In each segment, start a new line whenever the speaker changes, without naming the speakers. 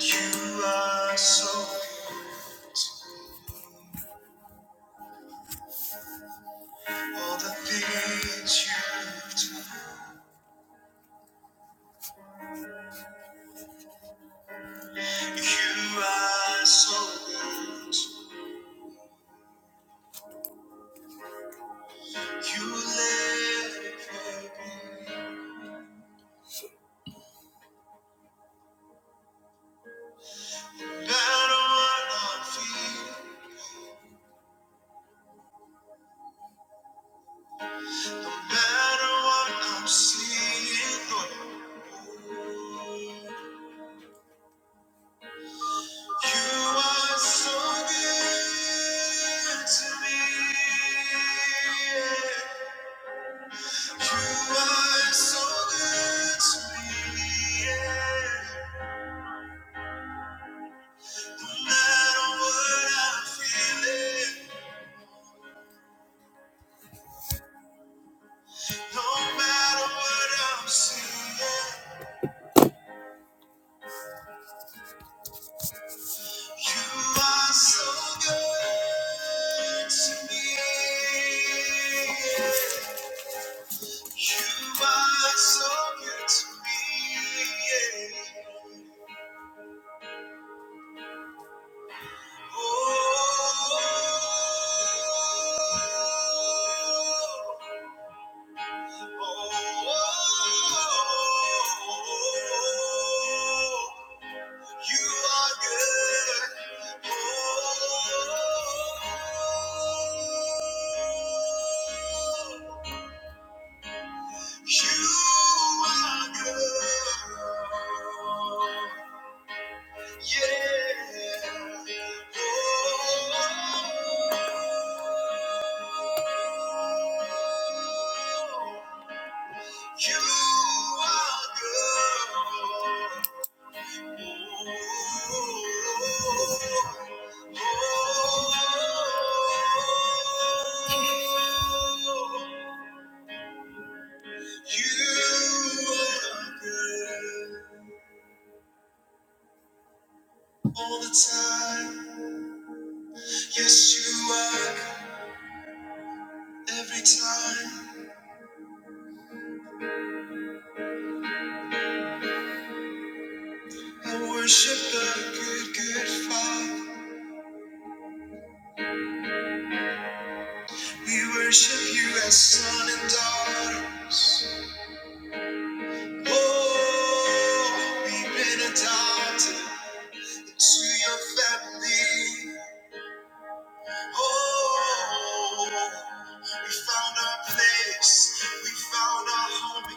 You are so all the things you've done. You are so good. You let it happen. No matter what I'm feeling, no matter what I'm seeing, Lord, you are so good to me. You are so good to me. Yeah. No matter what I'm feeling, no matter what I'm seeing, you are so good to me. You are so good to me. Oh. You are good. Oh, you are good. Yeah. Oh, you are good. Yes, You are good all the time. Yes, you are every time. I worship the good, good Father. We worship you as son and daughters. Oh, we've been adopted into your family. Oh, we found our place. We found our home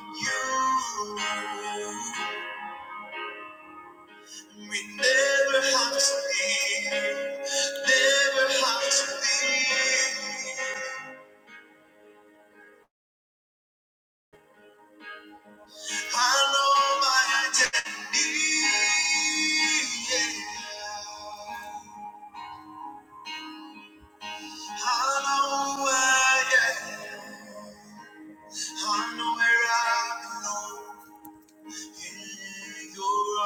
in you. We never have to leave. Never have to leave. I know my identity. Yeah. I know where, yeah. I know where I belong. In your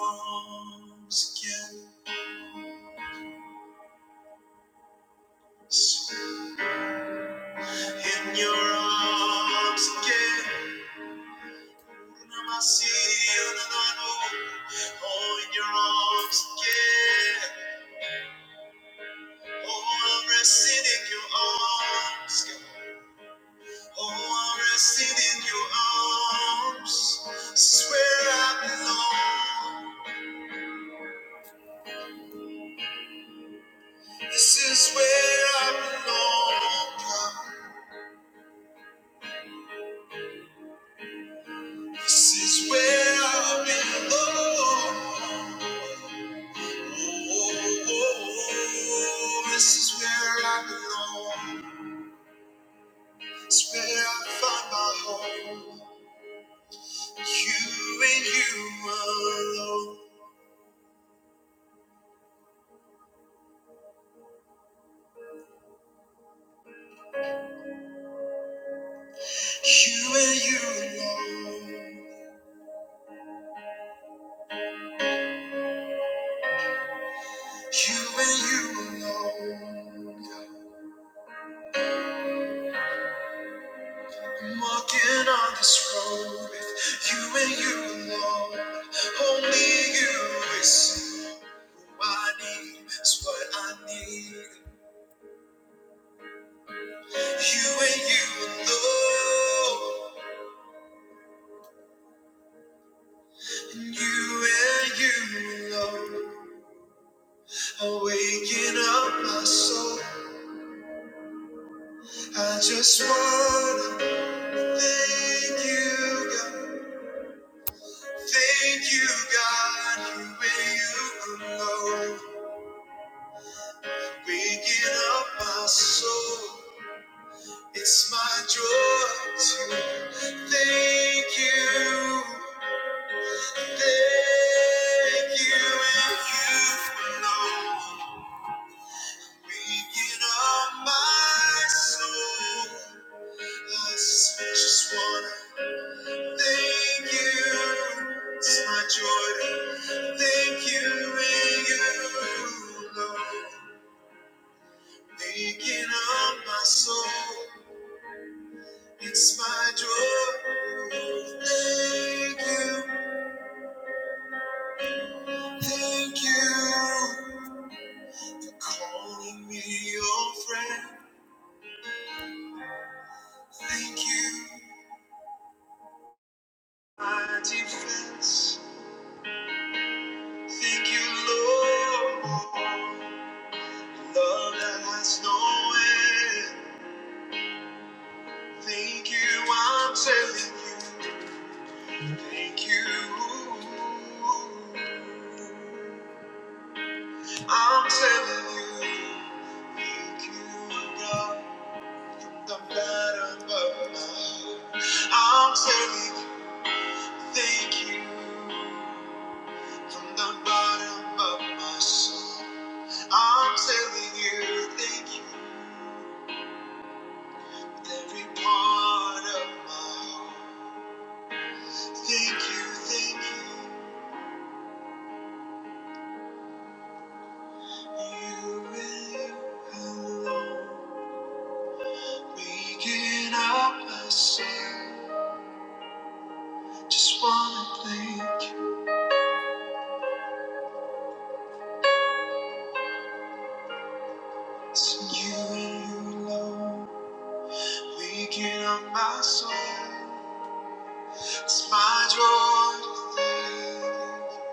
arms again. In your arms again. Oh, in your arms again. Oh, I'm resting in your arms. God. Oh, I'm resting in your arms. This is where I belong. This is where I belong. God. This is where I belong. Oh, oh, oh, oh. This is where I belong. It's where I find my home. You and you alone. You and you alone. You and you alone. I'm walking on this road with you and you alone. Only you is. I need is what I need. You and you alone. And you and you alone. are waking up my soul. I just wanna thank you, God. Thank you, God. You and you alone. Waking up my soul. It's my joy to thank you. Thank you if you know Beacon of my soul I just wanna thank you It's my joy thank you and you know Beacon of my soul It's my joy Thank you, thank you Calling me your friend Thank you, my defense. Thank you, Lord. Love that has no end. Thank you, I'm telling you. Thank you. I'm telling you. Thank you, God. From The bottom of my heart. I'm telling you. Thank you. From the bottom of my soul. I'm telling you, thank you with every part of my heart. Thank you, thank you, you and you alone. Waking up myself, just wanna thank you. It's you and you alone. Waking up my soul, it's my joy to thank you.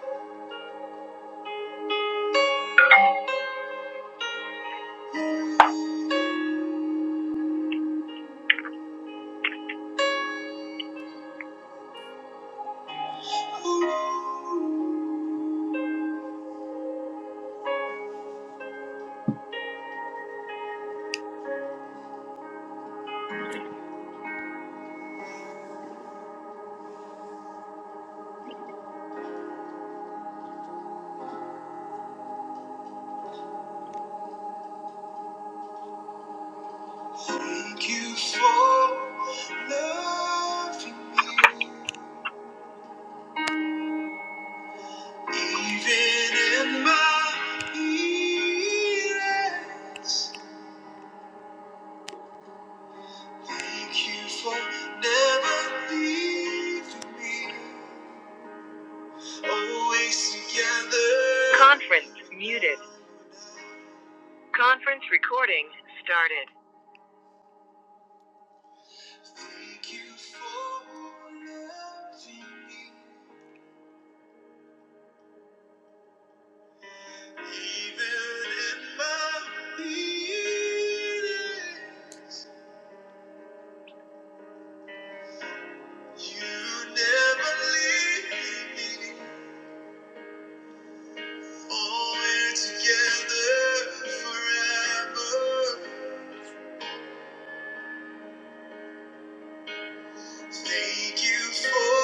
Ooh, ooh. Thank you for loving me. Even in my illness, thank you for never leaving me. Always together. Conference muted. Conference recording started. Thank you for loving me. Even in my weakness, you never leave me. Always together forever. Thank you for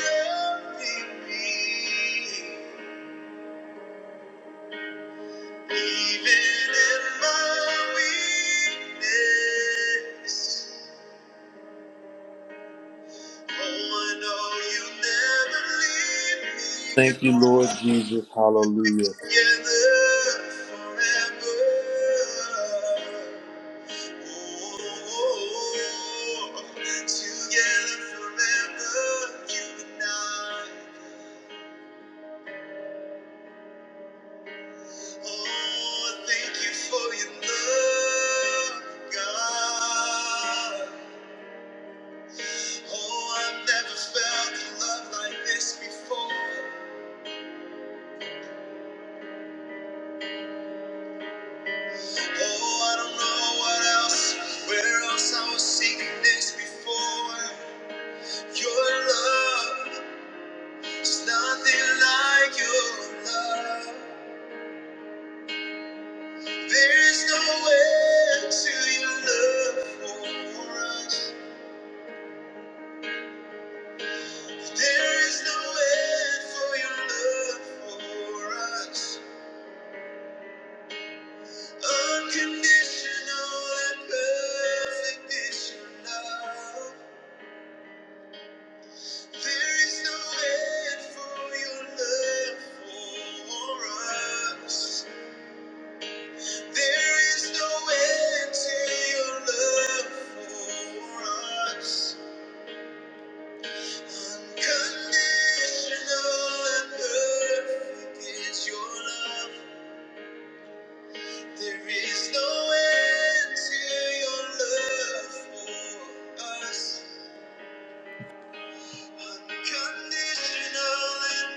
loving me, even in my weakness. Oh, I know you never leave me,
Thank you, Lord
God.
Jesus. Hallelujah.
Oh, I've never felt love like this before. Oh, I don't know what else, where else I was seeking this before. Your love. There's nothing like your love. There's no end to your love for us. There is no end for your love for us. Unconditional and perfect is your love. There is no end for your love for us. There is no end to your love for us. Unconditional and perfect is your love. There is no end to your love for us. Unconditional and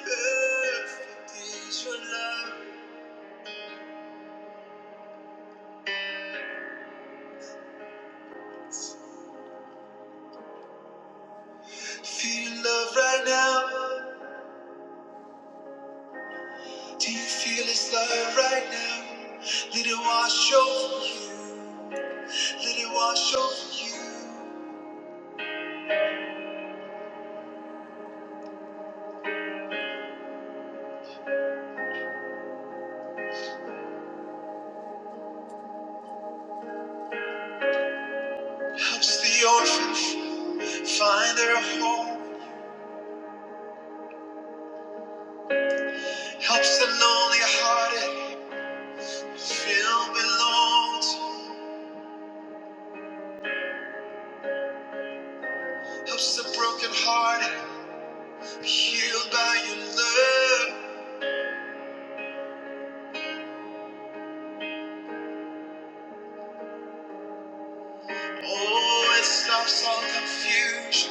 perfect is your love. Feel love right now. Do you feel His love right now? Let it wash over you. Let it wash over you. Helps the orphan find their home. Helps the lonely hearted feel belonged. Helps the broken hearted be healed by your love. Oh, it stops all confusion.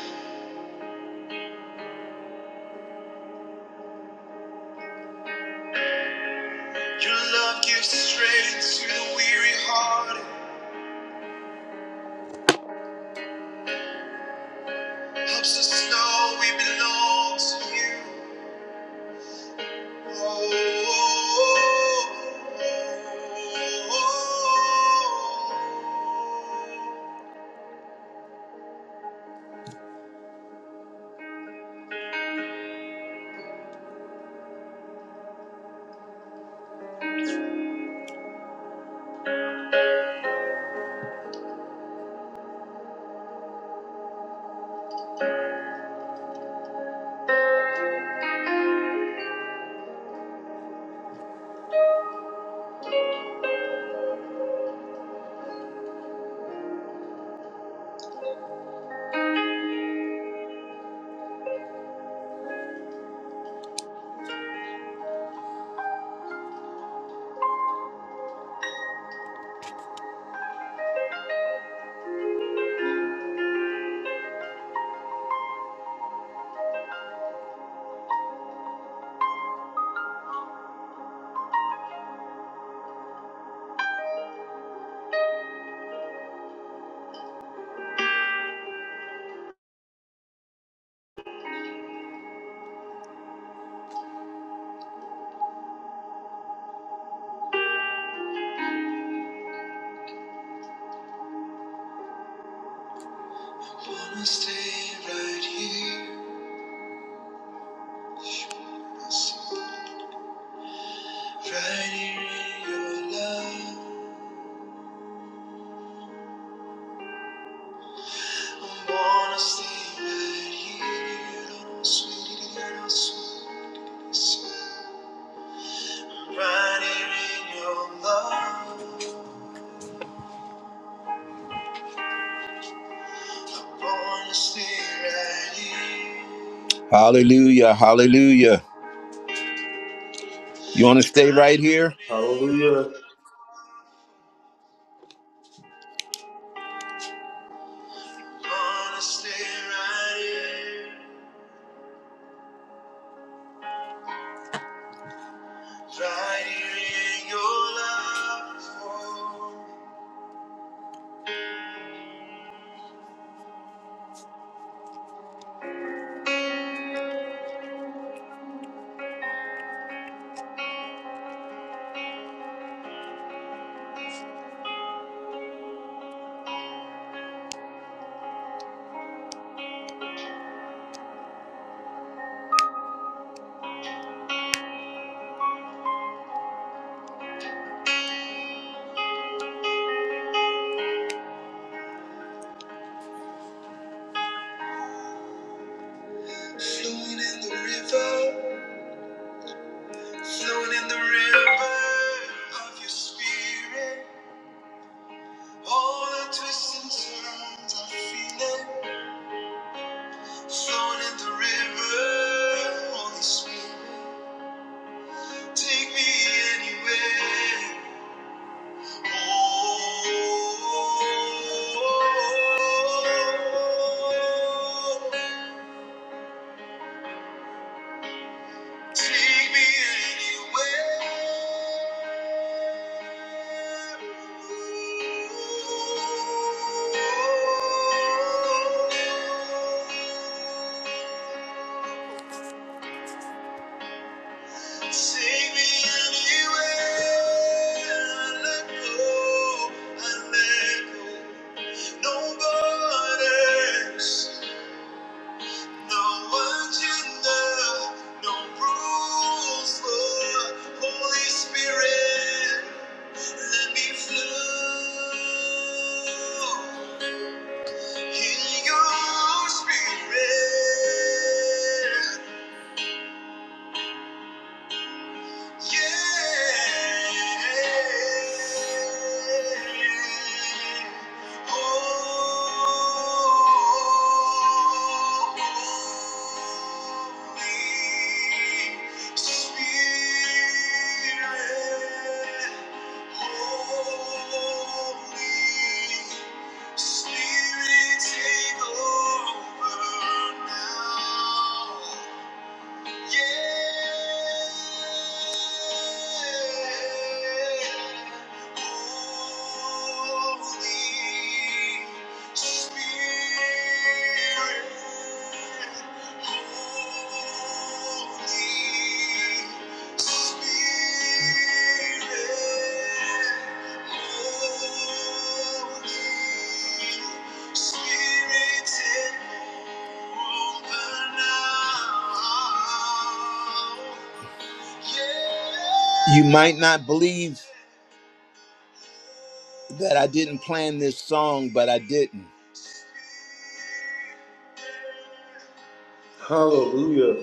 Your love gives strength to the weary hearted. Helps us know we belong to you. Wanna stay right here, right here in your love. I wanna stay right here, sweet, little sweet. Right here in your love. I Wanna stay right here. Hallelujah, hallelujah. You want to stay right here?
Hallelujah.
Nobody else. No agenda, no rules, but Holy Spirit, let me flow in your spirit. Spirit, take over now. Yeah. Holy Spirit. holy. You might not believe that I didn't plan this song, but I didn't.
Hallelujah.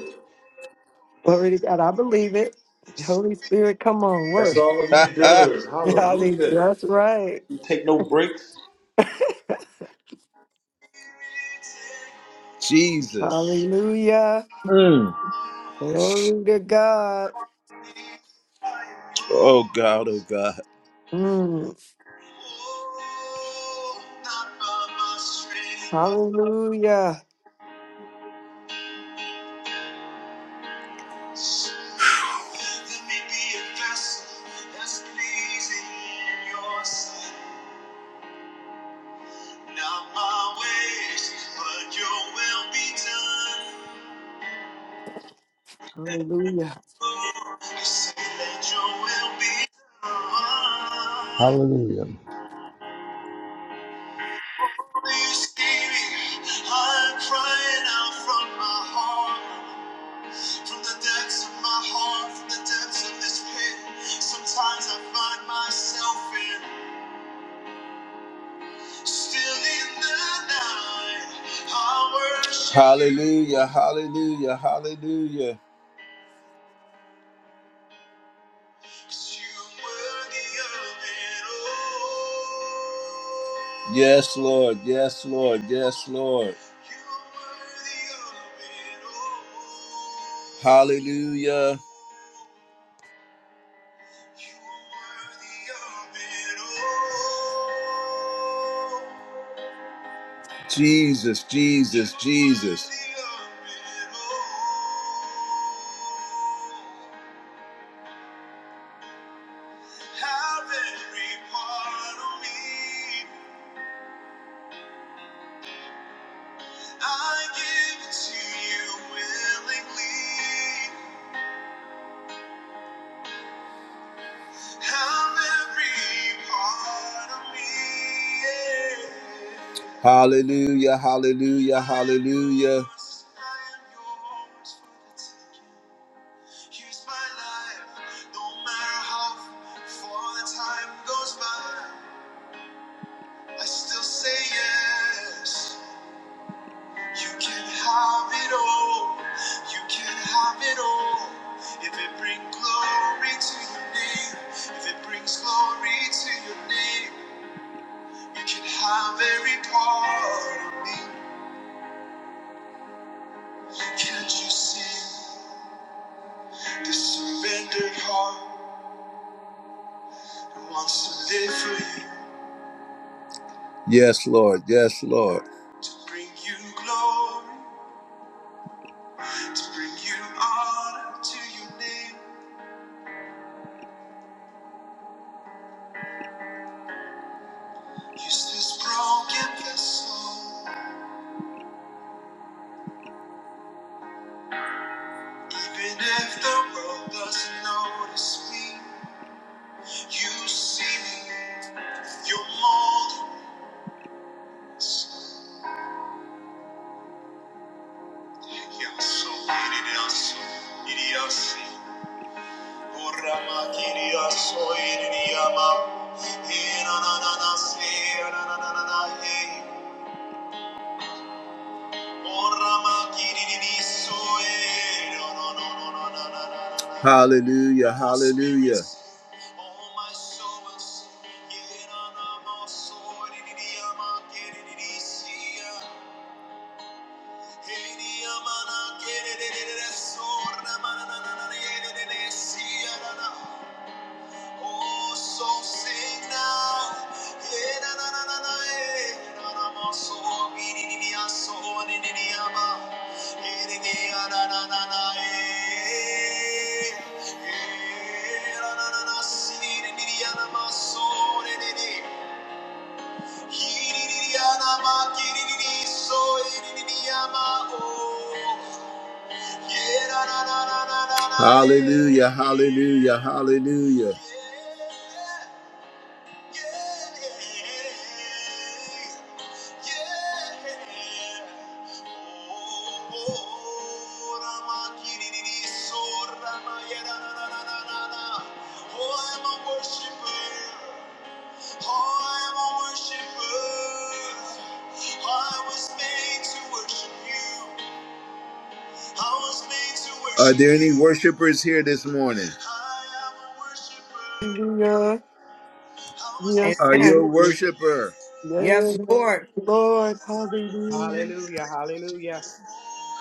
Glory to God. I believe it. Holy Spirit, come on,
That's
work.
all he does.
Hallelujah.
Hallelujah.
That's right.
He take no breaks.
Jesus.
Hallelujah. Glory to God.
Oh God, oh God.
Mm.
Oh, not by my strength, but
Hallelujah.
let me be a vessel that's pleasing in your sight. Not my ways, but your will be done.
Hallelujah.
Oh, you say that your will be done.
Hallelujah.
You see me, I'm crying out from my heart. From the depths of my heart, from the depths of this pit, sometimes I find myself in, still in the night. I worship Hallelujah, hallelujah, hallelujah. 'Cause you were the other, oh. Yes, Lord, yes, Lord, yes, Lord. You were the other, oh. Hallelujah. You are worthy of it all. Jesus, Jesus, Jesus. I give it to you willingly. Hallelujah, hallelujah, hallelujah. Glory to your name. can have every part of me. Can't you see this surrendered heart that wants to live for you? Yes, Lord. Yes, Lord. To bring you glory, to bring you honor to your name. Use this broken vessel. Even if the world doesn't notice me, you see me. You're molding us. Hallelujah, hallelujah. Oh, so, Oh, so sing now. Yeah, eh. so, ah, so, ah, Eh, ah, eh. Eh, si, ah, so, so, oh. Hallelujah, hallelujah, hallelujah. Are there any worshipers here this morning?
Hallelujah. Yes,
Are you
Amen.
a
Lord.
worshiper?
Yes,
Yes, Lord.
Lord. Hallelujah.
Hallelujah, hallelujah,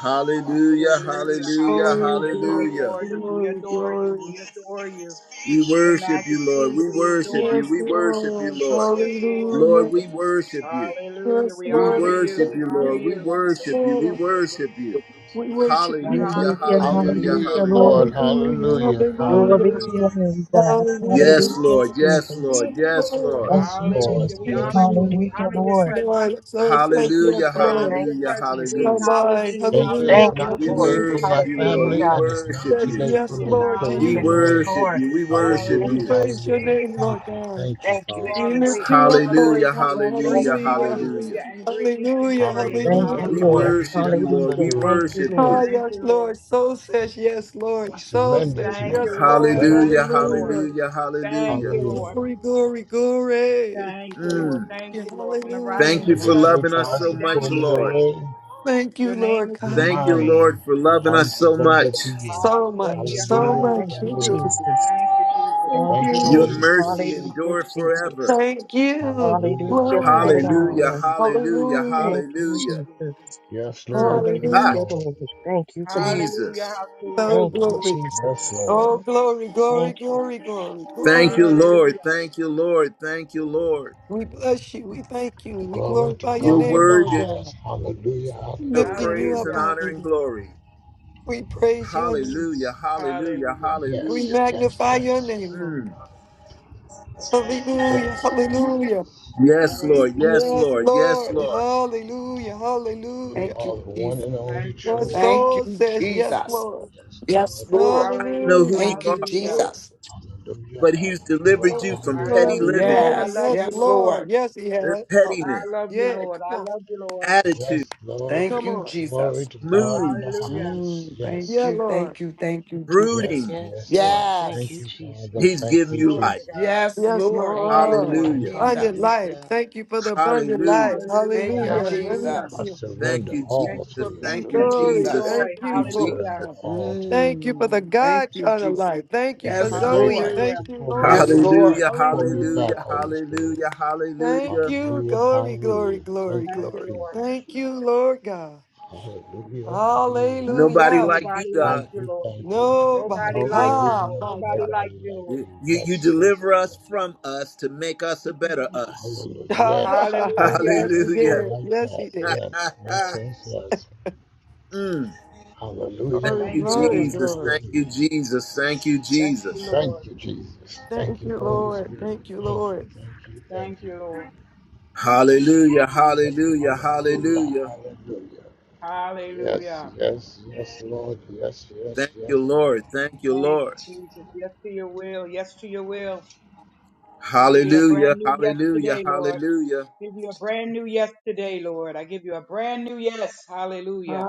Hallelujah,
hallelujah,
hallelujah,
Glory,
hallelujah. We
glory,
hallelujah.
adore you, we
glory,
adore you,
glory.
we adore you.
We
Your
worship you, Lord.
majesty,
We
we
worship
adore
you.
Yes,
We
you.
worship you,
Lord.
Lord.
Yes, Lord.
Lord,
Hallelujah.
we worship you.
Hallelujah,
Yes,
we
We
honor
Lord.
you,
worship
we
you,
honor
Lord. We
you,
Yes,
worship you. We
Lord.
worship you.
We worship
we
you,
Hallelujah,
Hallelujah,
honor
God.
you.
hallelujah,
Hallelujah,
hallelujah, Lord.
Lord.
hallelujah.
Hallelujah,
Hallelujah.
Glory
hallelujah,
to
Hallelujah.
your
Hallelujah,
name, God.
hallelujah.
Yes,
Hallelujah,
Lord.
Yes,
Yes,
Jesus.
Lord.
Lord.
Yes, Lord.
Thank
Yes,
you,
Lord.
hallelujah,
Jesus.
we
You,
honor
Yes,
you,
God.
we
Lord.
Hallelujah,
honor your
Yes,
Lord.
presence,
Lord. So
Thank
thank you, yes,
you,
Hallelujah,
we
Lord.
honor
Lord.
Thank
your
you,
hallelujah,
presence, we
My
Jesus.
hallelujah.
acknowledge
mind,
you.
Thank you.
hallelujah,
It's
Thank
Hallelujah,
you,
not
We
too
hallelujah,
Lord.
late for my
worship you,
hallelujah.
Hallelujah,
Lord.
family
We
God.
God.
and it's not
worship
Thank
too
you.
you,
late for
Yes,
we
me.
Lord, to
acknowledge
Praise
We
your
you,
you.
Yes,
Lord.
name.
worship
Lord.
you. We worship
Thank
We
Hallelujah.
Hallelujah.
you.
you,
praise your
Hallelujah.
Jesus.
name,
Thank
Lord
you. Thank
God.
you,
Thank you,
You
Father.
We
are great.
lift
Jesus.
you
You
up,
are
Lord
Hallelujah,
great. You
God.
are great.
Thank
hallelujah,
you,
Hallelujah.
Jesus.
hallelujah.
Hallelujah. And greatly to be
Hallelujah,
praised.
Thank
hallelujah.
Hallelujah.
you,
We
Hallelujah.
Lord.
worship
Hallelujah.
you,
Hallelujah.
Lord. We
Hallelujah.
Thank you,
worship
Lord.
you.
Oh,
Thank
yes,
you, Lord.
Lord. So says, yes,
I
Lord. So
surrender
says,
to
Thank you,
you.
yes,
I
Lord.
Lord.
surrender
Hallelujah,
Thank
to
you,
you.
Lord.
Hallelujah.
hallelujah,
Thank
hallelujah.
you, Lord.
Hallelujah.
Glory, glory, glory.
Thank you, Lord.
Mm.
Thank
Hallelujah.
you, Lord. From the
Thank
Hallelujah.
rising of
you
When
the
for
the
sun to
church
loving
the
us
tries
so
going
to
down
pull
much,
of the
me
Lord.
same,
away,
Thank you,
your name
Lord
is to be
Thank
God.
you,
Remind
praised.
me
Lord, for
that
loving
I'm
us so much.
surrendered to you.
So much,
Yes,
Hallelujah.
so
Lord.
Hallelujah.
Thank
much.
Hallelujah.
You
you,
do.
Hallelujah.
Jesus.
Thank you, Jesus.
Thank
Thank
Thank
you,
you,
Your
Lord.
mercy
you.
Jesus.
Hallelujah,
endure forever.
Jesus.
Thank you.
Hallelujah.
Hallelujah,
Glory to
Thank
Hallelujah.
you,
God.
Hallelujah,
Jesus.
hallelujah.
hallelujah,
Hallelujah.
Thank you,
hallelujah.
Jesus.
Yes,
Mm.
Lord. Yes,
Ah,
Hallelujah.
Hallelujah,
Lord.
Lord. Thank you, God.
Hallelujah.
Jesus.
Hallelujah.
Oh,
Thank you,
Yes,
glory.
yes,
Jesus.
Oh,
Lord.
glory, glory,
Thank you.
glory, glory,
Thank you,
glory.
Lord.
Hallelujah.
Thank you, Lord. Thank you, Lord.
We bless you. We thank you. We
Glory to
glorify your
Your
God
name,
in the
Lord
worthy
God.
highest. Hallelujah.
of
Hallelujah.
Lifting you
praise
up,
and
Hallelujah.
honor and
hallelujah.
glory.
We praise your name.
Hallelujah, hallelujah,
Hallelujah.
We
Yes,
hallelujah.
yes,
magnify your
yes.
name, Lord.
Mm.
Thank you,
Hallelujah.
Jesus.
Yes, yes.
Hallelujah.
Yes,
Thank
Lord.
you,
Yes,
Yes,
Jesus.
Lord. Yes,
Lord.
Lord.
Hallelujah.
You
Hallelujah.
Thank you,
are the one
Jesus.
and only
Thank you,
My
true
Lord.
Thank
Lord.
soul
you,
says
Yes,
yes,
Jesus.
Lord.
Yes,
Yes,
Lord, yes.
Lord.
Know who
Hallelujah,
you
Hallelujah.
Thank you,
are,
hallelujah.
So
Jesus.
Hallelujah,
but He's
hallelujah,
delivered you
glory,
from
I
hallelujah.
petty
love
glory,
you,
living,
Lord. I
glory.
Yes,
love
Yes,
you,
yes,
Lord.
Lord.
Lord.
Yes, he
uh,
has. Hallelujah.
I
pettiness,
love you,
Yeah,
Lord. I
come on.
love you, Lord.
attitude.
Yes, Lord.
Thank
Come
you,
on.
Glory
Jesus.
to God in the
moods,
Hallelujah.
highest.
Mm, thank
Yeah,
Yes,
you,
Lord.
thank you, thank you, Jesus.
yes,
brooding.
Yes,
yes,
Lord.
yes.
Thank you,
Thank
Yes,
you, Father.
He's
Jesus.
Thank
given
you,
you
Glory
life.
to God.
Jesus.
yes,
Yes,
Lord.
Thank you,
Thank
Lord.
you,
Lord.
Thank
Hallelujah.
you,
Abundant
Jesus.
life.
Jesus.
Hallelujah.
Thank you for the abundant life.
Hallelujah.
Thank
Hallelujah,
you,
Hallelujah.
Yes, Lord.
hallelujah.
I
Jesus.
Hallelujah.
Thank
surrender
you,
Thank
all
you
to
for
Jesus.
you.
peace.
Thank
Thank you,
you,
Thank you for
Glory.
Jesus.
Jesus.
joy.
Thank
Thank you
I
you,
for
Hallelujah,
it.
surrender
Jesus.
all to you.
Thank you for the
Mm, thank
God
you,
kind of
Jesus.
life. Thank you
And when
for
Yes,
the day
Zoe.
Lord.
tries
hallelujah.
to
Thank you,
pull me
Lord
Yes,
away,
God.
Lord.
Hallelujah.
you pull me back,
Hallelujah.
Hallelujah.
Holy Spirit.
Hallelujah.
Thank
Hallelujah.
you.
Hallelujah,
Glory, glory,
hallelujah. Thank
glory,
Thank
you,
you,
glory.
Lord.
Jesus.
Thank you, Lord God.
Hallelujah, hallelujah.
Nobody
Hallelujah.
Thank
like
you,
you,
Nobody like
thank
God.
you,
you,
Lord.
thank you.
Nobody.
Nobody
No, there
like
is
you,
Ah,
Lord.
not
my
Nobody
God.
like
nobody
you,
like
Lord.
You,
you.
you
Yes, yes,
deliver us
yes.
from us to make us a better us.
Hallelujah. Yes, yes,
Hallelujah.
yes, he
yes. I
Hallelujah.
did.
like
Yes,
that.
he did.
Yes, yes, yes, yes.
Mm. Thank
Hallelujah,
Glory,
Thank
you,
you,
glory,
Lord.
hallelujah,
Jesus.
glory.
Thank you,
hallelujah.
Jesus. Thank you,
Thank
Jesus.
you,
Thank
Lord.
you, Jesus. Thank
Thank
you,
you,
Holy
Lord.
Spirit.
Thank you,
Thank
Lord.
you, thank you,
Thank you, Lord.
thank you.
Hallelujah, hallelujah,
Hallelujah,
hallelujah.
hallelujah. Yes,
Hallelujah.
yes, yes, Lord. Yes, yes,
Thank
yes,
you,
Lord.
Lord. Thank you,
Thank
Lord.
you, Jesus. Yes to your will. Yes to your will. We give you a brand
Hallelujah,
new yes
hallelujah,
today, Lord.
hallelujah.
Give you a brand new yes today, Lord. I give you a brand new yes. Hallelujah.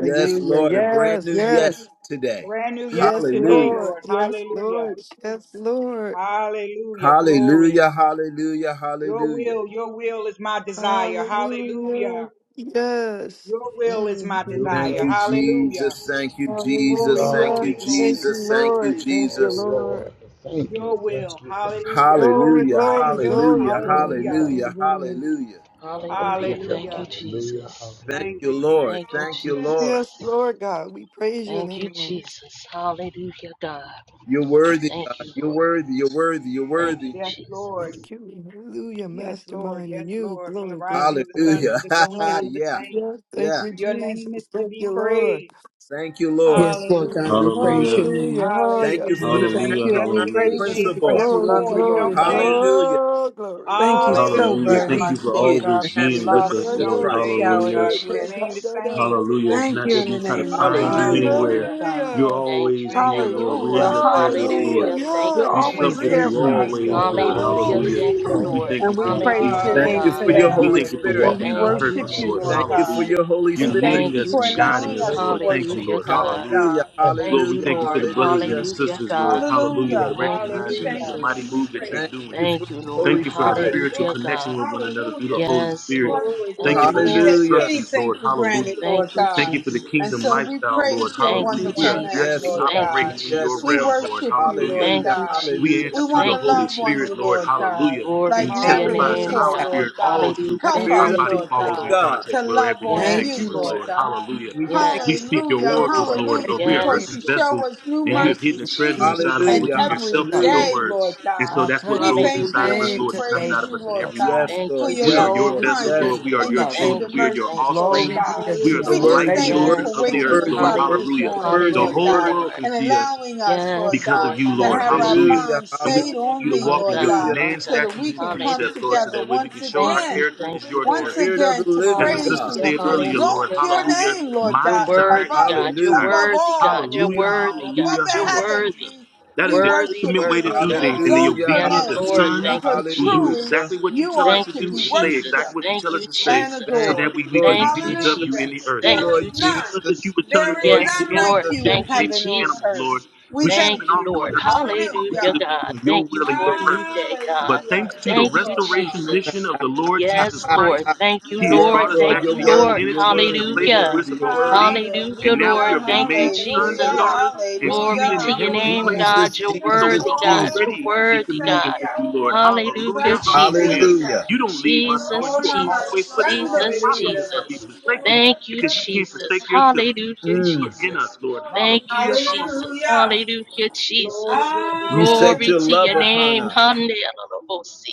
Yes,
Thank you,
Lord, a
Jesus.
brand
Yes,
new
yes.
yes today.
Brand new yes
Yes,
today,
Hallelujah,
Lord.
Lord.
Yes,
Hallelujah.
Lord. Yes, Lord.
Hallelujah. Glory.
hallelujah, hallelujah,
Your
hallelujah.
will, your will is my desire.
Hallelujah.
Hallelujah.
Yes.
Your will is my
New
hmm
Thank
desire.
you,
mercy.
Hallelujah.
Jesus. Thank you,
Your
Glory,
Jesus.
love,
Thank
Hallelujah.
you,
glory,
Thank
glory.
you,
Jesus. Thank you,
Lord. Thank you,
oh
Jesus.
Lord.
Lord, thank you,
Your
thank
will.
you, thank you.
Hallelujah.
Glory,
Hallelujah,
Glorifying
glory,
Praise
you.
glory,
hallelujah,
your
glory.
Hallelujah.
holy name.
hallelujah,
Hallelujah.
hallelujah.
Hallelujah.
Hallelujah,
Thank
Hallelujah.
you,
hallelujah,
Jesus.
Thank
Thank
hallelujah.
you,
you, Jesus.
Lord.
Thank you,
Thank you, Lord.
Yes,
Jesus.
Lord God, we praise your
Thank you,
name, Lord.
Jesus. Hallelujah, God.
You're worthy,
Thank
God.
you,
You're
Lord.
worthy. You're worthy. You're
Thank you,
worthy.
Yes,
Thank
Lord.
Jesus.
you. Hallelujah,
Yes, Lord.
mastermind.
Yes,
And you,
Lord. From the
glory,
rising
glory,
of the sun
glory.
Hallelujah.
to the going down of the
yeah.
same,
Hallelujah. Thank
Yeah.
you,
your name is
Jesus.
to
Thank
be
you, Lord.
praised.
Thank you, Lord.
Yes, Lord God,
Hallelujah.
we
Hallelujah.
praise your
Hallelujah.
Hallelujah.
name.
Oh,
Thank
Hallelujah.
you
yes,
You're
And
for
the
we
the
Lord.
thank
same
Hallelujah.
you and we
mastermind
yesterday,
Hallelujah.
praise
today,
Thank
you
you,
and
principle.
Lord
because we
Glory,
love
forevermore.
Jesus.
you,
You
Lord
glory,
don't
Hallelujah.
God.
change.
Hallelujah.
glory, glory.
Thank you
Oh,
so
Hallelujah.
We,
Yes,
very
Hallelujah.
Lord.
Thank
we
you
much,
for
see
Thank
Lord
it
you,
God,
always
in
for the
having
being
the
with
love
mind
in
us,
You
glory.
Jesus.
of
which
don't
No,
Lord.
you have
Christ.
no,
change,
no,
Thank
showered
you,
Hallelujah.
God.
us
shake
You
it.
with.
remain
God,
the
Jesus.
no, no,
same.
no, no.
Hallelujah.
Thank
It's
you,
Thank
not
you
that
in
we
the
try to
You,
name
Jesus.
of
Thank
find you
you,
Lord.
Hallelujah.
Jesus,
Lord.
anywhere.
Lord
Hallelujah.
God.
You're
Hallelujah.
Thank
always
you,
Thank
here,
thank
you,
you,
Lord.
Lord.
We're in
Lord.
Hallelujah,
your presence,
Thank
Lord.
hallelujah.
Hallelujah.
you, Lord.
Thank
You're
Hallelujah.
you,
We
Thank
sup
always
you,
with
there
Glory,
Lord.
you
Jesus.
for
Mm-mm-mm.
Thank
us,
you,
Thank
always,
Lord
Lord.
you
Lord.
for
God.
your
Hallelujah.
word
Hallelujah.
Thank
this
you,
We
morning that
Lord.
thank you
And
is
for
we
your
not too
praise
peace,
late
your
Hallelujah,
Thank
for
Lord.
name
glory,
my
you
God.
for
for your
Hallelujah.
that.
We
family
Holy
thank you for
and
Spirit.
Hallelujah.
that
And
walking
we
in
is
our
Thank
not
you,
too
worship
purpose,
you,
late
Lord.
for
Lord
Thank
me.
you for
God.
Jesus.
Hallelujah.
your Holy
You're
We
Yes,
Spirit.
thank
Thank
leading
yes,
you
you,
us
for
and
yes.
guiding
allowing
us,
Jesus.
Praise
us to
Lord. Thank
your
you,
worship
holy
Hallelujah,
Lord.
you, Lord
God.
name.
Hallelujah.
Hallelujah.
God.
Thank you,
Thank
Lord, we
you,
Hallelujah.
thank you for
Jesus.
Lord.
the
Thank
brothers and the
Hallelujah.
you,
Hallelujah,
Jesus.
sisters, Lord.
God.
Thank
Hallelujah.
you,
That
Hallelujah.
Thank you,
We
recognize
Jesus.
your,
thank
Hallelujah.
your
Yes,
you
mighty
and we
move
Jesus.
yes,
that you're
Thank
praise
yes.
you.
doing.
you for
Thank you,
your
Thank
Lord.
Holy
you for our
Spirit.
spiritual
Hallelujah,
Hallelujah.
connection
God.
with one another through the
Hallelujah.
Holy
Yes,
We
Spirit.
Lord.
want
Glory,
we
Thank
Thank you
don't
glory,
you,
for
want to
the
glory.
take
Hallelujah.
instructions,
Jesus.
anything
Lord.
for
Hallelujah.
granted,
Thank
Lord
you,
Thank
God.
you for the
And
kingdom
so
Jesus.
we
lifestyle, Lord.
praise your
Thank you,
Hallelujah. We
wonderful
are
Thank you,
name,
actually
Yes,
Jesus.
Lord
Lord.
Jesus.
Thank you,
God.
operating in
Yes,
your
We
Lord
realm,
Jesus.
God.
Lord.
worship you,
Hallelujah.
Lord
Hallelujah.
Thank you,
God.
We
Hallelujah.
answer
We
Jesus.
to
want
the
to
Thank you,
Holy
love
Hallelujah.
on
Spirit,
you,
Lord,
Jesus.
Lord
glory.
God,
hallelujah. And
Glory
he
like
to your
never
Thank you,
testifies
name,
to
Hallelujah.
Jesus.
before,
our
God.
Lord
spirit all
God.
truth.
Hallelujah,
Help
Thank
Our
Spirit
us,
of
you,
the
body
Lord
hallelujah,
follows
living
in
God,
Lord.
God,
to
context
love
wherever you
on
say
Thank
to
you,
Yes,
you,
us,
Lord.
Lord
Jesus,
Lord,
God.
hallelujah.
we thank
We
you
Yes,
speak your
that you
Hallelujah,
are
oracles,
Lord.
precious.
Lord.
Thank
hallelujah,
Lord, we are
you,
because
earthen
yes,
you
Lord.
show
vessels,
us new
and you have
Thank you,
hidden
mercies
a treasure
each
Jesus.
inside of
Jesus.
us,
and
Thank
which
Hallelujah.
is
you,
every
yourself
Jesus.
through your
Thank
Hallelujah.
day,
you,
word.
Lord
And
God.
so
I
Jesus.
that's
praise
what
We
grows
your
thank
inside
Hallelujah,
you
of
and
us,
name
we
Lord, and comes
praise
today,
out
Jesus.
of
you,
us at
Lord
every
Jesus.
God,
moment.
Yes,
Thank
for
you,
Lord.
your
We are
Yes,
loving
your
Glory
Lord.
vessels,
Jesus.
be
kindness
to
Lord.
Yes,
We are
Lord.
and
your
your
Jesus.
Thank
tender
children. We are
you,
your
thank
mercies,
you,
Lord
offspring.
Glory be
God.
to
We are
Jesus.
the
You're
Hallelujah.
We
Jesus.
just
light
worthy.
Thank
thank
You're
you.
you
worthy.
children
for
Yes,
of the
You're
Lord.
waking
earth,
us
worthy.
Lord.
You're
up
worthy.
this
Hallelujah.
Hallelujah,
You're
morning,
hallelujah,
Thank
worthy.
The
you.
Lord
You're
whole
God,
worthy.
world
Lord.
can
and
see us
allowing us, Lord
Yes,
because
God,
of
Lord.
you,
Thank
to
Thank
Lord.
you,
have
you,
our
Jesus.
Hallelujah.
Hallelujah.
minds
And
Jesus.
we
stayed on
continue to
thee,
My
walk in
Lord
God,
your
God,
Hallelujah. Hallelujah.
my
commands,
so that
statutes,
we
God.
and
can come
precepts, Lord,
Hallelujah.
so
together
that way we
once
can show our
Thank
again
you,
character
thank
is
you,
your
Lord.
once
character.
Spirit of
again
the
to
As the
living
praise
sister
God.
you
Hallelujah,
and
said
to
earlier, Lord,
exalt
hallelujah,
your
God.
hallelujah,
name, Lord
my
You're
God,
desire
worthy,
is
above
your
God. You're
desire.
Hallelujah.
above
worthy, God.
all,
You're
Lord
Hallelujah,
God,
worthy,
above
hallelujah,
God.
the
You're
heavens.
worthy.
hallelujah.
We
That is
we
the
Worthy,
worship
ultimate way to
you
worthy
do
and we
God.
things in the
exalt
Hallelujah.
your
Yes,
obedience of
name
Lord.
sons
Hallelujah.
Thank you,
because
who do
truly
Hallelujah.
exactly
Jesus.
what you
you
tell us
are
to
to
Thank you,
do
be
and say exactly
Jesus.
what you
worshipped
Thank
tell us
you,
to say
and
so
Jesus.
Thank
that
adored.
you,
we, we can
Lord
be
Thank you,
used
Jesus.
of you in
Hallelujah.
the
Jesus.
Thank
earth.
you,
There
Thank
Lord
is
you,
If you
Jesus.
none.
tell us
Thank
that you
Jesus.
were telling
you,
There
us to
is
Lord
name
Yes,
the
none like
animals,
Lord.
we
Jesus.
you
should
in
have been
Thank you,
naming
heaven
the
on
animals,
earth.
Lord.
Jesus.
We
We should have
Thank
been
thank
you,
off
you.
doing
Lord.
other stuff, Lord. We should
Hallelujah,
Hallelujah.
have been
God.
doing your
Thank you
will and
for
your
a new day,
purpose.
God.
But
Hallelujah.
thanks to the
Yes,
Thank you,
Lord God.
restoration mission
Jesus.
of the Lord Jesus
Yes,
Ah,
Christ,
Lord. Thank you,
He has
yes,
Lord.
brought
Yes,
us
Thank
Lord,
Lord
back
you're
to
you,
the
God.
Lord.
worthy. You're
identity and to the
worthy. You're
place that
Hallelujah.
we're
worthy. You're
supposed to be.
worthy.
Hallelujah,
And now we
Lord.
Hallelujah,
have been
Thank you,
made sons and
hallelujah,
Jesus.
Hallelujah.
daughters and seated
Glory
in
to
the
hallelujah,
your
heavenly
name,
hallelujah.
places.
God.
Jesus,
You're
And so we
Jesus,
worthy,
are
God.
Jesus.
Oh,
You're
already in
precious
worthy,
communion
God.
with
Savior,
you, Lord. Hallelujah,
Hallelujah,
precious
hallelujah.
Jesus.
Hallelujah.
Savior.
You don't leave us, Lord.
Jesus,
Oh,
You are
Mama
always
Jesus,
with us. It's
Shando, di-
Jesus,
di- di- di-
Hallelujah.
impossible
di-
for me
di-
to
Jesus.
be
di-
forsaken
Thank you,
because you can't
Jesus.
forsake yourself.
Hallelujah,
And you
Mm.
are in us,
Jesus.
Lord.
Thank you,
Hallelujah, hallelujah.
Jesus.
hallelujah,
Hallelujah,
Glory,
Jesus.
glory,
You set
Glory
your
to
love
your
hallelujah.
upon
name.
us.
Hallelujah.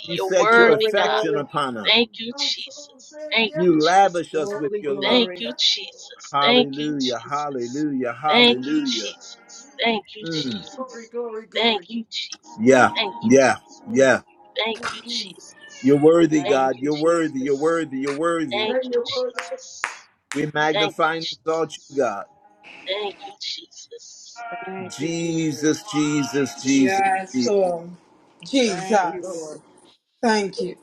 You
You're
set your
worthy,
glory,
God.
affection
glory,
upon us.
Thank you, Jesus. Thank you,
You lavish us
Jesus.
with
glory,
your
Thank
love.
glory.
you, Jesus. Thank you,
Hallelujah.
Jesus.
Hallelujah.
Thank you,
Hallelujah.
Jesus. Thank you,
Mm.
Jesus.
Glory, glory, glory.
Thank you, Jesus.
Yeah.
Mm,
Thank you,
mm,
Yeah.
Jesus.
Yeah.
Thank you,
mm.
Jesus.
You're worthy,
Thank
Thank
God.
you,
you,
You're worthy.
Jesus.
You're
Jesus.
worthy. You're worthy.
Thank
Thank
you,
you, Lord.
Jesus.
We
Thank
magnify
you,
and exalt you,
Jesus.
God.
Thank you, Jesus.
Thank you, Jesus.
Jesus, Jesus, Jesus,
Yes,
Jesus.
Lord.
Thank
Thank
you,
you.
Jesus.
Lord.
Thank you.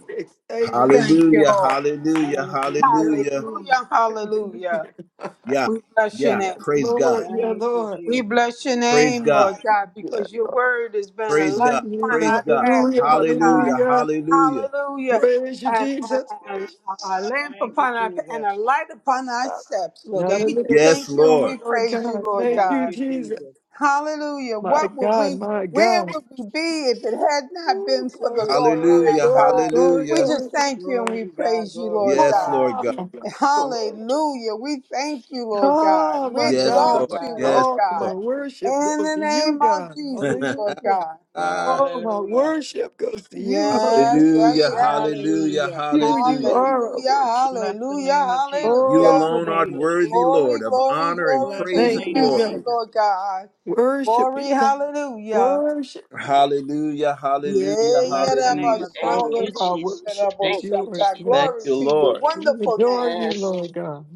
Thank you,
Hallelujah,
Lord.
hallelujah,
Thank you, Jesus.
hallelujah.
Hallelujah,
Amen.
hallelujah.
Yep.
Yeah,
We bless your
yeah.
name.
Yes,
Praise God.
Lord. Yeah,
Thank you,
Lord.
We
Jesus.
bless your
Praise
name,
God.
Lord God,
Yeah.
because your word has been a
Praise
light
God.
upon
Praise
Hallelujah.
our
God.
path,
Hallelujah.
Lord God.
Hallelujah,
Hallelujah.
hallelujah.
Hallelujah.
Praise you,
And,
Jesus.
and, and
Praise you,
a, a lamp
Thank you,
upon our and
Jesus.
a light upon our
God.
steps, Lord God. We
Hallelujah.
just
Yes,
thank you and
Lord.
we
Lord
praise you,
God.
Lord
Thank
Thank
you,
God.
you,
Jesus.
Jesus.
Hallelujah.
My
What would
God.
we,
My
where
God.
would we be if it had not been
Ooh,
for the
glory,
Lord on our
Hallelujah,
glory,
side?
glory,
We
hallelujah.
glory, glory.
just thank you and
Glory
we
to God.
praise you,
Glory to
Lord
Yes,
God.
God.
Lord
Ah,
God.
Hallelujah. We thank you, Lord God.
ah,
We
my
Yes,
Glory to
God.
exalt
Lord.
you,
God.
Yes,
Lord
Lord.
All my
God.
worship
In
goes
the
to you,
name of
God.
Jesus, Lord
Hallelujah.
God.
hallelujah,
All my
Hallelujah.
worship goes to you.
Yes, yes,
Hallelujah.
yes.
hallelujah,
Hallelujah.
You, you
hallelujah.
are our
Hallelujah,
worship.
Bless the
hallelujah,
name of Jesus.
You
Bless
All
hallelujah.
the
the
alone art
name of
glory.
worthy,
Jesus.
Glory,
Lord, of
glory,
honor and
glory
Bless
to
the
praise and
your
Thank
name
you,
of
name,
glory.
God.
Jesus.
Lord God.
Worship
Glory,
you, God.
hallelujah.
Worship you, Lord.
Hallelujah, hallelujah,
Bless
Yeah,
the name
hallelujah.
of
Thank
Jesus.
All
you,
of our
Jesus.
worship is
Thank you,
yours,
Rabashandaridigarabashata.
Thank
Lord.
Glory
you,
to
Jesus.
your
Lord.
We
wonderful
adore
name.
you,
Yes,
Lord God.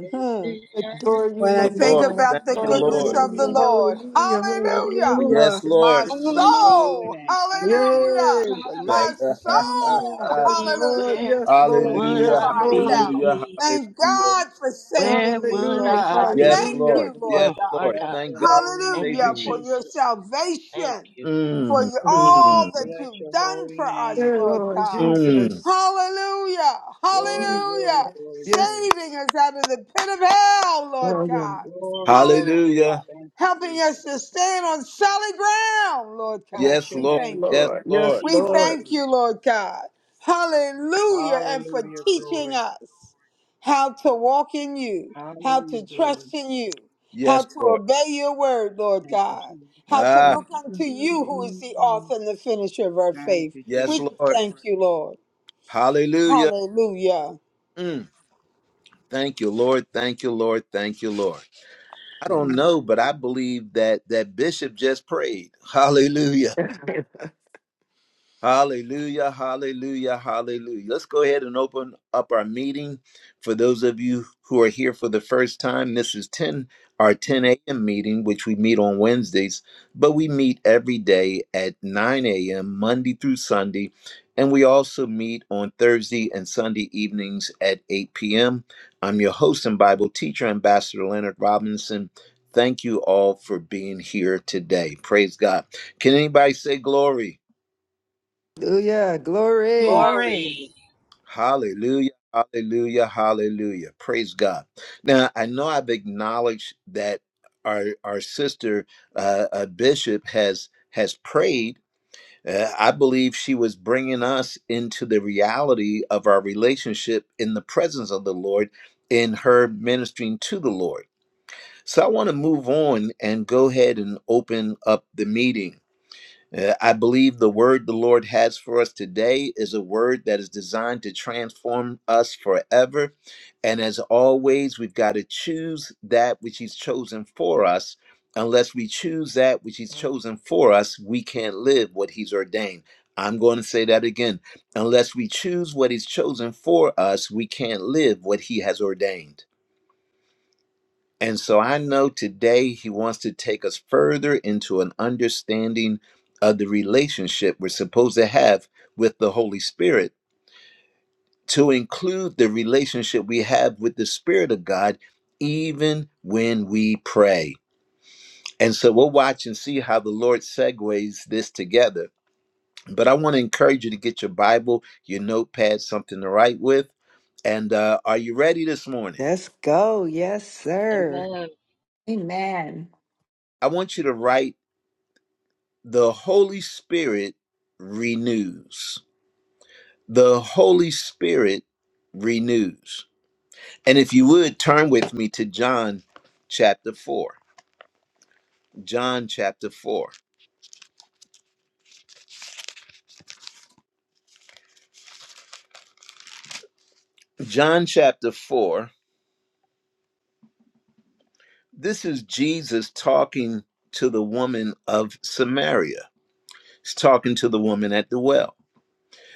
if it had
Adore you,
When I
Thank you,
Lord
not
think
Lord.
God.
about
Thank
the
been
you,
Bless your
goodness
Lord.
holy
of the
Hallelujah,
name.
Lord,
hallelujah,
the
hallelujah.
Lord
hallelujah.
Yes,
My
Lord.
Bless
on
your
my
holy
soul,
name. Thank you, Jesus.
hallelujah.
Yay,
inside.
the
My
lights of you.
soul,
Tell
Yes,
hallelujah,
me
Lord,
hallelujah
where
yes,
Bless
Lord,
would
your
I
yes,
holy
cries
name,
Lord.
out.
Jesus.
hallelujah,
be?
Thank
hallelujah.
God for
Where
saving me,
would
Lord
Hallelujah,
I
God.
be?
Yes,
Thank
hallelujah.
Lord.
you, Lord
Yes,
Oh
God.
my
Lord.
Bless
God.
Thank
your
God for
holy
Thank you,
name,
Hallelujah
saving me.
for your
Jesus.
Jesus. Thank
salvation,
you.
for
Mm,
your- all
mm,
that
Bless
you've
your
done
holy
for us,
name,
Yeah,
Lord
Lord
Jesus.
God.
mm.
Jesus.
Hallelujah,
Glory, glory,
hallelujah.
glory,
Yes,
glory.
Saving us out of the pit of hell,
I
Lord God.
am.
Glory, glory, glory.
Hallelujah.
Hallelujah.
Thank you,
Helping us
Jesus.
to stand on solid ground, Lord God.
Bless
Yes,
your
We
Lord.
name,
thank
Yes,
you.
Lord.
Jesus.
Yes,
Bless
Lord.
We
your name,
Lord.
thank you,
Jesus.
Lord God. Hallelujah. And for
Hallelujah,
teaching
glory.
us how to walk in you, how
Hallelujah,
to trust
glory.
in you, how
Yes,
to
Lord.
obey your word, Lord
Thank you,
God,
Jesus.
how to
Ah,
look unto
Thank you,
you, who
Jesus.
is the author and the finisher of our
Thank
faith.
you,
yes,
We just
Jesus.
Lord.
thank you, Lord.
Hallelujah.
Hallelujah.
Mm, thank you, Lord. Thank you, Lord. Thank you, Lord. I don't know, but I believe that that bishop just prayed. Hallelujah. Hallelujah, hallelujah, hallelujah. Let's go ahead and open up our meeting. For those of you who are here for the first time, this is 10 our 10 a.m. meeting, which we meet on Wednesdays, but we meet every day at 9 a.m. Monday through Sunday. And we also meet on Thursday and Sunday evenings at 8 p.m. I'm your host and Bible teacher, Ambassador Leonard Robinson. Thank you all for being here today. Praise God. Can anybody say glory?
Hallelujah. Glory.
Glory.
Glory.
Hallelujah. Hallelujah. Hallelujah. Praise God. Now, I know I've acknowledged that our our sister uh, uh, Bishop has has prayed. Uh, I believe she was bringing us into the reality of our relationship in the presence of the Lord in her ministering to the Lord. So I want to move on and go ahead and open up the meeting. Uh, I believe the word the Lord has for us today is a word that is designed to transform us forever. And as always, we've got to choose that which He's chosen for us. Unless we choose that which He's chosen for us, we can't live what He's ordained. I'm going to say that again. Unless we choose what He's chosen for us, we can't live what He has ordained. And so I know today he wants to take us further into an understanding of the relationship we're supposed to have with the Holy Spirit to include the relationship we have with the Spirit of God, even when we pray. And so we'll watch and see how the Lord segues this together. But I want to encourage you to get your Bible, your notepad, something to write with. And uh, are you ready this morning?
Let's go. Yes, sir.
Amen.
Amen.
I want you to write The Holy Spirit renews. The Holy Spirit renews. And if you would turn with me to John chapter 4. John chapter 4. John chapter 4. This is Jesus talking to the woman of Samaria. He's talking to the woman at the well.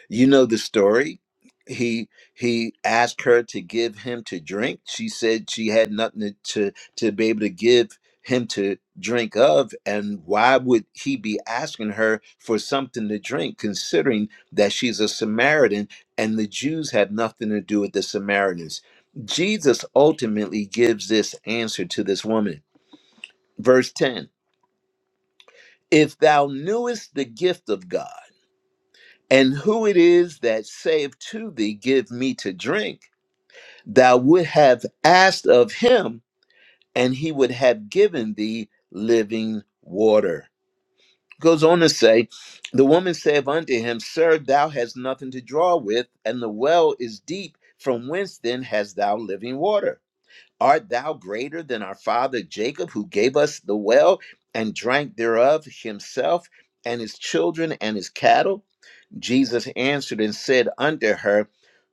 You know the story. He he asked her to give him to drink. She said she had nothing to to, to be able to give him to drink of and why would he be asking her for something to drink considering that she's a Samaritan and the Jews had nothing to do with the Samaritans. Jesus ultimately gives this answer to this woman. Verse 10. If thou knewest the gift of God and who it is that saith to thee, Give me to drink, thou would have asked of him, and he would have given thee living water. Goes on to say, The woman saith unto him, Sir, thou hast nothing to draw with, and the well is deep. From whence then hast thou living water? Art thou greater than our father Jacob, who gave us the well and drank thereof himself and his children and his cattle? Jesus answered and said unto her,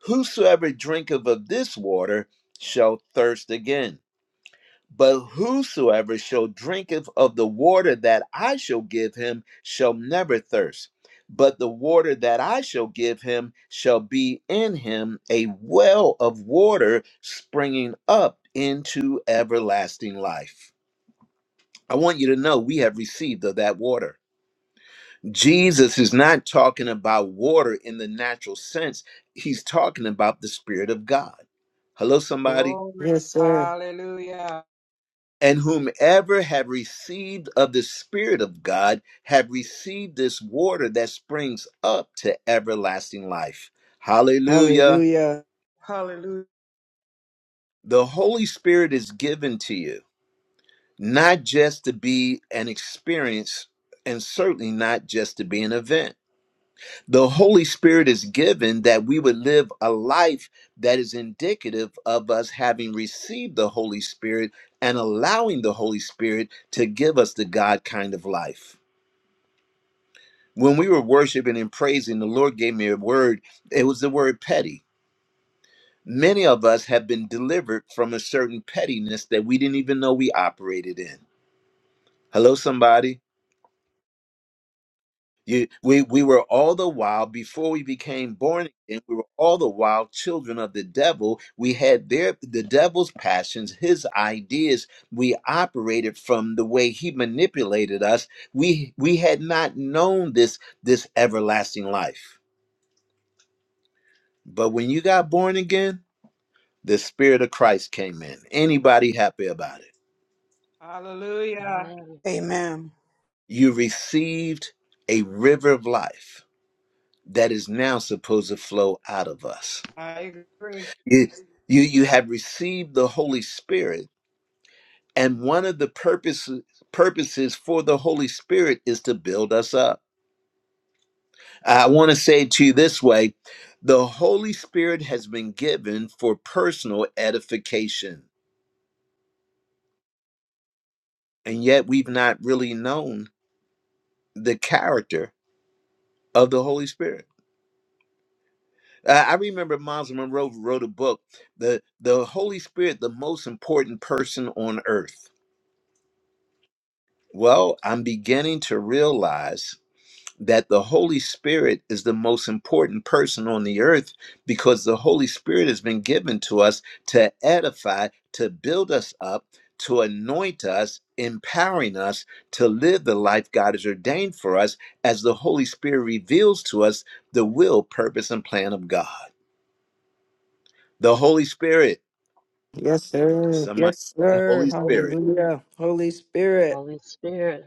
Whosoever drinketh of this water shall thirst again. But whosoever shall drinketh of the water that I shall give him shall never thirst. But the water that I shall give him shall be in him a well of water springing up into everlasting life. I want you to know we have received of that water Jesus is not talking about water in the natural sense. He's talking about the Spirit of God. Hello, somebody.
Glory.
yes, sir.
Hallelujah.
And whomever have received of the Spirit of God have received this water that springs up to everlasting life. Hallelujah.
Hallelujah.
Hallelujah.
The Holy Spirit is given to you, not just to be an experience, and certainly not just to be an event. The Holy Spirit is given that we would live a life that is indicative of us having received the Holy Spirit and allowing the Holy Spirit to give us the God kind of life. When we were worshiping and praising, the Lord gave me a word. It was the word petty. Many of us have been delivered from a certain pettiness that we didn't even know we operated in. Hello, somebody. You, we, we were all the while, before we became born again, we were all the while children of the devil. We had their the devil's passions, his ideas. We operated from the way he manipulated us. We we had not known this this everlasting life. But when you got born again, the Spirit of Christ came in. Anybody happy about it?
Hallelujah.
Amen.
Amen.
You received a river of life that is now supposed to flow out of us.
I agree.
you you you have received the holy spirit and one of the purposes purposes for the holy spirit is to build us up i want to say to you this way the holy spirit has been given for personal edification and yet we've not really known the character of the holy spirit Uh, i remember miles monroe wrote a book the the holy spirit the most important person on earth well i'm beginning to realize that the Holy Spirit is the most important person on the earth because the Holy Spirit has been given to us to edify, to build us up, to anoint us, empowering us to live the life God has ordained for us as the Holy Spirit reveals to us the will, purpose, and plan of God. The Holy Spirit,
Yes, sir.
somebody,
Yes,
say,
sir.
Holy Spirit
Hallelujah. Holy Spirit.
Holy Spirit.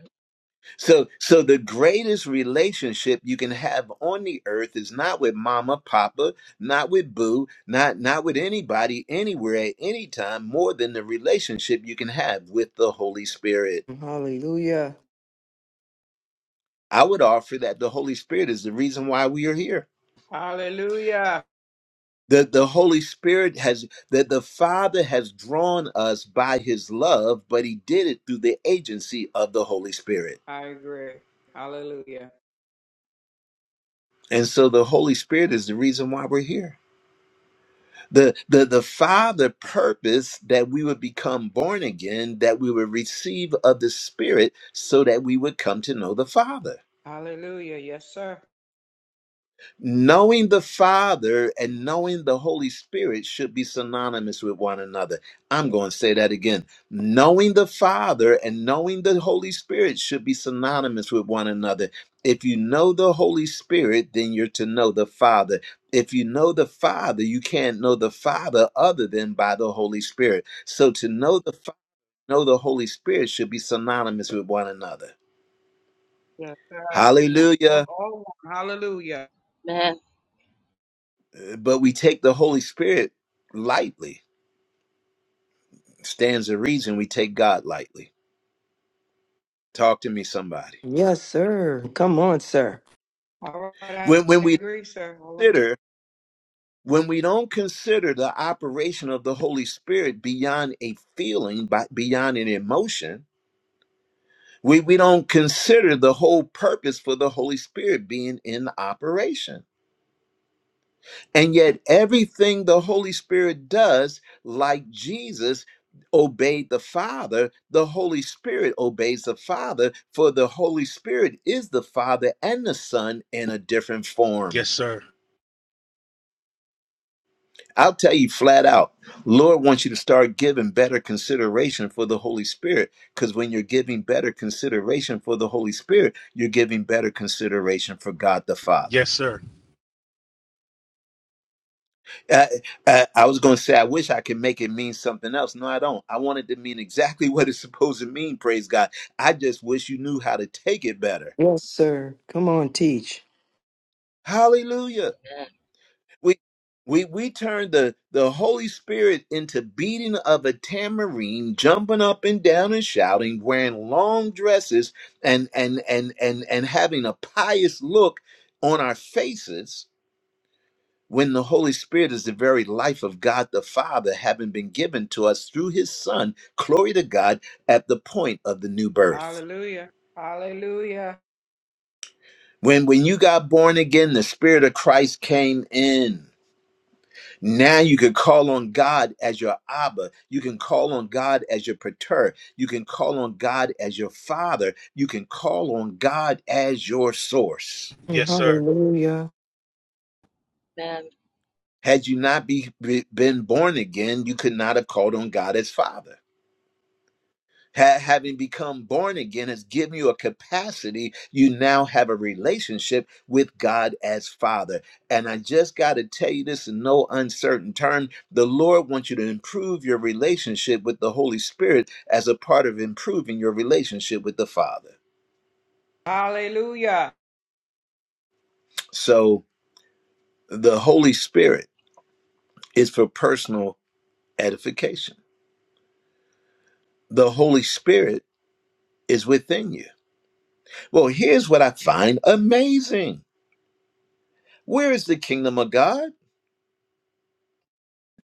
So, so the greatest relationship you can have on the earth is not with mama, papa, not with boo, not not with anybody, anywhere, at any time, more than the relationship you can have with the Holy Spirit.
Hallelujah.
I would offer that the Holy Spirit is the reason why we are here.
Hallelujah.
That the Holy Spirit has that the Father has drawn us by His love, but He did it through the agency of the Holy Spirit.
I agree. Hallelujah.
And so, the Holy Spirit is the reason why we're here. the the the father purpose that we would become born again that we would receive of the spirit so that we would come to know the father
Hallelujah. Yes, sir.
knowing the Father and knowing the Holy Spirit should be synonymous with one another. I'm going to say that again. Knowing the Father and knowing the Holy Spirit should be synonymous with one another. If you know the Holy Spirit, then you're to know the Father. If you know the Father, you can't know the Father other than by the Holy Spirit. So to know the Fa- know the Holy Spirit should be synonymous with one another.
Yes, sir. All one. All,
Hallelujah.
all one. Hallelujah.
Amen.
Uh, But we take the Holy Spirit lightly stands to reason we take God lightly. Talk to me, somebody.
Yes, sir. Come on, sir.
All right.
When when
I
we
agree, sir. All one.
consider when we don't consider the operation of the Holy Spirit beyond a feeling, by, beyond an emotion, we, we don't consider the whole purpose for the Holy Spirit being in operation. And yet, everything the Holy Spirit does, like Jesus obeyed the Father, the Holy Spirit obeys the Father, for the Holy Spirit is the Father and the Son in a different form. I'll tell you flat out, Lord wants you to start giving better consideration for the Holy Spirit. Because when you're giving better consideration for the Holy Spirit, you're giving better consideration for God the Father. I, I, I was going to say, I wish I could make it mean something else. No, I don't. I want it to mean exactly what it's supposed to mean, praise God. I just wish you knew how to take it better.
Yes, sir. Come on, teach.
Hallelujah.
Amen.
We we we turned the, the Holy Spirit into beating of a tambourine, jumping up and down and shouting, wearing long dresses and and and and and having a pious look on our faces when the Holy Spirit is the very life of God the Father, having been given to us through his Son, glory to God, at the point of the new birth.
Hallelujah. Hallelujah.
When, when you got born again, the Spirit of Christ came in. Now you can call on God as your Abba. You can call on God as your Pater. You can call on God as your Father. You can call on God as your source.
Yes,
Hallelujah.
Amen.
Had you not be, be- been born again, you could not have called on God as Father. ha- having become born again has given you a capacity you now have a relationship with god as father and i just got to tell you this in no uncertain term the lord wants you to improve your relationship with the holy spirit as a part of improving your relationship with the father
Hallelujah.
so the holy spirit is for personal edification the holy spirit is within you well here's what i find amazing where is the kingdom of god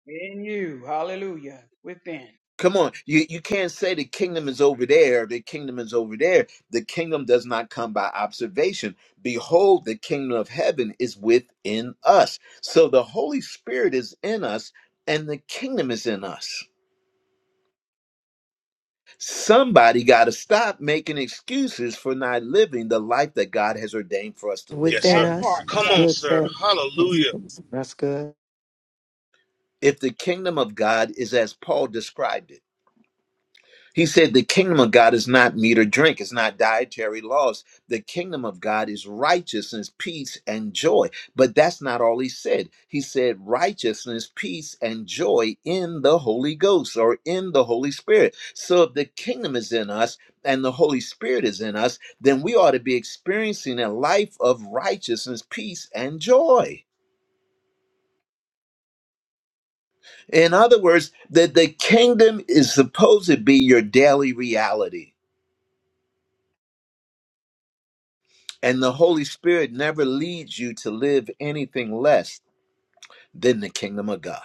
In you. Hallelujah. Within.
Come on, you, you can't say the kingdom is over there, the kingdom is over there. The kingdom does not come by observation. Behold, the kingdom of heaven is within us. So the Holy Spirit is in us and the kingdom is in us. Somebody got to stop making excuses for not living the life that God has ordained for us to
yes,
live.
within
sir.
That
us.
part,
That's
Come
sir.
on,
good,
sir.
sir. That's,
Hallelujah.
that's good.
If the kingdom of God is as Paul described it. He said, The kingdom of God is not meat or drink, it's not dietary laws. The kingdom of God is righteousness, peace, and joy. But that's not all he said. He said, Righteousness, peace, and joy in the Holy Ghost or in the Holy Spirit. So if the kingdom is in us and the Holy Spirit is in us, then we ought to be experiencing a life of righteousness, peace, and joy. In other words, that the kingdom is supposed to be your daily reality. And the Holy Spirit never leads you to live anything less than the kingdom of God.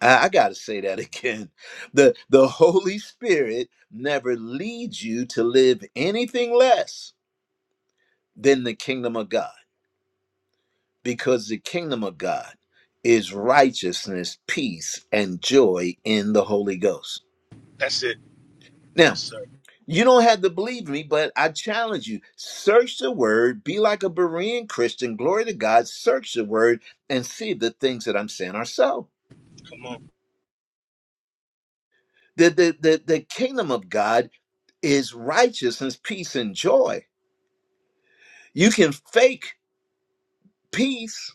I, I gotta say that again. The the Holy Spirit never leads you to live anything less than the kingdom of God, because the kingdom of God is righteousness, peace, and joy in the Holy Ghost.
That's it.
Now.
Yes, sir.
You don't have to believe me, but I challenge you. Search the word, be like a Berean Christian, glory to God, search the word and see if the things that I'm saying are so.
Come on.
The, the, the, the kingdom of God is righteousness, peace, and joy. You can fake peace,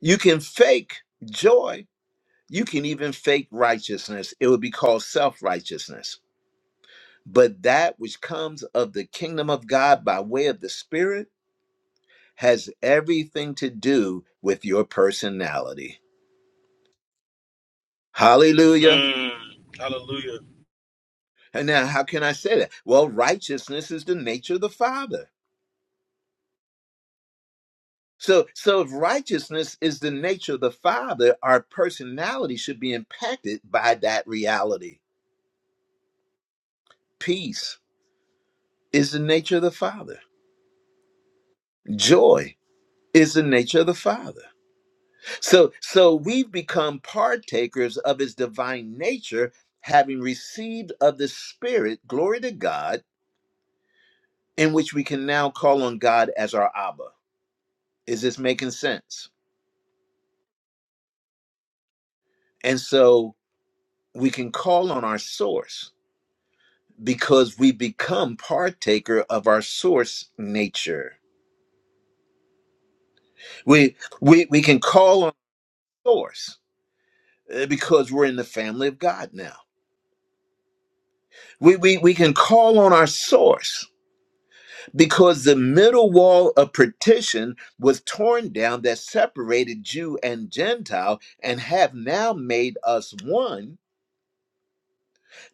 you can fake joy, you can even fake righteousness. It would be called self righteousness. But that which comes of the kingdom of God by way of the Spirit has everything to do with your personality. Hallelujah.
Mm, hallelujah.
And now how can I say that? Well, righteousness is the nature of the Father. So so if righteousness is the nature of the Father, our personality should be impacted by that reality. Peace is the nature of the Father. Joy is the nature of the Father. So so we've become partakers of his divine nature having received of the spirit glory to God in which we can now call on God as our Abba. Is this making sense? And so we can call on our source because we become partaker of our source nature. We we we can call on source uh, because we're in the family of God now. We we we can call on our source because the middle wall of partition was torn down that separated Jew and Gentile and have now made us one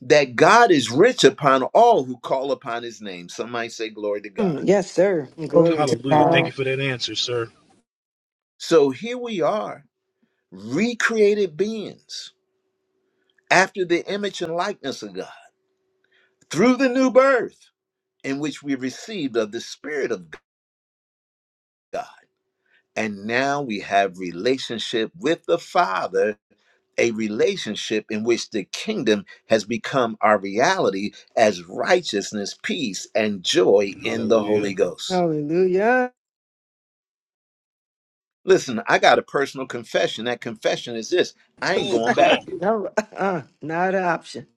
that God is rich upon all who call upon his name. Some might say, Glory to God.
Mm, yes, sir.
Glory
Glory
to
to
Hallelujah. Thank
God.
God.
you for that answer, sir.
So here we are, recreated beings after the image and likeness of God through the new birth in which we received of the Spirit of God. And now we have relationship with the Father, a relationship in which the kingdom has become our reality as righteousness, peace, and joy in the Holy
Hallelujah.
Ghost.
Hallelujah.
Listen, I got a personal confession. That confession is this I ain't
Oh,
going
come on.
back.
no, uh, not an option.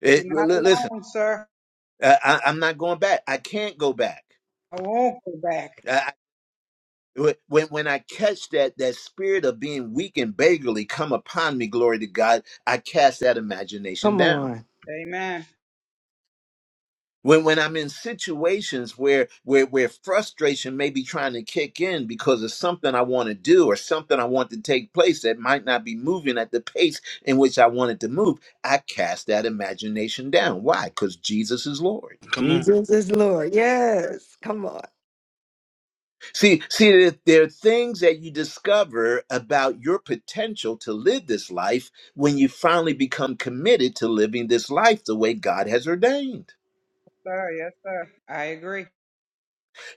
It,
You're not
l- l- listen,
alone, sir.
I, I- I'm not going back. I can't go back.
I won't go back.
I, I- when, when I catch that, that spirit of being weak and beggarly come upon me, glory to God, I cast that imagination
Come
down.
on.
Amen.
when when i'm in situations where where where frustration may be trying to kick in because of something i want to do or something i want to take place that might not be moving at the pace in which i want it to move i cast that imagination down why because jesus is lord
Come on.
Jesus is Lord. Yes. Come on.
see see there there are things that you discover about your potential to live this life when you finally become committed to living this life the way god has ordained
Sir. Yes, sir. I agree.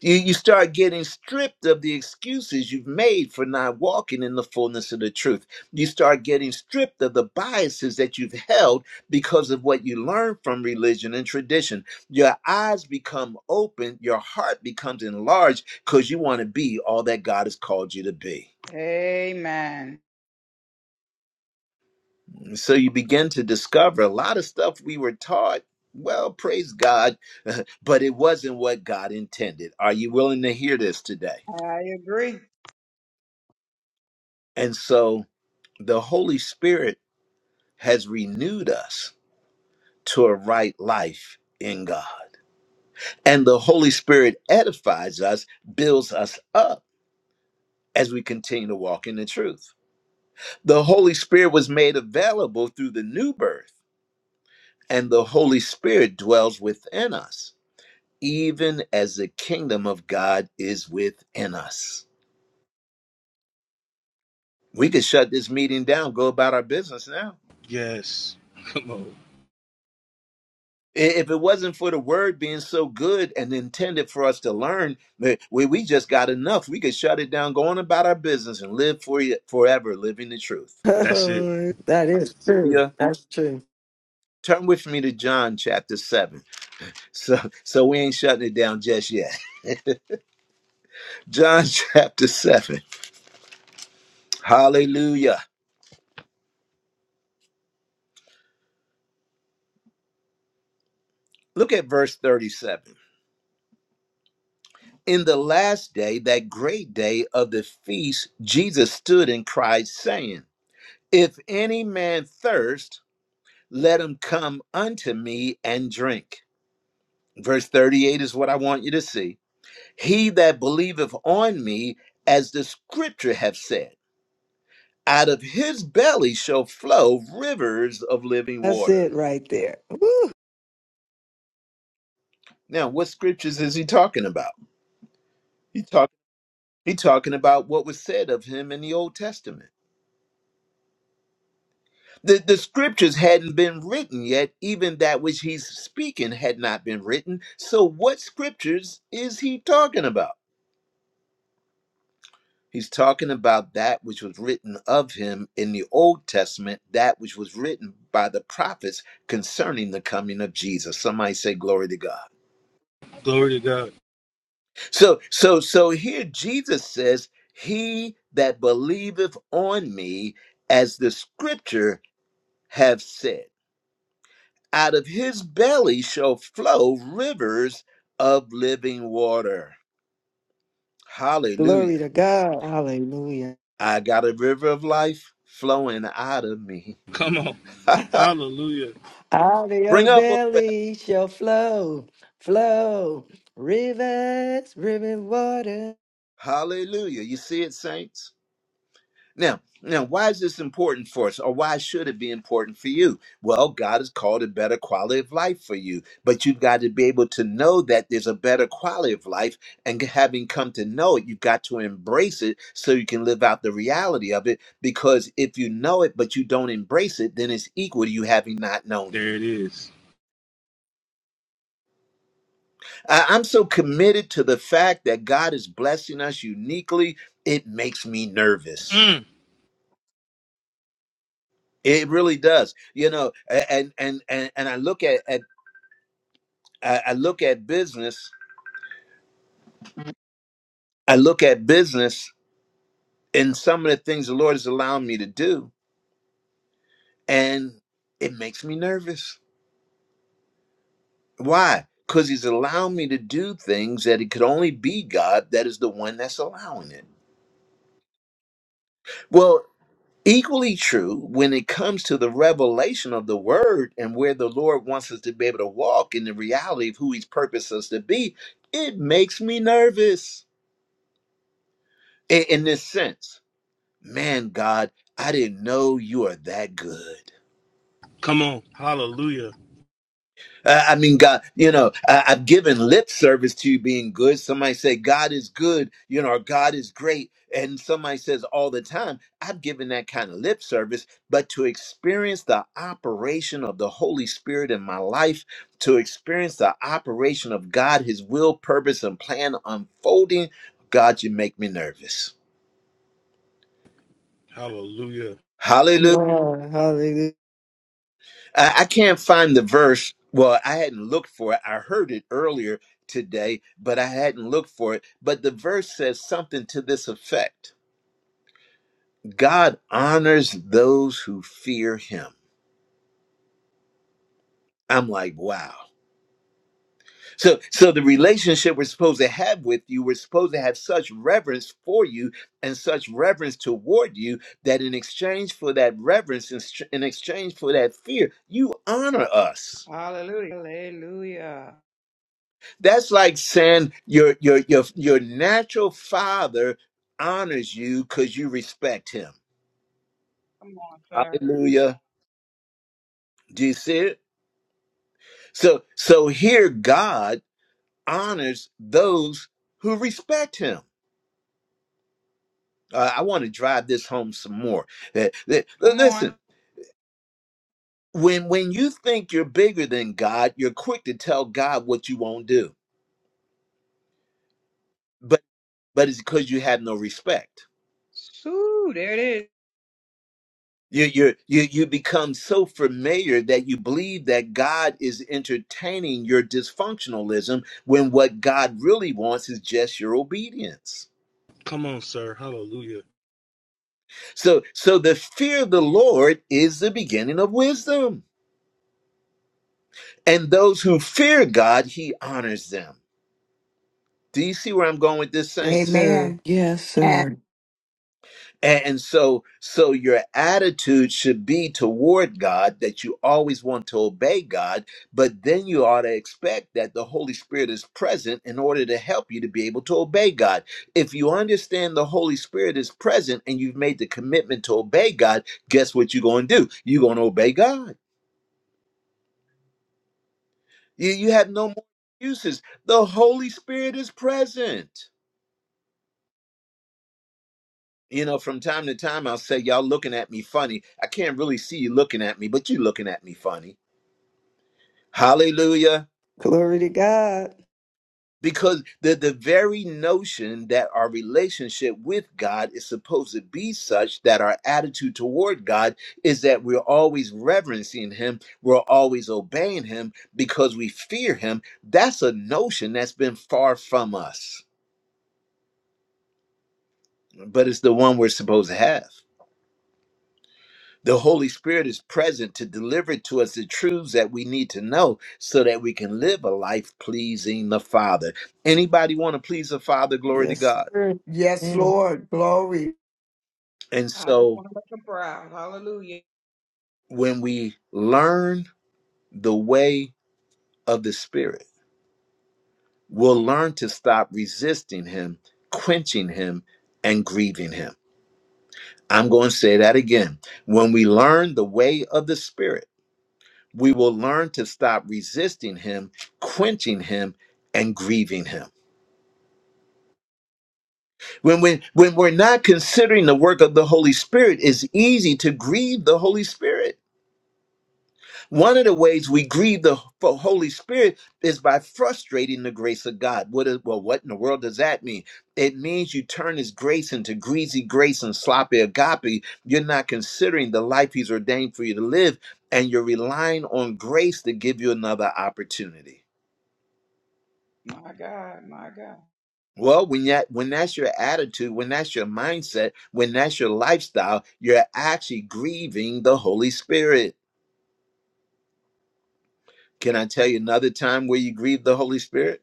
You, you start getting stripped of the excuses you've made for not walking in the fullness of the truth. You start getting stripped of the biases that you've held because of what you learned from religion and tradition. Your eyes become open, your heart becomes enlarged because you want to be all that God has called you to be.
Amen.
And so you begin to discover a lot of stuff we were taught. Well, praise God, but it wasn't what God intended. Are you willing to hear this today?
I agree.
And so the Holy Spirit has renewed us to a right life in God. And the Holy Spirit edifies us, builds us up as we continue to walk in the truth. The Holy Spirit was made available through the new birth, and the Holy Spirit dwells within us, even as the kingdom of God is within us. We could shut this meeting down, go about our business now.
Yes. Come on.
I- If it wasn't for the word being so good and intended for us to learn, that we, we just got enough. We could shut it down, go on about our business, and live for forever living the truth.
That's it.
that is true.
Yeah.
That's true.
Turn with me to John chapter 7. So, so we ain't shutting it down just yet. John chapter 7. Hallelujah. Look at verse 37. In the last day, that great day of the feast, Jesus stood and cried, saying, If any man thirst, let him come unto me and drink. Verse 38 is what I want you to see. He that believeth on me, as the scripture hath said, out of his belly shall flow rivers of living
That's
water.
it right there. Woo.
Now, what scriptures is he talking about? He talk, he talking about what was said of him in the Old Testament. The, the scriptures hadn't been written yet, even that which he's speaking had not been written. So, what scriptures is he talking about? He's talking about that which was written of him in the Old Testament, that which was written by the prophets concerning the coming of Jesus. Somebody say glory to God.
Glory to God.
So so so here Jesus says, "He that believeth on me, as the scripture have said, out of his belly shall flow rivers of living water."
Glory
Hallelujah.
to God. Hallelujah.
I got a river of life flowing out of me.
Come on. Hallelujah.
Out of
Bring
your
up.
belly shall flow, flow rivers, river water.
Hallelujah. You see it, saints? Now, now, why is this important for us, or why should it be important for you? Well, God has called a better quality of life for you, but you've got to be able to know that there's a better quality of life, and having come to know it, you've got to embrace it so you can live out the reality of it. Because if you know it but you don't embrace it, then it's equal to you having not known it.
There it is.
I- I'm so committed to the fact that God is blessing us uniquely; it makes me nervous.
Mm,
It really does. You know, a- and and and and I look at at I I look at business. I look at business and some of the things the Lord has allowed me to do, and it makes me nervous. Why? Because He's allowed me to do things that it could only be God that is the one that's allowing it. Well, equally true when it comes to the revelation of the Word and where the Lord wants us to be able to walk in the reality of who He's purposed us to be. It makes me nervous. in, in this sense. Man, God, I didn't know you are that good.
come on. Hallelujah.
Uh, I mean, God, you know, I, I've given lip service to you being good. Somebody say God is good, you know, or God is great, and somebody says all the time, I've given that kind of lip service. But to experience the operation of the Holy Spirit in my life, to experience the operation of God, His will, purpose, and plan unfolding, God, you make me nervous.
Hallelujah.
Come
Hallelujah.
on. Hallelujah.
I, I can't find the verse. Well, I hadn't looked for it. I heard it earlier today, but I hadn't looked for it. But the verse says something to this effect God honors those who fear him. I'm like, wow. So so the relationship we're supposed to have with you, we're supposed to have such reverence for you and such reverence toward you that in exchange for that reverence, in, str- in exchange for that fear, you honor us.
Hallelujah. Hallelujah.
That's like saying your your your your natural father honors you because you respect him.
Come on, sir.
Hallelujah. Do you see it? So so here God honors those who respect him. Uh, I want to drive this home some more. Uh, uh,
Come on.
listen, when when you think you're bigger than God, you're quick to tell God what you won't do. But but it's because you have no respect.
Sue, there it is.
You you you you become so familiar that you believe that God is entertaining your dysfunctionalism when what God really wants is just your obedience.
Come on, sir. Hallelujah.
So so the fear of the Lord is the beginning of wisdom. And those who fear God, he honors them. Do you see where I'm going with this
Yes,
saints?
sir.
Amen.
Yes,
Amen.
sir.
And, so, so your attitude should be toward God that you always want to obey God, but then you ought to expect that the Holy Spirit is present in order to help you to be able to obey God. If you understand the Holy Spirit is present and you've made the commitment to obey God, guess what you're going to do? You're going to obey God. You, you have no more excuses. The Holy Spirit is present. You know, from time to time, I'll say, Y'all looking at me funny. I can't really see you looking at me, but you looking at me funny Hallelujah.
Glory to God.
Because the, the very notion that our relationship with God is supposed to be such that our attitude toward God is that we're always reverencing Him, we're always obeying Him because we fear Him. That's a notion that's been far from us, but it's the one we're supposed to have. The Holy Spirit is present to deliver to us the truths that we need to know so that we can live a life pleasing the Father. Anybody want to please the Father? Glory to
Yes,
God.
sir.
Yes,
Amen.
Lord. Glory.
And
I just
so
want to make them proud. Hallelujah.
when we learn the way of the Spirit, we'll learn to stop resisting Him, quenching Him, and grieving Him. I'm going to say that again. When we learn the way of the Spirit, we will learn to stop resisting Him, quenching Him, and grieving Him. When, we, when we're not considering the work of the Holy Spirit, it's easy to grieve the Holy Spirit One of the ways we grieve the Ho- Holy Spirit is by frustrating the grace of God. What is, well, what in the world does that mean? It means you turn His grace into greasy grace and sloppy agape. You're not considering the life He's ordained for you to live, and you're relying on grace to give you another opportunity.
My God, my God.
Well, when that when that's your attitude, when that's your mindset, when that's your lifestyle, you're actually grieving the Holy Spirit. Can I tell you another time where you grieve the Holy Spirit?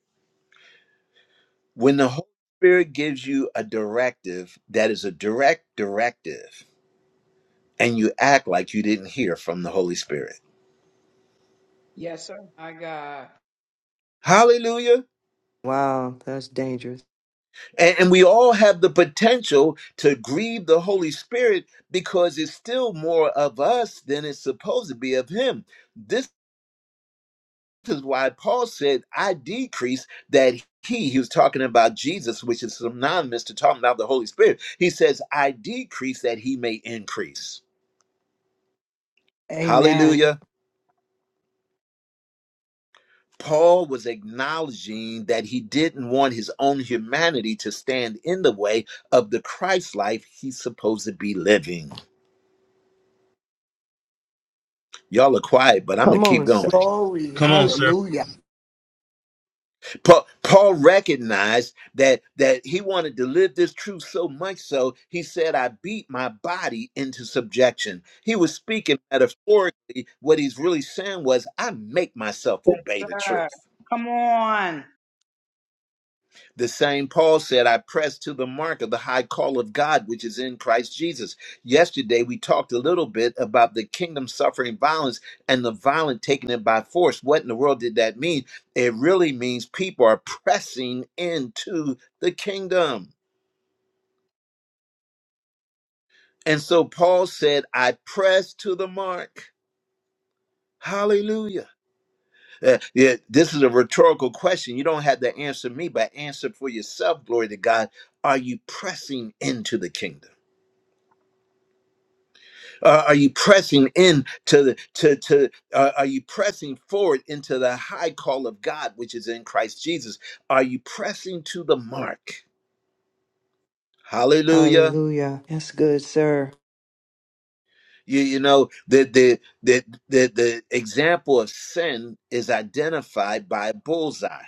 When the Holy Spirit gives you a directive that is a direct directive, and you act like you didn't hear from the Holy Spirit.
Yes, sir. My God.
Hallelujah.
Wow, that's dangerous.
And, and we all have the potential to grieve the Holy Spirit because it's still more of us than it's supposed to be of Him. This is why Paul said, I decrease that He, he was talking about Jesus, which is synonymous to talking about the Holy Spirit. He says, I decrease that He may increase.
Amen.
Hallelujah. Paul was acknowledging that he didn't want his own humanity to stand in the way of the Christ life he's supposed to be living. Y'all are quiet, but I'm gonna
Come
keep
on, sir.
going.
Glory.
Come on, sir.
Hallelujah.
Paul, Paul recognized that that he wanted to live this truth so much so he said, "I beat my body into subjection." He was speaking metaphorically. What he's really saying was, "I make myself obey the
God.
truth."
Come on.
The same Paul said, I press to the mark of the high call of God, which is in Christ Jesus. Yesterday, we talked a little bit about the kingdom suffering violence and the violent taking it by force. What in the world did that mean? It really means people are pressing into the kingdom. And so Paul said, I press to the mark. Hallelujah. Uh, yeah, this is a rhetorical question. You don't have to answer me, but answer for yourself. Glory to God. Are you pressing into the kingdom? Uh, are you pressing in to the to to? Uh, are you pressing forward into the high call of God, which is in Christ Jesus? Are you pressing to the mark? Hallelujah!
Hallelujah. That's good, sir.
You you know the the the the, the example of sin is identified by a bullseye.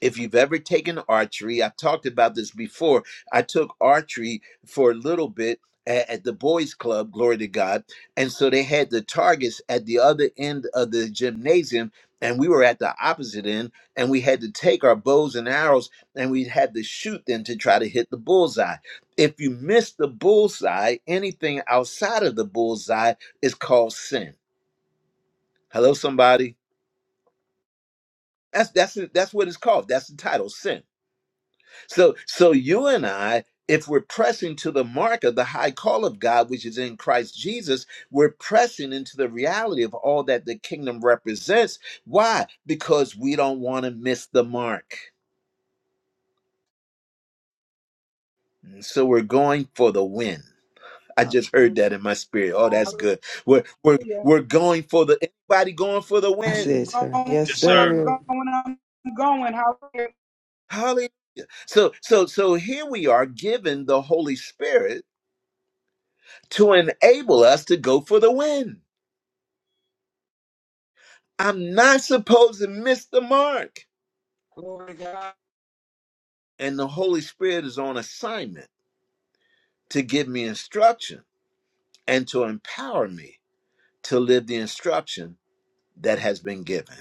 if you've ever taken archery, I talked about this before. I took archery for a little bit at, at the boys' club, glory to God. And so they had the targets at the other end of the gymnasium, and we were at the opposite end, and we had to take our bows and arrows and we had to shoot them to try to hit the bullseye. If you miss the bullseye, anything outside of the bullseye is called sin. Hello, somebody. That's that's it, that's what it's called. That's the title, sin So so you and I, if we're pressing to the mark of the high call of God, which is in Christ Jesus, we're pressing into the reality of all that the kingdom represents. Why? Because we don't want to miss the mark. And So we're going for the win. I just heard
Hallelujah.
that in my spirit. Oh, that's
Hallelujah.
good. We're we're we're going for the anybody going for the
I
I'm
win.
said, sir.
going,
Yes,
Yes, sir.
I'm
sir.
going, I'm going. Hallelujah.
Hallelujah. So so so here we are given the Holy Spirit to enable us to go for the win. I'm not supposed to miss the mark.
Glory to God.
And the Holy Spirit is on assignment to give me instruction and to empower me to live the instruction that has been given.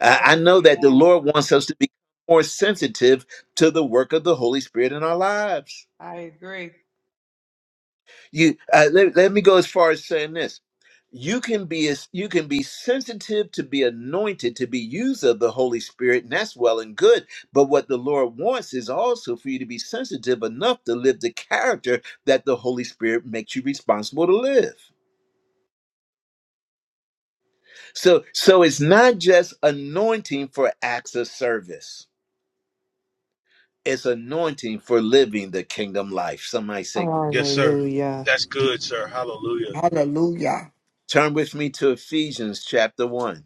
I, I know that the
Amen.
Lord wants us to be more sensitive to the work of the Holy Spirit in our lives.
I agree.
you uh, let, let me go as far as saying this you can be as you can be sensitive to be anointed to be used of the holy spirit and that's well and good but what the lord wants is also for you to be sensitive enough to live the character that the holy spirit makes you responsible to live so so it's not just anointing for acts of service it's anointing for living the kingdom life somebody say
Yes, sir.
Hallelujah.
That's good, sir. Hallelujah.
Hallelujah.
turn with me to ephesians chapter 1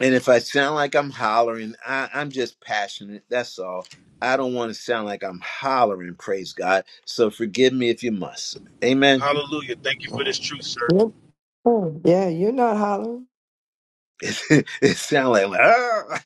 And if I sound like I'm hollering, I, I'm just passionate. That's all. I don't want to sound like I'm hollering, praise God. So forgive me if you must. Amen.
Hallelujah. Thank you for this truth, sir.
Yes, Yeah, you're not hollering.
it sounds like, "Ah."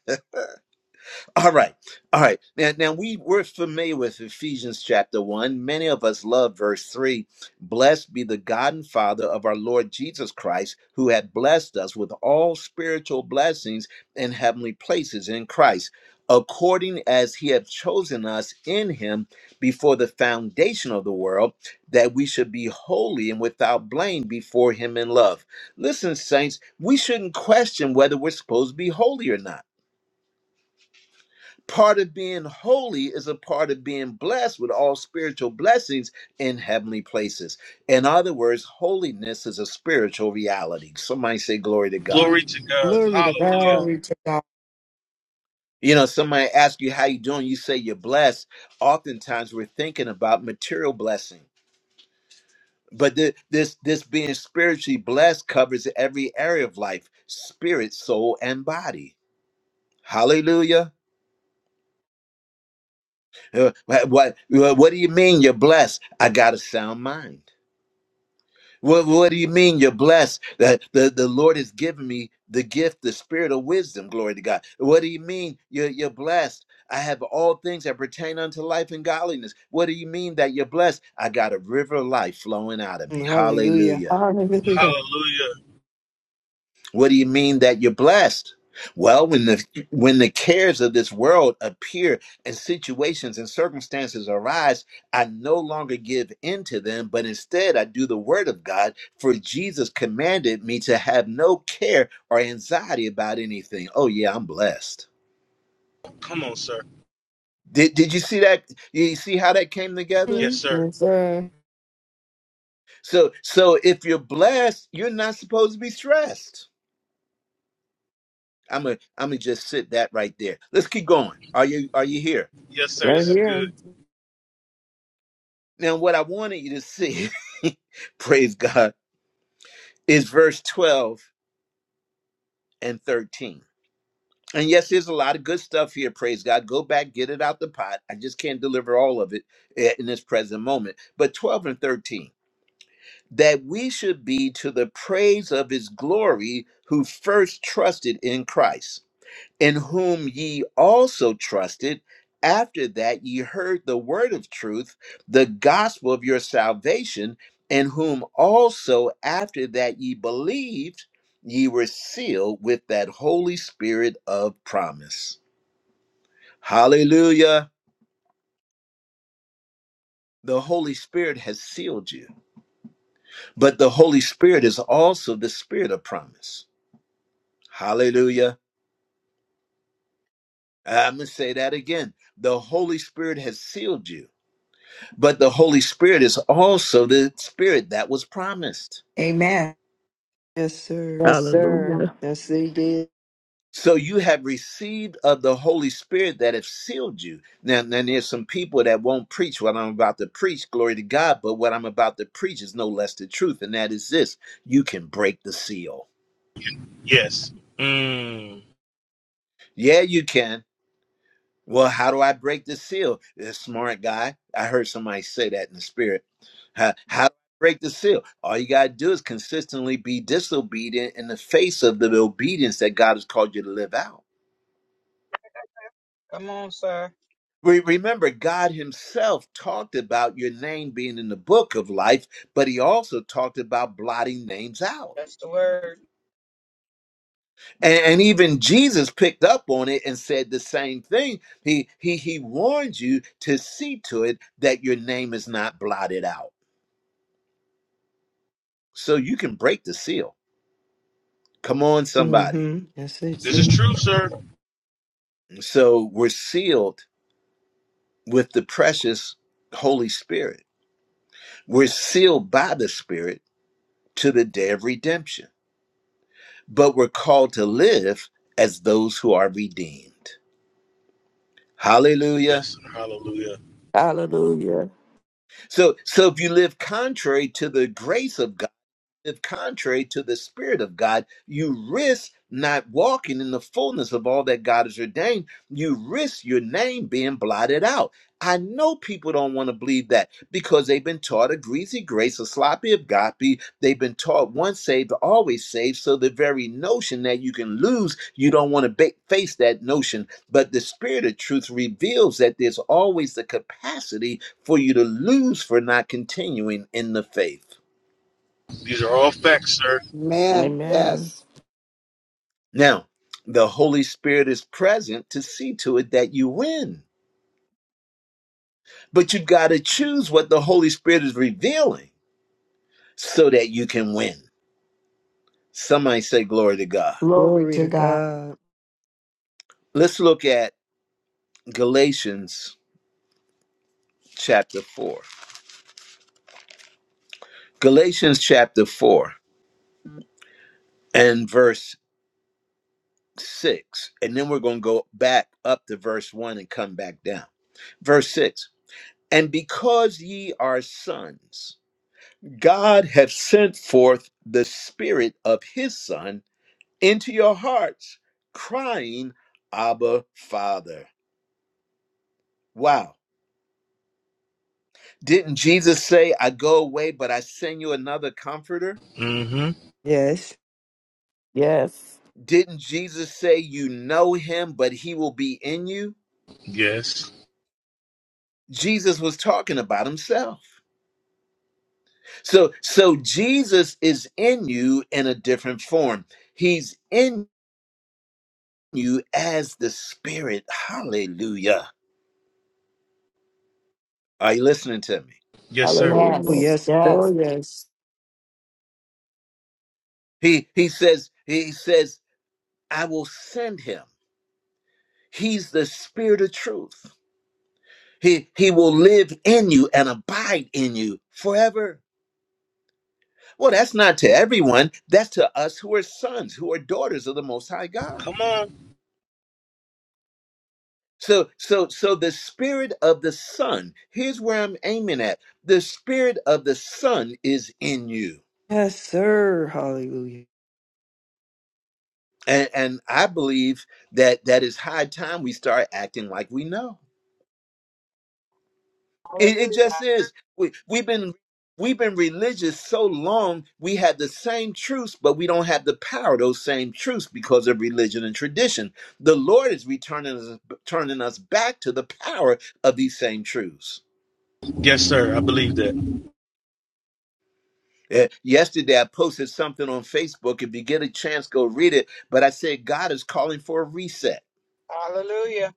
All right. All right. Now, now we we're familiar with Ephesians chapter 1. Many of us love verse 3. Blessed be the God and Father of our Lord Jesus Christ, who had blessed us with all spiritual blessings in heavenly places in Christ, according as he had chosen us in him before the foundation of the world, that we should be holy and without blame before him in love. Listen, saints, we shouldn't question whether we're supposed to be holy or not. Part of being holy is a part of being blessed with all spiritual blessings in heavenly places. In other words, holiness is a spiritual reality. Somebody say glory to God.
Glory to God.
Glory to
Hallelujah.
God.
Glory to God.
You know, somebody asks you how you doing, you say you're blessed. Oftentimes we're thinking about material blessing. But thi- this this being spiritually blessed covers every area of life, spirit, soul, and body. Hallelujah. Uh, What, what, what do you mean you're blessed? I got a sound mind. What What do you mean you're blessed? That the, the Lord has given me the gift, the spirit of wisdom. Glory to God. What do you mean you're you're blessed? I have all things that pertain unto life and godliness. What do you mean that you're blessed? I got a river of life flowing out of me.
Hallelujah.
Hallelujah.
Hallelujah.
Hallelujah.
What do you mean that you're blessed? Well, when the when the cares of this world appear and situations and circumstances arise, I no longer give in to them, but instead I do the word of God, for Jesus commanded me to have no care or anxiety about anything. Oh yeah, I'm blessed.
Come on, sir.
Did did you see that? You see how that came together?
Yes,
Mhm.
sir.
Yes, sir.
So so if you're blessed, you're not supposed to be stressed. I'm a am gonna just sit that right there. Let's keep going. Are you are you here?
Yes, sir.
Right
This is
here.
good.
Now, what I wanted you to see, praise God, is verse 12 and 13. And yes, there's a lot of good stuff here, praise God. Go back, get it out the pot. I just can't deliver all of it eh, in this present moment. But 12 and 13, that we should be to the praise of his glory who first trusted in Christ. in whom ye also trusted, after that ye heard the word of truth, the gospel of your salvation, in whom also after that ye believed, ye were sealed with that Holy Spirit of promise. Hallelujah. The Holy Spirit has sealed you, but the Holy Spirit is also the Spirit of promise. Hallelujah. I'm going to say that again. The Holy Spirit has sealed you But the Holy Spirit is also the Spirit that was promised.
Amen.
Yes, sir. Yes, sir.
Hallelujah.
Yes, they did.
So you have received of the Holy Spirit that have sealed you. Now, now there's some people that won't preach what I'm about to preach, glory to God, but what I'm about to preach is no less the truth, and that is this you can break the seal.
Yes. Mm.
Yeah, you can. Well, how do I break the seal? This smart guy. I heard somebody say that in the spirit. How, how do I break the seal? All you got to do is consistently be disobedient in the face of the obedience that God has called you to live out.
Come on, sir.
We remember God himself talked about your name being in the book of life, but he also talked about blotting names out.
That's the word.
And, and even Jesus picked up on it and said the same thing. He, he, he warned you to see to it that your name is not blotted out. So you can break the seal. Come on, somebody.
Mm-hmm. Yes, it's
This is true, sir.
So we're sealed with the precious Holy Spirit. We're sealed by the Spirit to the day of redemption, but we're called to live as those who are redeemed.
Yes,
Hallelujah.
sir. Hallelujah.
Hallelujah.
So so if you live contrary to the grace of God, live contrary to the spirit of God, you risk not walking in the fullness of all that God has ordained. You risk your name being blotted out. I know people don't want to believe that because they've been taught a greasy grace, a sloppy agape. They've been taught once saved, always saved. So the very notion that you can lose, you don't want to ba- face that notion. But the spirit of truth reveals that there's always the capacity for you to lose for not continuing in the faith.
These are
I
all
agree.
facts, sir.
Amen.
Amen.
Yes.
Now, the Holy Spirit is present to see to it that you win, but you got to choose what the Holy Spirit is revealing so that you can win. Somebody say, Glory to God.
Glory
glory
to
to
God.
God.
Let's look at Galatians chapter 4. Galatians chapter 4 and verse 6. And then we're going to go back up to verse 1 and come back down. Verse 6 And because ye are sons, God hath sent forth the Spirit of His Son into your hearts, crying, Abba, Father. Wow. Didn't Jesus say, I go away, but I send you another comforter?
Mm-hmm.
Yes.
Yes.
Didn't Jesus say, You know him, but he will be in you?
Yes.
Jesus was talking about himself. So, so Jesus is in you in a different form. He's in you as the Spirit. Hallelujah. Are you listening to me?
Yes, sir.
Oh,
Hallelujah.
Yes.
yes. Oh,
Yes.
yes.
He he says, he says, I will send him He's the spirit of truth. He he will live in you and abide in you forever. Well, that's not to everyone. That's to us who are sons, who are daughters of the most high God.
Come on.
So so so the spirit of the son, here's where I'm aiming at. The spirit of the son is in you.
Yes, sir. Hallelujah.
And and I believe that that is high time we start acting like we know. It, it
Hallelujah. I
just
agree.
is. We, we've been we've been religious so long. We have the same truths, but we don't have the power of those same truths because of religion and tradition. The Lord is returning us, turning us back to the power of these same truths.
Yes, sir. I believe that.
Eh, Yesterday, I posted something on Facebook. If you get a chance, go read it. But I said God is calling for a reset.
Hallelujah.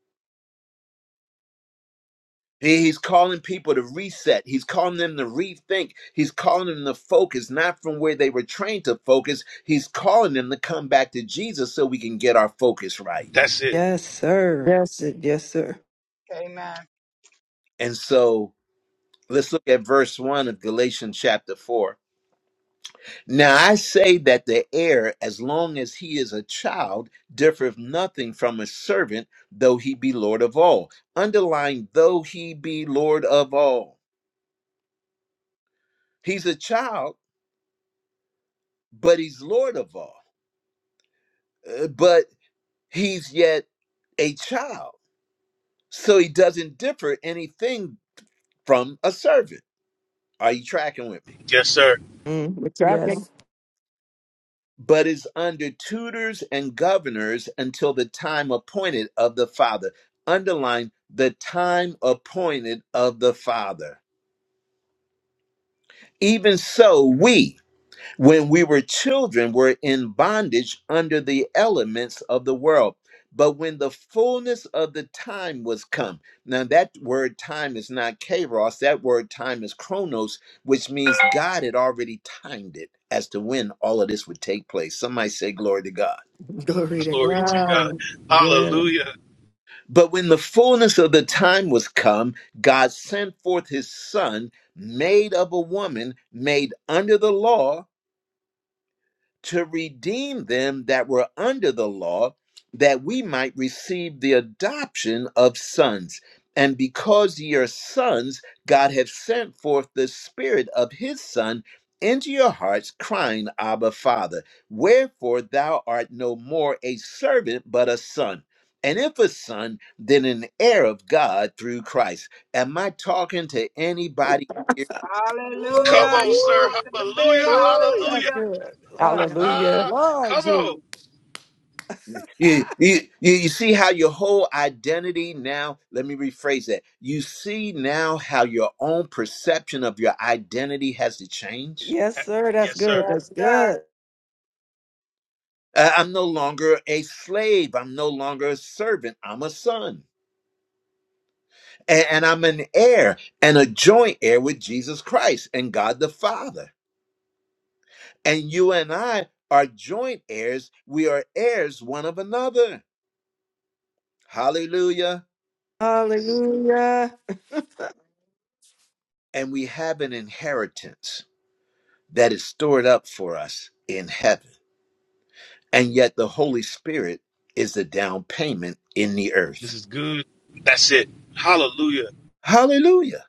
He's calling people to reset. He's calling them to rethink. He's calling them to focus, not from where they were trained to focus. He's calling them to come back to Jesus so we can get our focus right.
That's it.
Yes, sir. Yes, it- yes, sir.
Amen.
And so let's look at verse 1 of Galatians chapter 4. Now I say that the heir, as long as he is a child, differeth nothing from a servant, though he be Lord of all. Underline, though he be Lord of all. He's a child, but he's Lord of all. Uh, But he's yet a child. So he doesn't differ anything from a servant. Are you tracking with me?
Yes, sir.
Mm, we're tracking.
Yes.
But is under tutors and governors until the time appointed of the Father. Underline the time appointed of the Father. Even so, we when we were children were in bondage under the elements of the world but when the fullness of the time was come now that word time is not kairos that word time is chronos which means god had already timed it as to when all of this would take place some might say glory to god
Glory to
Glory to God.
God. Yeah.
Hallelujah.
but when the fullness of the time was come god sent forth his son made of a woman made under the law to redeem them that were under the law, that we might receive the adoption of sons. And because ye are sons, God hath sent forth the Spirit of his Son into your hearts, crying, Abba, Father. Wherefore thou art no more a servant, but a son. And if a son, then an heir of God through Christ. Am I talking to anybody
Ooh,
Come
Hallelujah.
on,
You
ooh,
sir.
talking to
Hallelujah.
me.
ooh, that's
Hallelujah.
Hallelujah.
good. Lord, have mer-
Hallelujah.
Ah,
Lord,
come on.
Jesus.
You, you, you you see how your whole identity now, let me rephrase that. You see now how your own perception of your identity has to change.
Yes,
Eh,
sir. That's
Yes,
good.
sir.
Yes,
That's
sir.
good.
Uh, I'm no longer a slave. I'm no longer a servant. I'm a son. And, and I'm an heir and a joint heir with Jesus Christ and God the Father. And you and I are joint heirs. We are heirs one of another. Hallelujah.
Hallelujah.
And we have an inheritance that is stored up for us in heaven. And yet the Holy Spirit is the down payment in the
This
earth.
is good. That's it. Hallelujah.
Hallelujah.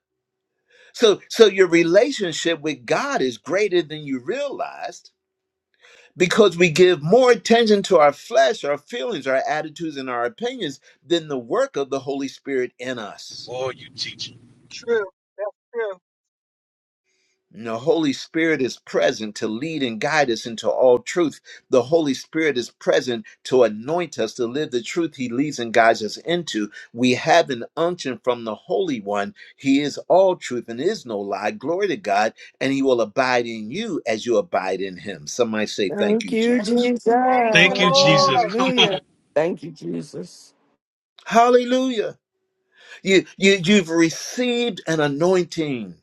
So so your relationship with God is greater than you realized because we give more attention to our flesh, our feelings, our attitudes and our opinions than the work of the Holy Spirit in us.
Oh, you teaching.
True. That's true.
And the Holy Spirit is present to lead and guide us into all truth. The Holy Spirit is present to anoint us to live the truth He leads and guides us into. We have an unction from the Holy One. He is all truth and is no lie. Glory to God. And He will abide in you as you abide in Him. Somebody say, Thank
Thank
you,
you,
Jesus.
Jesus.
Thank
Thank
you,
you, Jesus.
Lord.
Come on.
Hallelujah.
Thank you, Jesus.
Hallelujah. You, you, you've received an anointing.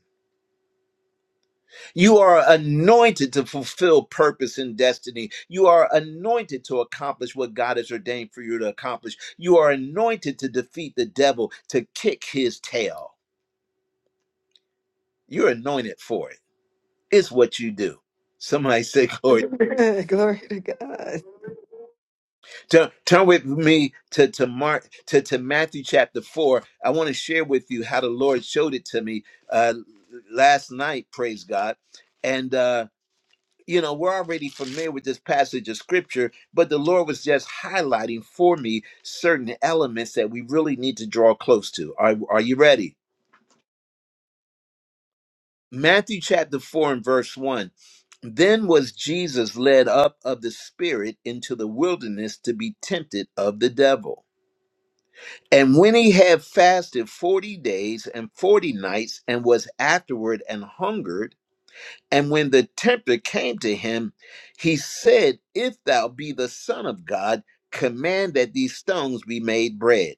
You are anointed to fulfill purpose and destiny. You are anointed to accomplish what God has ordained for you to accomplish. You are anointed to defeat the devil, to kick his tail. You're anointed for it. It's what you do. Somebody say, Glory.
Glory to God.
Turn, turn with me to, to Mark to, to Matthew chapter four. I want to share with you how the Lord showed it to me uh, last night, praise God. And uh you know, we're already familiar with this passage of scripture, but the Lord was just highlighting for me certain elements that we really need to draw close to. Are, are you ready? Matthew chapter 4 and verse 1. Then was Jesus led up of the Spirit into the wilderness to be tempted of the devil. And when he had fasted 40 days and 40 nights and was afterward and hungered, And when the tempter came to him, he said, If thou be the Son of God, command that these stones be made bread.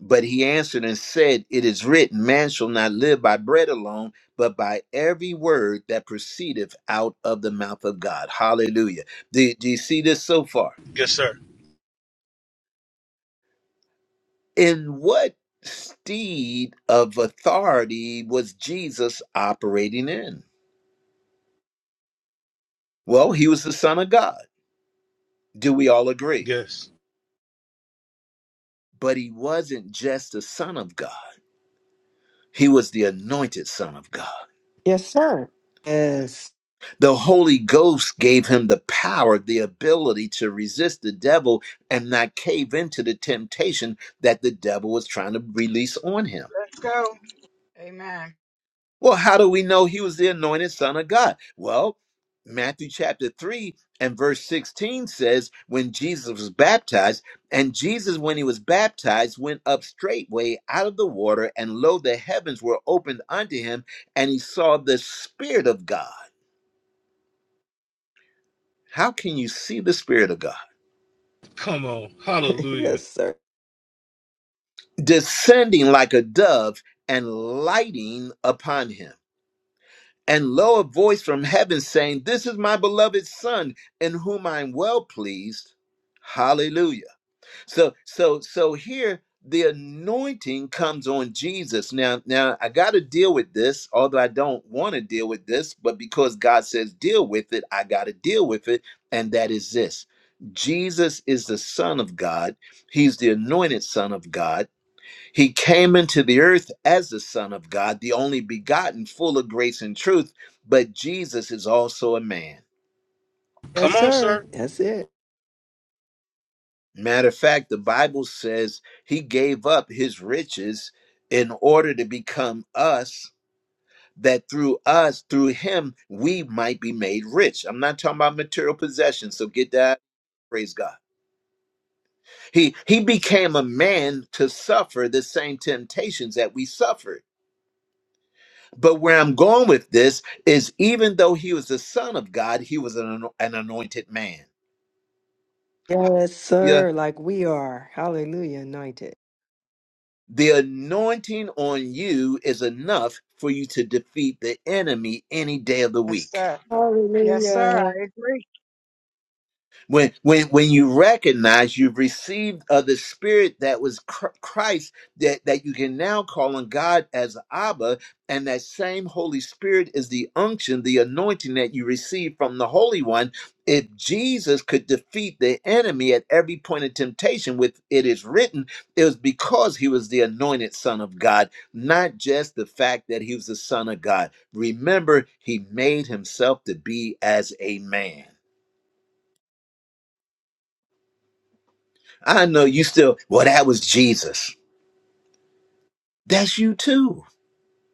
But he answered and said, It is written, Man shall not live by bread alone, but by every word that proceedeth out of the mouth of God. Hallelujah. Do, do you see this so far?
Yes, sir.
In what steed of authority was Jesus operating in? Well, he was the Son of God. Do we all agree?
Yes.
but he wasn't just the Son of God. He was the anointed Son of God.
Yes, sir. Yes.
The Holy Ghost gave him the power, the ability to resist the devil and not cave into the temptation that the devil was trying to release on him.
Let's go. Amen.
Well, how do we know he was the anointed son of God? Well, Matthew chapter 3 and verse 16 says, when Jesus was baptized, and Jesus, when he was baptized, went up straightway out of the water, and lo, the heavens were opened unto him, and he saw the Spirit of God. How can you see the Spirit of God?
Come on. Hallelujah.
Yes, sir.
Descending like a dove and lighting upon him. And lo, a voice from heaven saying, This is my beloved son in whom I'm well pleased. Hallelujah. So, so, so here the anointing comes on Jesus. Now, now I got to deal with this, although I don't want to deal with this, but because God says deal with it, I got to deal with it. And that is this Jesus is the Son of God, He's the anointed Son of God. He came into the earth as the Son of God, the only begotten, full of grace and truth. But Jesus is also a man.
Yes,
Come on,
sir.
sir.
That's it.
Matter of fact, the Bible says he gave up his riches in order to become us, that through us, through him, we might be made rich. I'm not talking about material possessions, so get that. Praise God. He he became a man to suffer the same temptations that we suffered But where I'm going with this is even though he was the son of God, he was an, an anointed man.
Yes,
Yeah.
sir. Like we are. Hallelujah. Anointed.
The anointing on you is enough for you to defeat the enemy any day of the
Yes,
week.
sir. Yes, sir.
Hallelujah.
I agree.
when when when you recognize you've received of the spirit that was Chr- christ that that you can now call on god as abba and that same holy spirit is the unction the anointing that you receive from the holy one if jesus could defeat the enemy at every point of temptation with it is written it was because he was the anointed son of god not just the fact that he was the son of god remember he made himself to be as a man I know you still, well, that was Jesus. That's you too.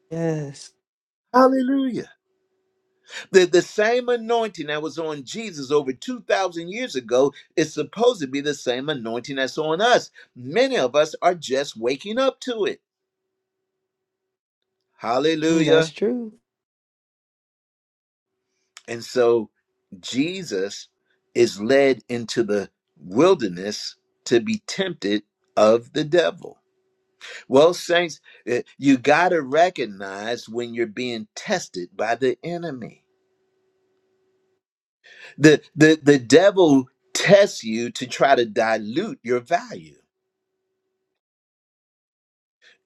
Yes.
Hallelujah. The, the same anointing that was on Jesus over 2,000 years ago is supposed to be the same anointing that's on us. Many of us are just waking up to it.
Mm, that's
Hallelujah.
true.
And so Jesus is led into the wilderness to be tempted of the devil. Well, saints, eh, you got to recognize when you're being tested by the enemy. The the the devil tests you to try to dilute your value.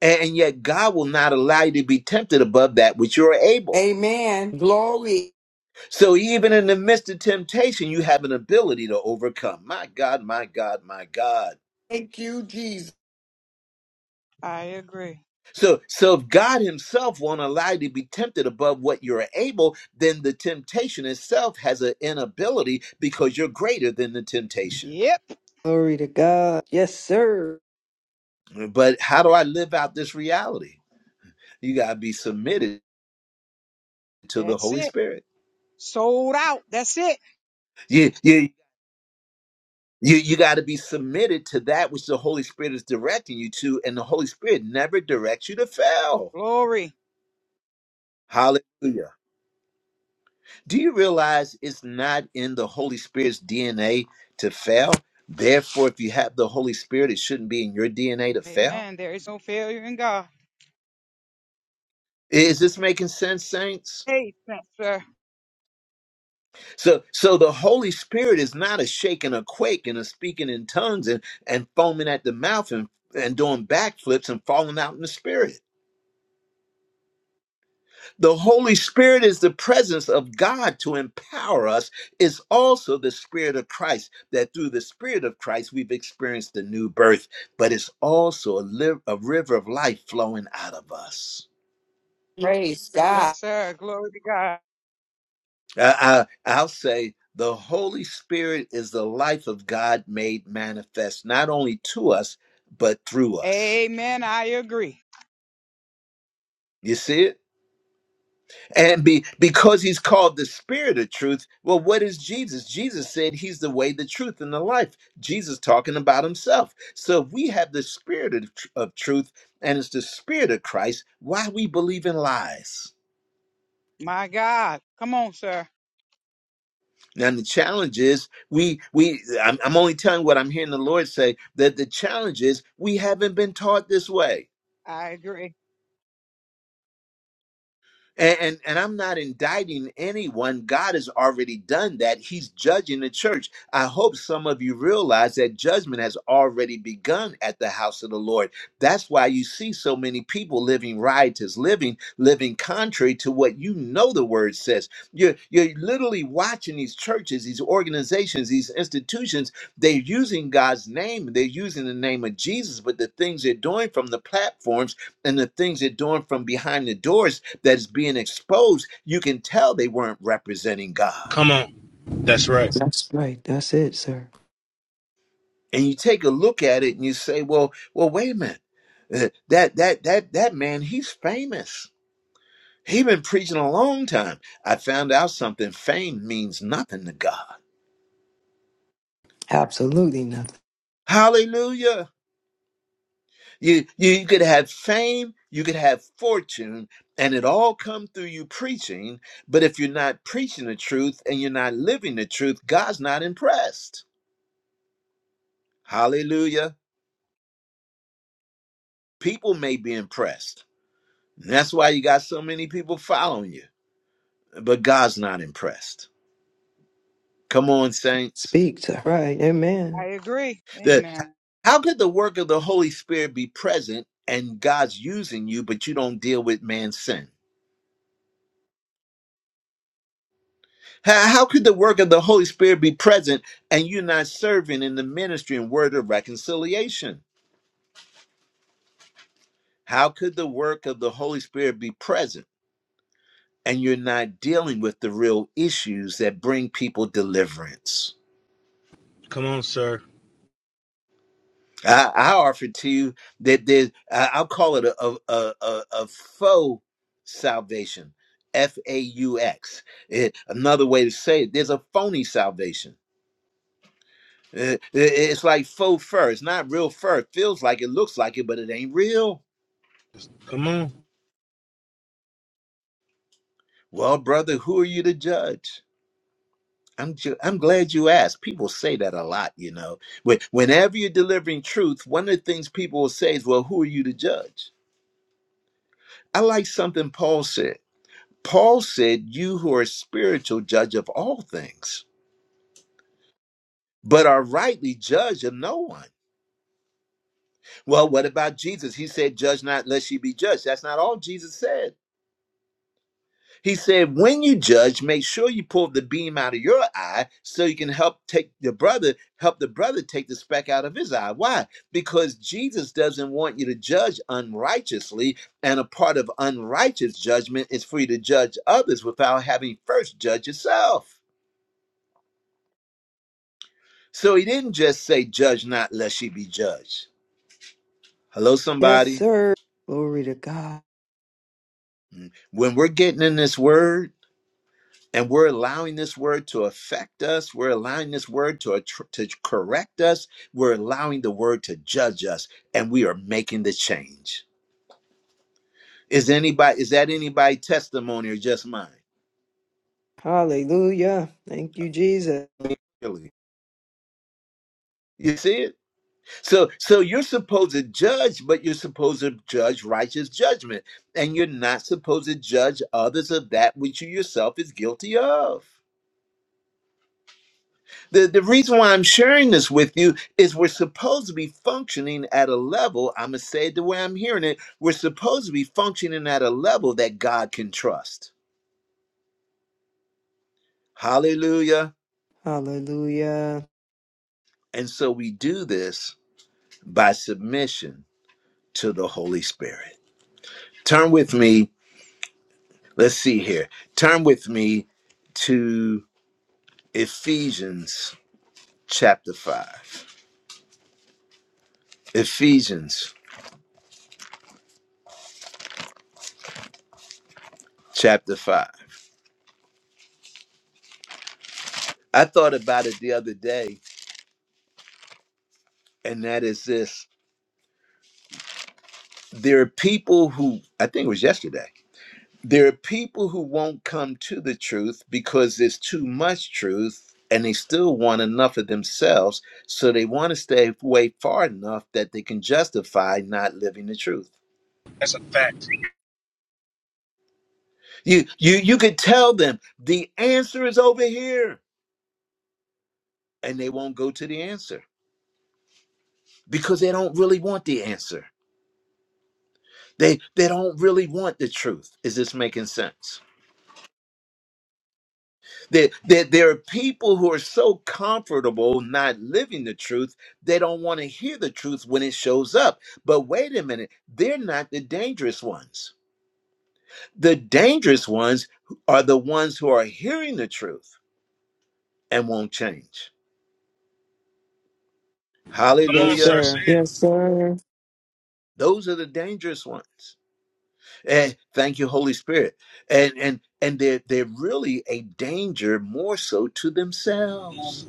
And yet God will not allow you to be tempted above that which you're able.
Amen. Glory.
So even in the midst of temptation, you have an ability to overcome. My God, my God, my God.
Thank you, Jesus.
I agree.
So so if God himself won't allow you to be tempted above what you're able, then the temptation itself has an inability because you're greater than the temptation.
Yep.
Glory to God. Yes, sir.
But how do I live out this reality? You gotta be submitted to the
That's
Holy
it.
Spirit.
Sold out. That's it.
you you you, you got to be submitted to that which the holy spirit is directing you to and the holy spirit never directs you to fail
Glory.
hallelujah do you realize it's not in the holy spirit's dna to fail therefore if you have the holy spirit it shouldn't be in your dna to fail
Amen. There is no failure in God.
is this making sense saints
Hey, yes, sir.
so so the holy spirit is not a shake and a quake and a speaking in tongues and and foaming at the mouth and and doing backflips and falling out in the spirit The Holy Spirit is the presence of God to empower us. It's also the Spirit of Christ that through the Spirit of Christ we've experienced the new birth, but it's also a, li- a river of life flowing out of us.
Praise God.
Yes, sir. Glory to God.
I, I, I'll say the Holy Spirit is the life of God made manifest, not only to us, but through us.
Amen. I agree.
You see it? And be, because he's called the spirit of truth, well, what is Jesus? Jesus said he's the way, the truth, and the life. Jesus talking about himself. So if we have the spirit of, tr- of truth and it's the spirit of Christ, why we believe in lies?
My God. Come on, sir.
Now the challenge is we we I'm, I'm only telling what I'm hearing the Lord say that the challenge is we haven't been taught this way.
I agree.
And, and and I'm not indicting anyone. God has already done that. He's judging the church. I hope some of you realize that judgment has already begun at the house of the Lord. That's why you see so many people living riotous, living living contrary to what you know the word says. You're you're literally watching these churches, these organizations, these institutions. They're using God's name. They're using the name of Jesus, but the things they're doing from the platforms and the things they're doing from behind the doors that's being exposed, you can tell they weren't representing God.
Come on. That's right.
That's right. That's it, sir.
And you take a look at it and you say, "Well, well, wait a minute. Uh, That that that that man, he's famous. He's been preaching a long time. I found out something. Fame means nothing to God.
Absolutely nothing.
Hallelujah. You you, you could have fame, you could have fortune, and it all come through you preaching. But if you're not preaching the truth and you're not living the truth, God's not impressed. Hallelujah. People may be impressed. And that's why you got so many people following you. But God's not impressed. Come on, saints.
Speak, sir. Right.
I
Amen.
agree.
The,
Amen.
how could the work of the Holy Spirit be present and God's using you, but you don't deal with man's sin? How, how could the work of the Holy Spirit be present and you're not serving in the ministry and word of reconciliation? How could the work of the Holy Spirit be present and you're not dealing with the real issues that bring people deliverance?
Come on, sir.
I, I offer to you that there's, I- I'll call it a, a, a, a, a faux salvation, F A U X. Eh, Another way to say it, there's a phony salvation. Eh, eh, it's like faux fur. It's not real fur. It feels like it, looks like it, but it ain't real.
Come on.
Well, brother, who are you to judge? I'm ju- I'm glad you asked. People say that a lot, you know. When, whenever you're delivering truth, one of the things people will say is, "Well, who are you to judge?" I like something Paul said. Paul said, You who are spiritual, judge of all things, but are rightly judge of no one. Well, what about Jesus? He said, Judge not, lest ye be judged. That's not all Jesus said. He said, When you judge, make sure you pull the beam out of your eye so you can help take the brother, help the brother take the speck out of his eye. Why? Because Jesus doesn't want you to judge unrighteously, and a part of unrighteous judgment is for you to judge others without having first judged yourself. So he didn't just say, Judge not, lest ye be judged. Hello,
Yes,
somebody.
sir. Glory to God.
Mm. When we're getting in this word and we're allowing this word to affect us, we're allowing this word to, attr- to correct us, we're allowing the word to judge us, and we are making the change. Is anybody is that anybody testimony or just mine?
Hallelujah. Thank you, Jesus.
Really? You see it? So so you're supposed to judge, but you're supposed to judge righteous judgment. And you're not supposed to judge others of that which you yourself is guilty of. The the reason why I'm sharing this with you is we're supposed to be functioning at a level, I'm gonna say it the way I'm hearing it, we're supposed to be functioning at a level that God can trust. Hallelujah.
Hallelujah.
And so we do this by submission to the Holy Spirit. Turn with me Let's see here. Turn with me to Ephesians chapter 5. Ephesians chapter 5. I thought about it the other day, and that is this there are people who, I think it was yesterday, there are people who won't come to the truth because there's too much truth and they still want enough of themselves. So they want to stay away far enough that they can justify not living the truth.
That's a fact.
You you you could tell them the answer is over here and they won't go to the answer because they don't really want the answer. They they don't really want the truth. Is this making sense? There, there, there are people who are so comfortable not living the truth, they don't want to hear the truth when it shows up. But wait a minute, they're not the dangerous ones. The dangerous ones are the ones who are hearing the truth and won't change.
Come
Yes,
on, sir.
Hallelujah.
Say
sir.
it.
Yes, sir.
Those are the dangerous ones. And thank you, Holy Spirit. And and and they're they're really a danger more so to themselves.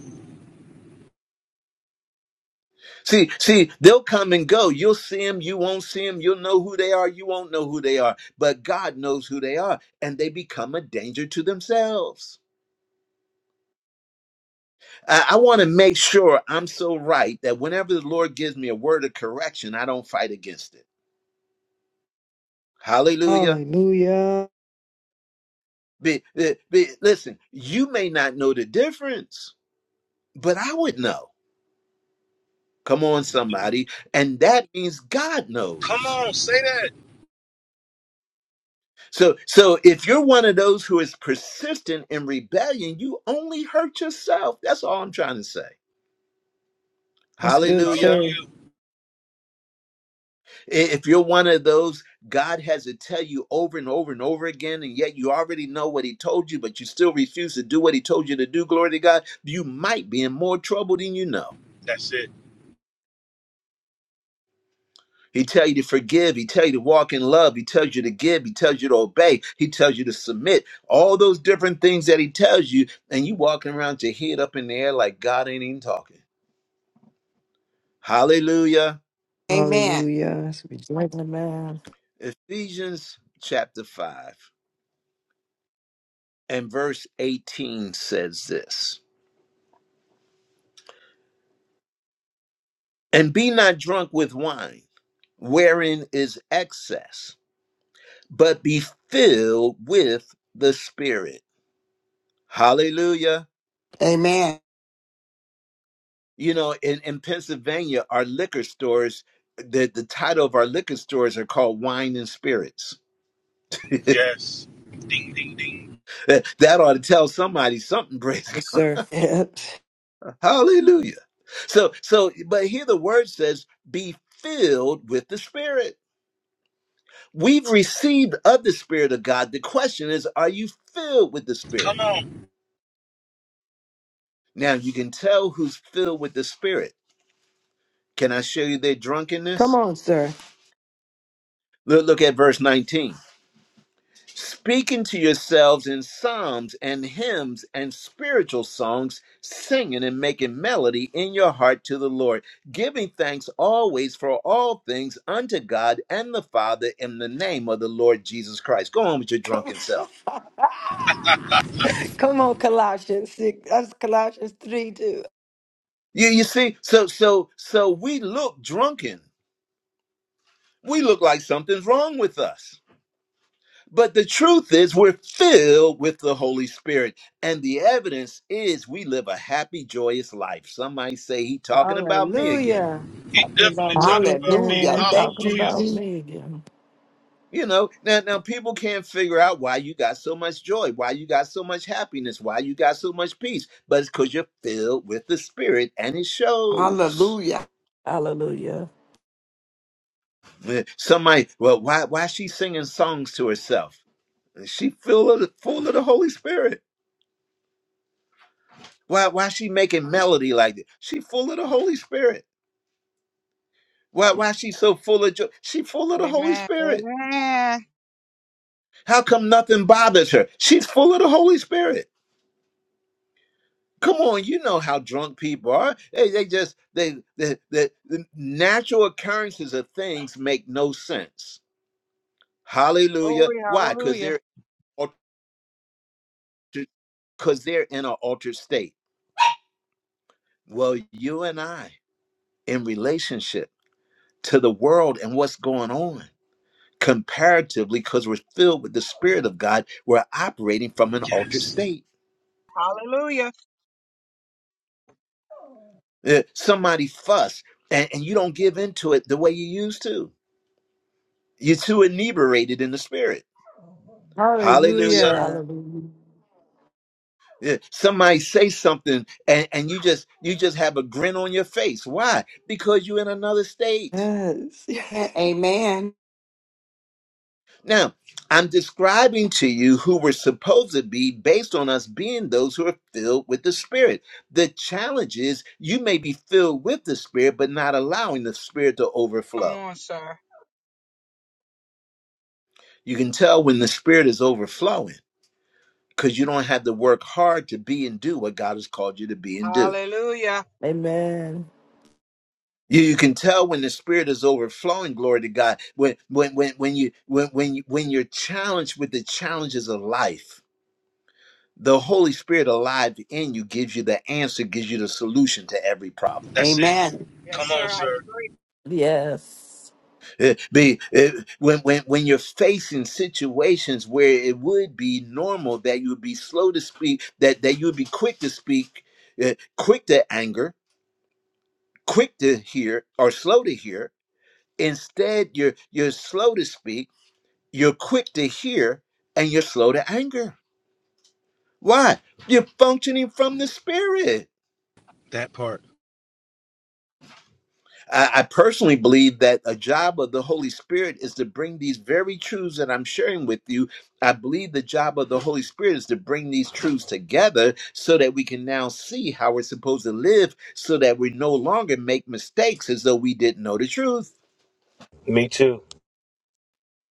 See, see, they'll come and go. You'll see them, you won't see them, you'll know who they are, you won't know who they are. But God knows who they are, and they become a danger to themselves. I, I want to make sure I'm so right that whenever the Lord gives me a word of correction, I don't fight against it. Hallelujah.
Hallelujah.
Be, be, be- listen, you may not know the difference, but I would know. Come on, somebody. And that means God
Come
knows.
on. Say that.
So, so if you're one of those who is persistent in rebellion, you only hurt yourself. That's all I'm trying to say.
That's good,
Hallelujah.
sir.
Hallelujah.
I- If you're one of those, God has to tell you over and over and over again, and yet you already know what He told you, but you still refuse to do what He told you to do, glory to God, you might be in more trouble than you know.
That's it.
He tell you to forgive. He tell you to walk in love. He tells you to give. He tells you to obey. He tells you to submit. All those different things that he tells you, and you walking around with your head up in the air like God ain't even talking. Hallelujah.
Amen.
Hallelujah. That's what we like.
Amen.
Ephesians chapter 5 and verse 18 says this. And be not drunk with wine, wherein is excess, but be filled with the Spirit. Hallelujah
Amen.
you know in, in pennsylvania our liquor stores the, the title of our liquor stores are called wine and spirits that
Yes. Ding, ding, ding.
ought to tell somebody something praise
Yes, sir. Yep.
God. hallelujah so so but here the word says be filled with the spirit we've received of the spirit of god the question is are you filled with the
Come
spirit
on.
now you can tell who's filled with the spirit can i show you their
Come
drunkenness
on, sir.
look, look at verse 19 speaking to yourselves in psalms and hymns and spiritual songs, singing and making melody in your heart to the Lord, giving thanks always for all things unto God and the Father in the name of the Lord Jesus Christ. Go on with your
Come
drunken self.
on, Come on, Colossians 6. That's Colossians 3 too.
You, you see, so so so we look drunken. We look like something's wrong with us. But the truth is, we're filled with the Holy Spirit. And the evidence is we live a happy, joyous life. Some might say he talking about me again.
Hallelujah.
He
Talking about
definitely talking
me
about me.
Hallelujah.
You
again.
Thank
talking
you,
Hallelujah.
about
Jesus.
me again.
You know, now, now people can't figure out why you got so much joy, why you got so much happiness, why you got so much peace. But it's because you're filled with the Spirit and it shows.
Hallelujah.
Hallelujah.
Eh, Some might, well, why why she singing songs to herself? She full of the, full of the Holy Spirit. Why why she making melody like that? She full of the Holy Spirit Why, why she so full of joy? She full of the Holy
Amen.
Spirit.
Amen.
How come nothing bothers her? She's full of the Holy Spirit. Come on, you know how drunk people are. They, they just they the, the the natural occurrences of things make no sense. Hallelujah.
Glory,
Why? Because
hallelujah.
they're altered, because they're in an altered state. Well, you and I in relationship to the world and what's going on comparatively, because we're filled with the Spirit of God, we're operating from an altered
Yes.
state
Hallelujah.
Uh, somebody fuss and, and you don't give into it the way you used to. You're too inebriated in the spirit.
Yes,
Hallelujah.
sir.
Hallelujah.
Hallelujah.
Yeah, Somebody say something and, and you just you just have a grin on your face. Why? Because you're in another state.
Yes.
Amen.
Now, I'm describing to you who we're supposed to be based on us being those who are filled with the Spirit. The challenge is you may be filled with the Spirit, but not allowing the Spirit to
Come
overflow.
on, sir.
You can tell when the Spirit is overflowing because you don't have to work hard to be and do what God has called you to be and do.
Hallelujah.
Amen.
You, you can tell when the spirit is overflowing. Glory to God. When when when when you when when you, when you're challenged with the challenges of life, the Holy Spirit alive in you gives you the answer, gives you the solution to every problem.
That's it.
Amen.
Yes,
Come
sir.
on,
I
sir.
agree.
Yes.
Eh, be eh, when when when you're facing situations where it would be normal that you would be slow to speak, that that you would be quick to speak, eh, quick to anger, quick to hear or slow to hear Instead, you're you're slow to speak, you're quick to hear, and you're slow to anger. Why? You're functioning from the Spirit.
That part.
I, I personally believe that a job of the Holy Spirit is to bring these very truths that I'm sharing with you. I believe the job of the Holy Spirit is to bring these truths together so that we can now see how we're supposed to live so that we no longer make mistakes as though we didn't know the truth.
Me too.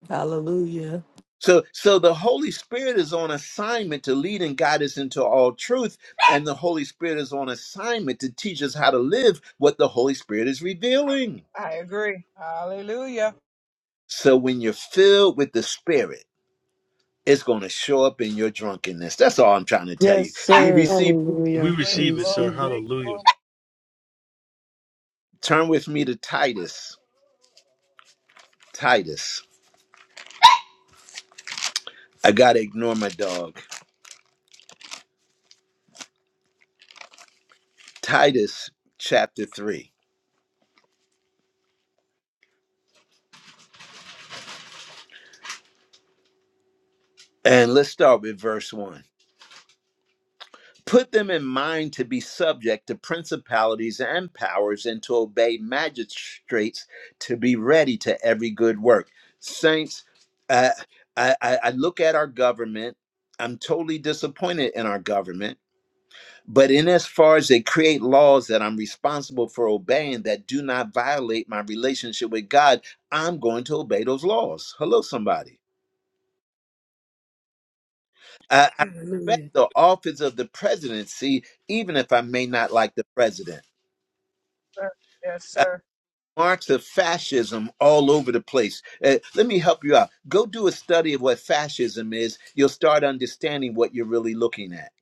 Hallelujah.
So, so the Holy Spirit is on assignment to lead and guide us into all truth, and the Holy Spirit is on assignment to teach us how to live what the Holy Spirit is revealing.
I agree. Hallelujah.
So, when you're filled with the Spirit, it's going to show up in your drunkenness. That's all I'm trying to tell
Yes,
you. Do you
sir.
receive?
We
Hallelujah. I
Great
receive it, sir.
received it.
glory,
Hallelujah.
glory,
Turn with me to Titus. Titus. I got to ignore my dog. Titus chapter 3. And let's start with verse 1. Put them in mind to be subject to principalities and powers and to obey magistrates to be ready to every good work. Saints, uh, I, I, I look at our government. I'm totally disappointed in our government, but in as far as they create laws that I'm responsible for obeying that do not violate my relationship with God, I'm going to obey those laws. Hello, somebody. I, I
Hallelujah.
respect the office of the presidency, even if I may not like the president.
sir. Yes, sir.
marks of fascism all over the place. Uh, let me help you out. Go do a study of what fascism is. You'll start understanding what you're really looking at.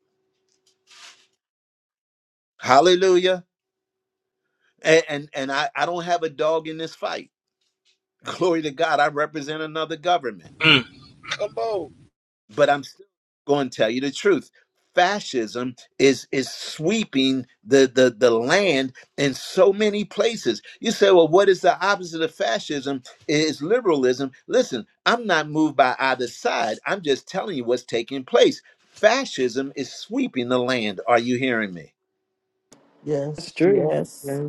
Hallelujah. And and, and I, I don't have a dog in this fight. Glory to God. I represent another government.
Mm. Come on.
but I'm still going to tell you the truth. Fascism is is sweeping the, the the land in so many places. You say, well, what is the opposite of fascism? Is liberalism. Listen, I'm not moved by either side. I'm just telling you what's taking place. Fascism is sweeping the land. Are you hearing me?
That's
Yes.
true.
Yes.
Yeah.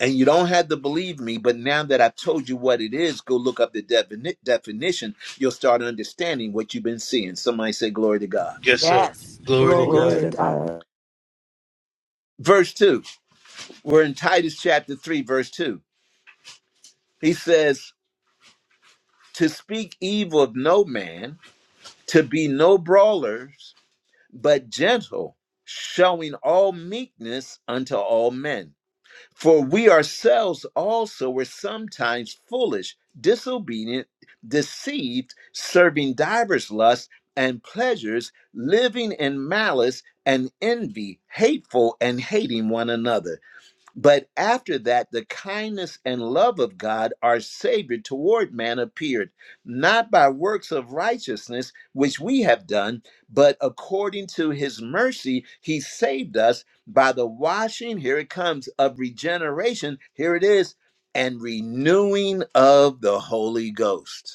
And you don't have to believe me, but now that I've told you what it is, go look up the defini- definition. You'll start understanding what you've been seeing. Somebody say, Glory to God.
Yes, sir.
Yes.
Glory to
Glory
Glory
God.
to
to
God.
God.
Verse 2 We're in Titus chapter 3, verse 2. He says, To speak evil of no man, to be no brawlers, but gentle, showing all meekness unto all men. For we ourselves also were sometimes foolish, disobedient, deceived, serving divers lusts and pleasures, living in malice and envy, hateful and hating one another. But after that, the kindness and love of God, our Savior, toward man appeared, not by works of righteousness, which we have done, but according to his mercy, he saved us by the washing, here it comes, of regeneration, here it is, and renewing of the Holy Ghost.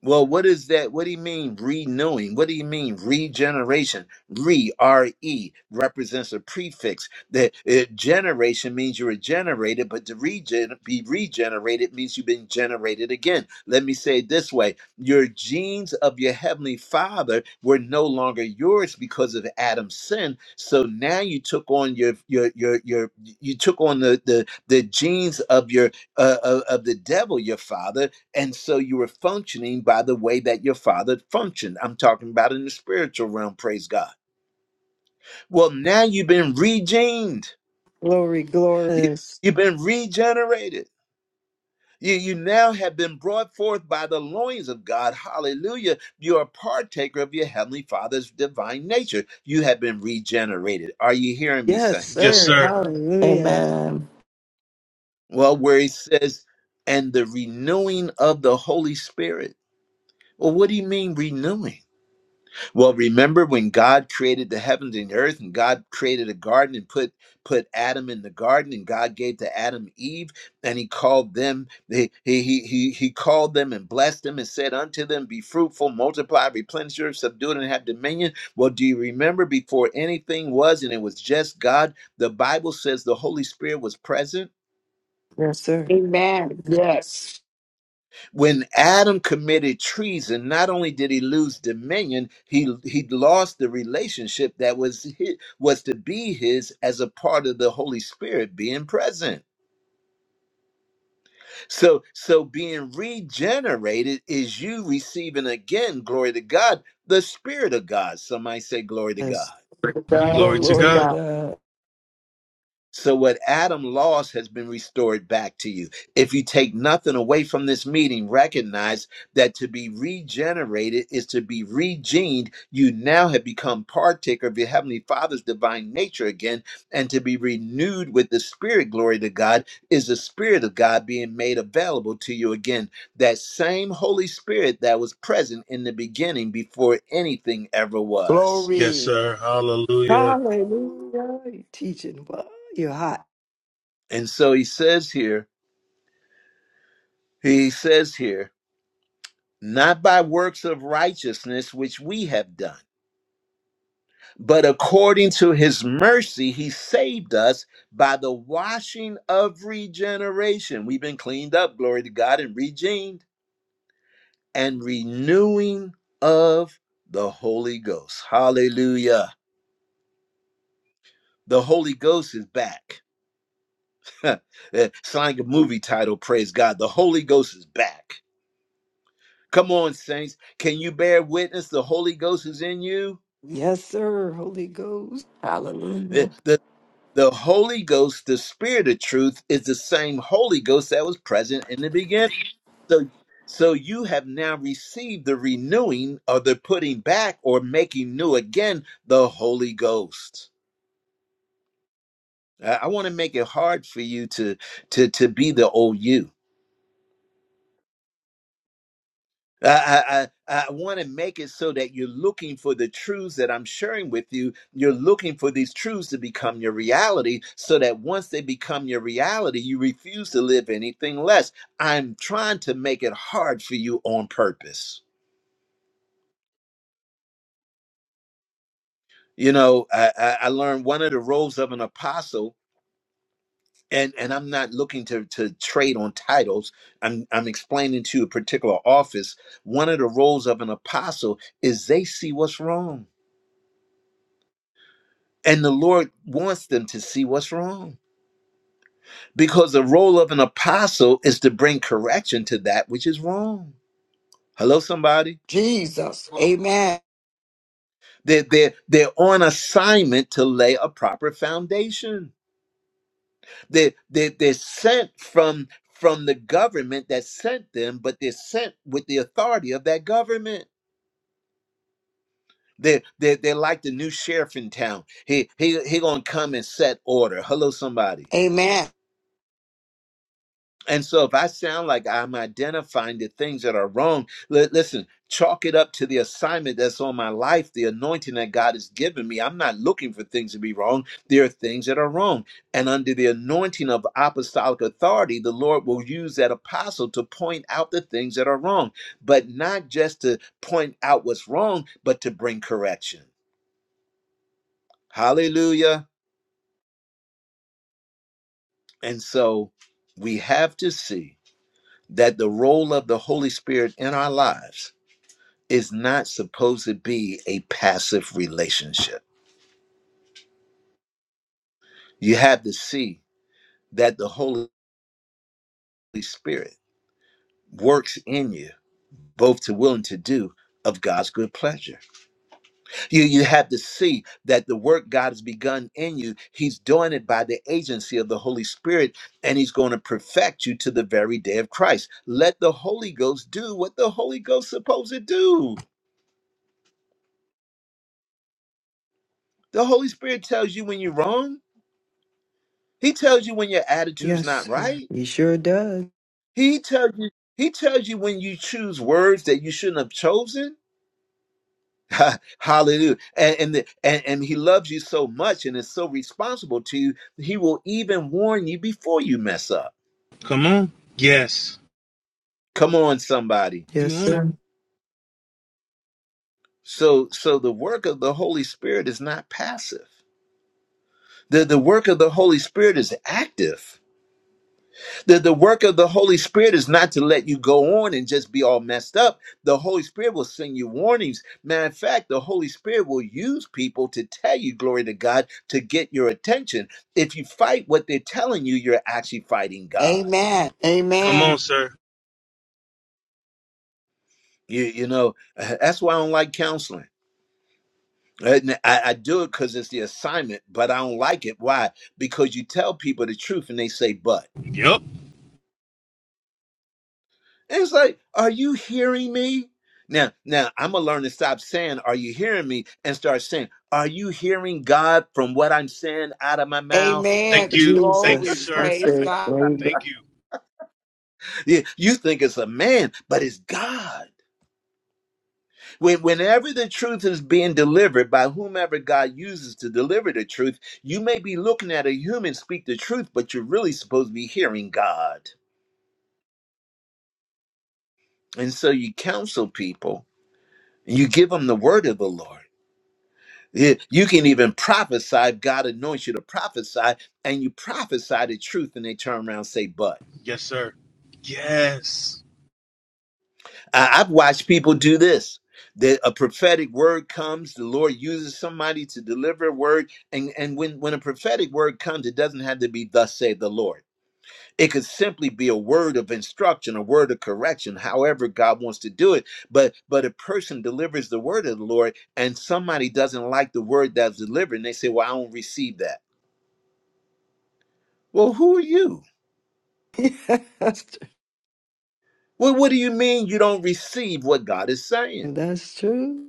Well, what is that? What do you mean renewing? What do you mean regeneration? Re, R E, represents a prefix. That uh, generation means you were generated, but to regen- be regenerated means you've been generated again. Let me say it this way Your genes of your heavenly father were no longer yours because of Adam's sin. So now you took on your, your, your, your, you took on the, the, the genes of your, uh, of of the devil, your father and so you were functioning by the way that your father functioned. I'm talking about in the spiritual realm, praise God. Well, now you've been regened,
Glory, glory.
you,
Yes,
you've been regenerated. You, you now have been brought forth by the loins of God. Hallelujah. You are a partaker of your heavenly father's divine nature. You have been regenerated. Are you hearing me,
Yes,
Yes,
saints?
sir.
sir.
Hallelujah.
Amen.
Well, where he says, and the renewing of the Holy Spirit. Well, what do you mean renewing? Well, remember when God created the heavens and the earth, and God created a garden and put put Adam in the garden, and God gave to Adam Eve, and He called them. He he he he he called them and blessed them and said unto them, "Be fruitful, multiply, replenish your, subdue it, and have dominion." Well, do you remember before anything was, and it was just God? The Bible says the Holy Spirit was present.
Yes, sir.
Amen. Yes.
when Adam committed treason, not only did he lose dominion, he he lost the relationship that was his, was to be his as a part of the Holy Spirit being present. So so being regenerated is you receiving again, glory to God, the Spirit of God. Somebody say glory to God.
Yes. Praise God.
Glory
Glory
to
to
Glory to
God.
God.
God.
So, what Adam lost has been restored back to you. If you take nothing away from this meeting, recognize that to be regenerated is to be regened. You now have become partaker of your Heavenly Father's divine nature again, and to be renewed with the Spirit, glory to God, is the Spirit of God being made available to you again. That same Holy Spirit that was present in the beginning before anything ever was.
Yes,
Glory.
sir. Hallelujah.
Hallelujah. You're teaching. Wow, You're hot.
And so, he says here, he says here, not by works of righteousness which we have done, but according to his mercy, he saved us by the washing of regeneration. We've been cleaned up, glory to God, and regened and renewing of the Holy Ghost. Hallelujah. The Holy Ghost is back. it's like a movie title, praise God. The Holy Ghost is back. Come on, saints. Can you bear witness? The Holy Ghost is in you.
Yes, sir. Holy Ghost.
Eh,
Hallelujah.
The. The Holy Ghost, the Spirit of truth, is the same Holy Ghost that was present in the beginning. So, so you have now received the renewing or the putting back or making new again the Holy Ghost. I, I want to make it hard for you to to to be the old you. I, I, I want to make it so that you're looking for the truths that I'm sharing with you. You're looking for these truths to become your reality so that once they become your reality, you refuse to live anything less. I'm trying to make it hard for you on purpose. You know, I, I I learned one of the roles of an apostle. And, and I'm not looking to, to trade on titles. I'm, I'm explaining to you a particular office. One of the roles of an apostle is they see what's wrong And the Lord wants them to see what's wrong because the role of an apostle is to bring correction to that which is wrong. Hello, somebody.
Jesus. Amen.
They're, they're, they're on assignment to lay a proper foundation. They're, they're, they're sent from, from the government that sent them, but they're sent with the authority of that government. They're, they're, they're like the new sheriff in town. He, he, he gonna come and set order. Hello, somebody
Amen.
And so, if I sound like I'm identifying the things that are wrong, li- listen, chalk it up to the assignment that's on my life, the anointing that God has given me. I'm not looking for things to be wrong. There are things that are wrong. And under the anointing of apostolic authority, the Lord will use that apostle to point out the things that are wrong, but not just to point out what's wrong, but to bring correction. Hallelujah. And so, we have to see that the role of the Holy Spirit in our lives is not supposed to be a passive relationship. You have to see that the Holy Spirit works in you, both to will and to do of God's good pleasure. You, you have to see that the work God has begun in you, He's doing it by the agency of the Holy Spirit, and He's going to perfect you to the very day of Christ. Let the Holy Ghost do what the Holy Ghost is supposed to do. The Holy Spirit tells you when you're wrong, He tells you when your attitude's
Yes,
not
sir.
right.
He sure does.
He tells you, he tells you when you choose words that you shouldn't have chosen. Ha- Hallelujah. And and, the, and and he loves you so much and is so responsible to you, he will even warn you before you mess up.
Come on. Yes.
Come on, somebody.
You
Yes,
on it.
sir.
So so the work of the Holy Spirit is not passive. The the work of the Holy Spirit is active. The, the work of the Holy Spirit is not to let you go on and just be all messed up. The Holy Spirit will send you warnings. Matter of fact, the Holy Spirit will use people to tell you, glory to God, to get your attention. If you fight what they're telling you, you're actually fighting God.
Amen.
Come on,
Amen.
sir.
You, you know, uh, that's why I don't like counseling. Uh, n- I, I do it because it's the assignment, but I don't like it. Why? Because you tell people the truth and they say, but.
Yep.
It's like, are you hearing me? Now, now I'm gonna learn to stop saying, "Are you hearing me?" and start saying, "Are you hearing God from what I'm saying out of my mouth?"
Thank
Amen.
you. Thank you,
Glory.
Jesus.
sir.
I
Praise
I,
say,
God.
there you go.
thank you.
Yeah, You think it's a man, but it's God. When, whenever the truth is being delivered by whomever God uses to deliver the truth, you may be looking at a human speak the truth, but you're really supposed to be hearing God. And so you counsel people, and you give them the word of the Lord. Yeah, You can even prophesy. God anoints you to prophesy, and you prophesy the truth, and they turn around and say, But
Yes, sir. Yes.
I- I've watched people do this. That a prophetic word comes, the Lord uses somebody to deliver a word. And, and when, when a prophetic word comes, it doesn't have to be thus saith the Lord. It could simply be a word of instruction, a word of correction, however God wants to do it. But but a person delivers the word of the Lord and somebody doesn't like the word that's delivered, and they say, Well, I don't receive that. Well, who are you?
Yes,
Well, what do you mean you don't receive what God is saying?
that's true.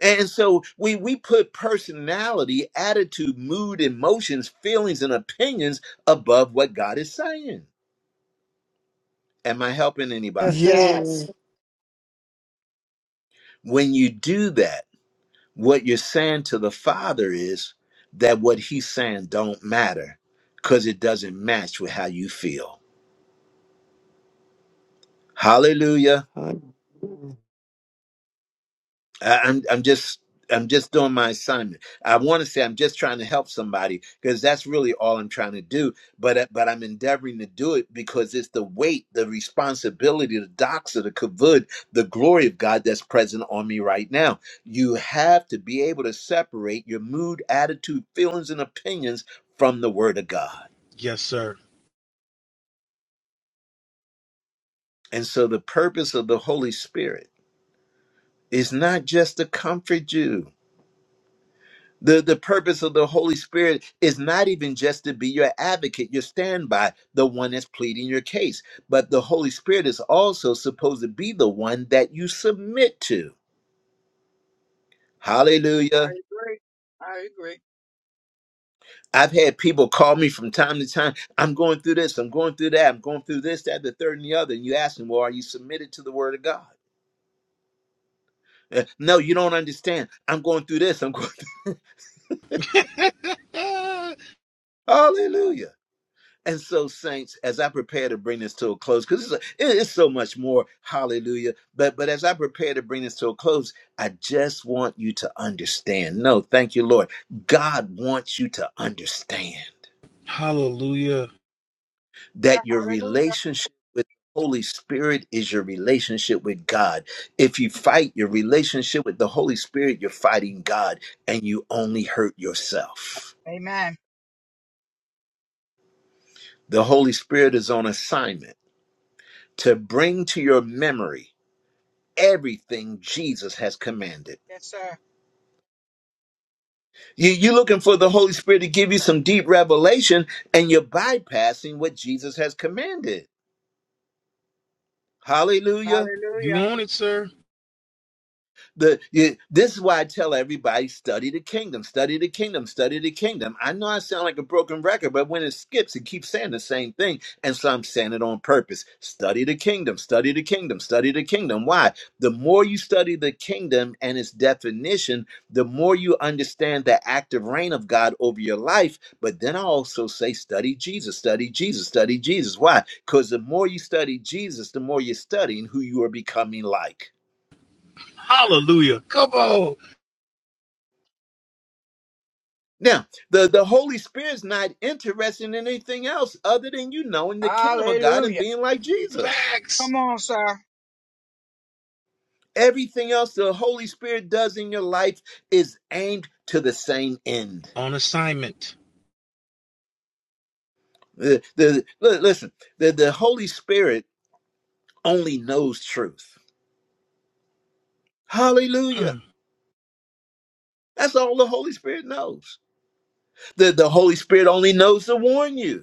And so we we put personality, attitude, mood, emotions, feelings, and opinions above what God is saying. Am I helping
Yes,
anybody?
sir.
Yes.
When you do that, what you're saying to the Father is that what He's saying don't matter because it doesn't match with how you feel. Hallelujah.
Huh?
I- I'm I'm just I'm just doing my assignment. I want to say I'm just trying to help somebody because that's really all I'm trying to do. But uh, but I'm endeavoring to do it because it's the weight, the responsibility, the doxa, the kavod, the glory of God that's present on me right now. You have to be able to separate your mood, attitude, feelings, and opinions from the Word of God.
Yes, sir.
And so the purpose of the Holy Spirit is not just to comfort you The, the purpose of the Holy Spirit is not even just to be your advocate, your standby, the one that's pleading your case, but the Holy Spirit is also supposed to be the one that you submit to.
I
Hallelujah.
agree. I agree.
I've had people call me from time to time. I'm going through this, I'm going through that, I'm going through this, that, the third, and the other. And you ask them, Well, are you submitted to the Word of God? Uh, no, you don't understand. I'm going through this, I'm going through.
Ah,
Hallelujah. And so, saints, as I prepare to bring this to a close, because it's, it is so much more, hallelujah. But but as I prepare to bring this to a close, I just want you to understand. No, thank you, Lord. God wants you to understand
hallelujah.
that your
Hallelujah.
relationship with the Holy Spirit is your relationship with God. If you fight your relationship with the Holy Spirit, you're fighting God, and you only hurt yourself.
Amen.
The Holy Spirit is on assignment to bring to your memory everything Jesus has commanded.
Yes, sir.
You, you're looking for the Holy Spirit to give you some deep revelation, and you're bypassing what Jesus has commanded. Hallelujah.
You
Hallelujah.
on it, sir.
the you, this is why I tell everybody study the kingdom, study the kingdom, study the kingdom. I know I sound like a broken record, but when it skips, it keeps saying the same thing, and so I'm saying it on purpose. Study the kingdom, study the kingdom, study the kingdom. Why? The more you study the kingdom and its definition, the more you understand the active reign of God over your life. But then I also say study Jesus, study Jesus, study Jesus. Why? Because the more you study Jesus, the more you're studying who you are becoming like.
Hallelujah. Come on.
Now, the, the Holy Spirit's not interested in anything else other than you knowing the kingdom of God and
Hallelujah.
being like Jesus.
Facts.
Come on, sir.
Everything else the Holy Spirit does in your life is aimed to the same end.
On assignment.
The, the, li- listen, the, the Holy Spirit only knows truth. Hallelujah.
Mm.
That's all the Holy Spirit knows. The, the Holy Spirit only knows to warn you.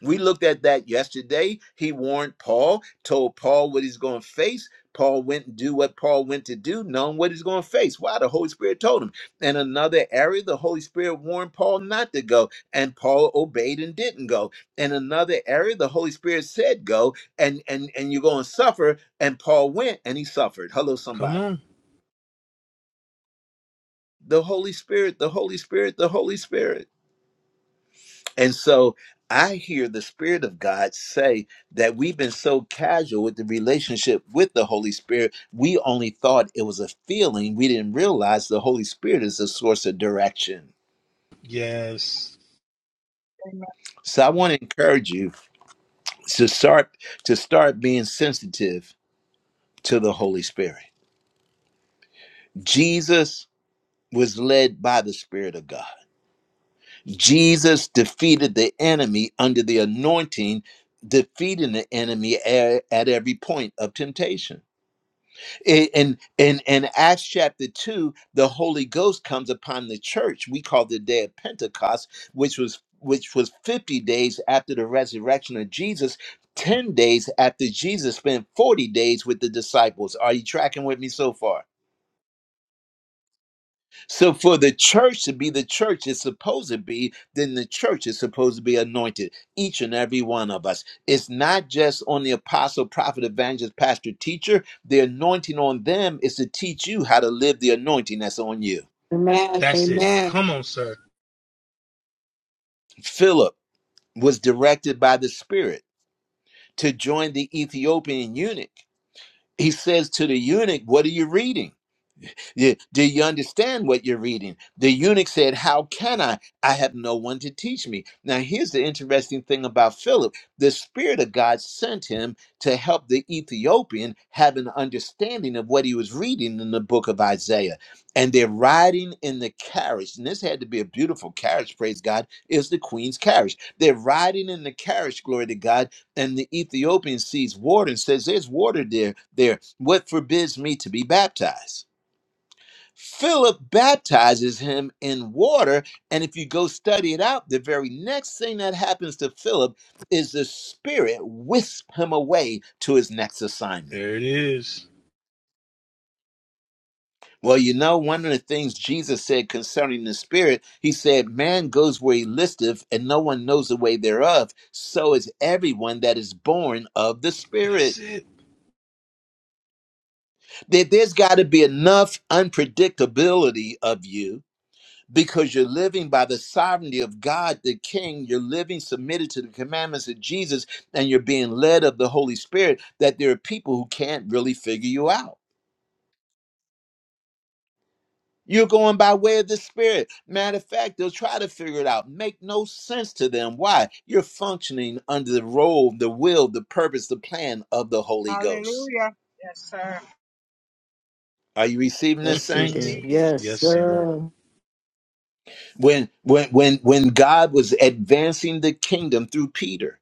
We looked at that yesterday. He warned Paul, told Paul what he's going to face. Paul went and do what Paul went to do, knowing what he's going to face. Why? The Holy Spirit told him. In another area, the Holy Spirit warned Paul not to go, and Paul obeyed and didn't go. In another area, the Holy Spirit said go, and and and you're going to suffer, and Paul went and he suffered. Hello,
Come
somebody.
on.
The Holy Spirit, the Holy Spirit, the Holy Spirit. And so I hear the Spirit of God say that we've been so casual with the relationship with the Holy Spirit, we only thought it was a feeling. We didn't realize the Holy Spirit is the source of direction.
Yes.
So I want to encourage you to start to start being sensitive to the Holy Spirit. Jesus was led by the Spirit of God. Jesus defeated the enemy under the anointing, defeating the enemy at, at every point of temptation. I- in in in acts chapter 2 the holy ghost comes upon the church we call the day of pentecost which was which was 50 days after the resurrection of jesus 10 days after jesus spent 40 days with the disciples are you tracking with me so far so for the church to be the church it's supposed to be, then the church is supposed to be anointed. Each and every one of us. It's not just on the apostle, prophet, evangelist, pastor, teacher. The anointing on them is to teach you how to live the anointing that's on you.
Amen.
That's it.
Amen.
Come on, sir.
Philip was directed by the Spirit to join the Ethiopian eunuch. He says to the eunuch, What are you reading? You- Do you understand what you're reading? The eunuch said, How can I? I have no one to teach me. Now, here's the interesting thing about Philip the Spirit of God sent him to help the Ethiopian have an understanding of what he was reading in the book of Isaiah. And they're riding in the carriage. And this had to be a beautiful carriage, praise God, is the queen's carriage. They're riding in the carriage, glory to God. And the Ethiopian sees water and says, There's water there, there. What forbids me to be baptized? Philip baptizes him in water. And if you go study it out, the very next thing that happens to Philip is the Spirit wisps him away to his next assignment.
There it is.
Well, you know, one of the things Jesus said concerning the Spirit, he said, Man goes where he listeth, and no one knows the way thereof. So is everyone that is born of the
That's
Spirit.
it.
There- There's got to be enough unpredictability of you because you're living by the sovereignty of God the King. You're living submitted to the commandments of Jesus and you're being led of the Holy Spirit, that there are people who can't really figure you out. You're going by way of the Spirit. Matter of fact, they'll try to figure it out. Make no sense to them. Why? You're functioning under the role, the will, the purpose, the plan of the Holy Ghost.
Hallelujah. Yes, sir.
Are you receiving this,
Yes, he
saints?
did.
Mm.
Receive.
Yes,
Yes, sir.
sir.
When when when when God was advancing the kingdom through Peter,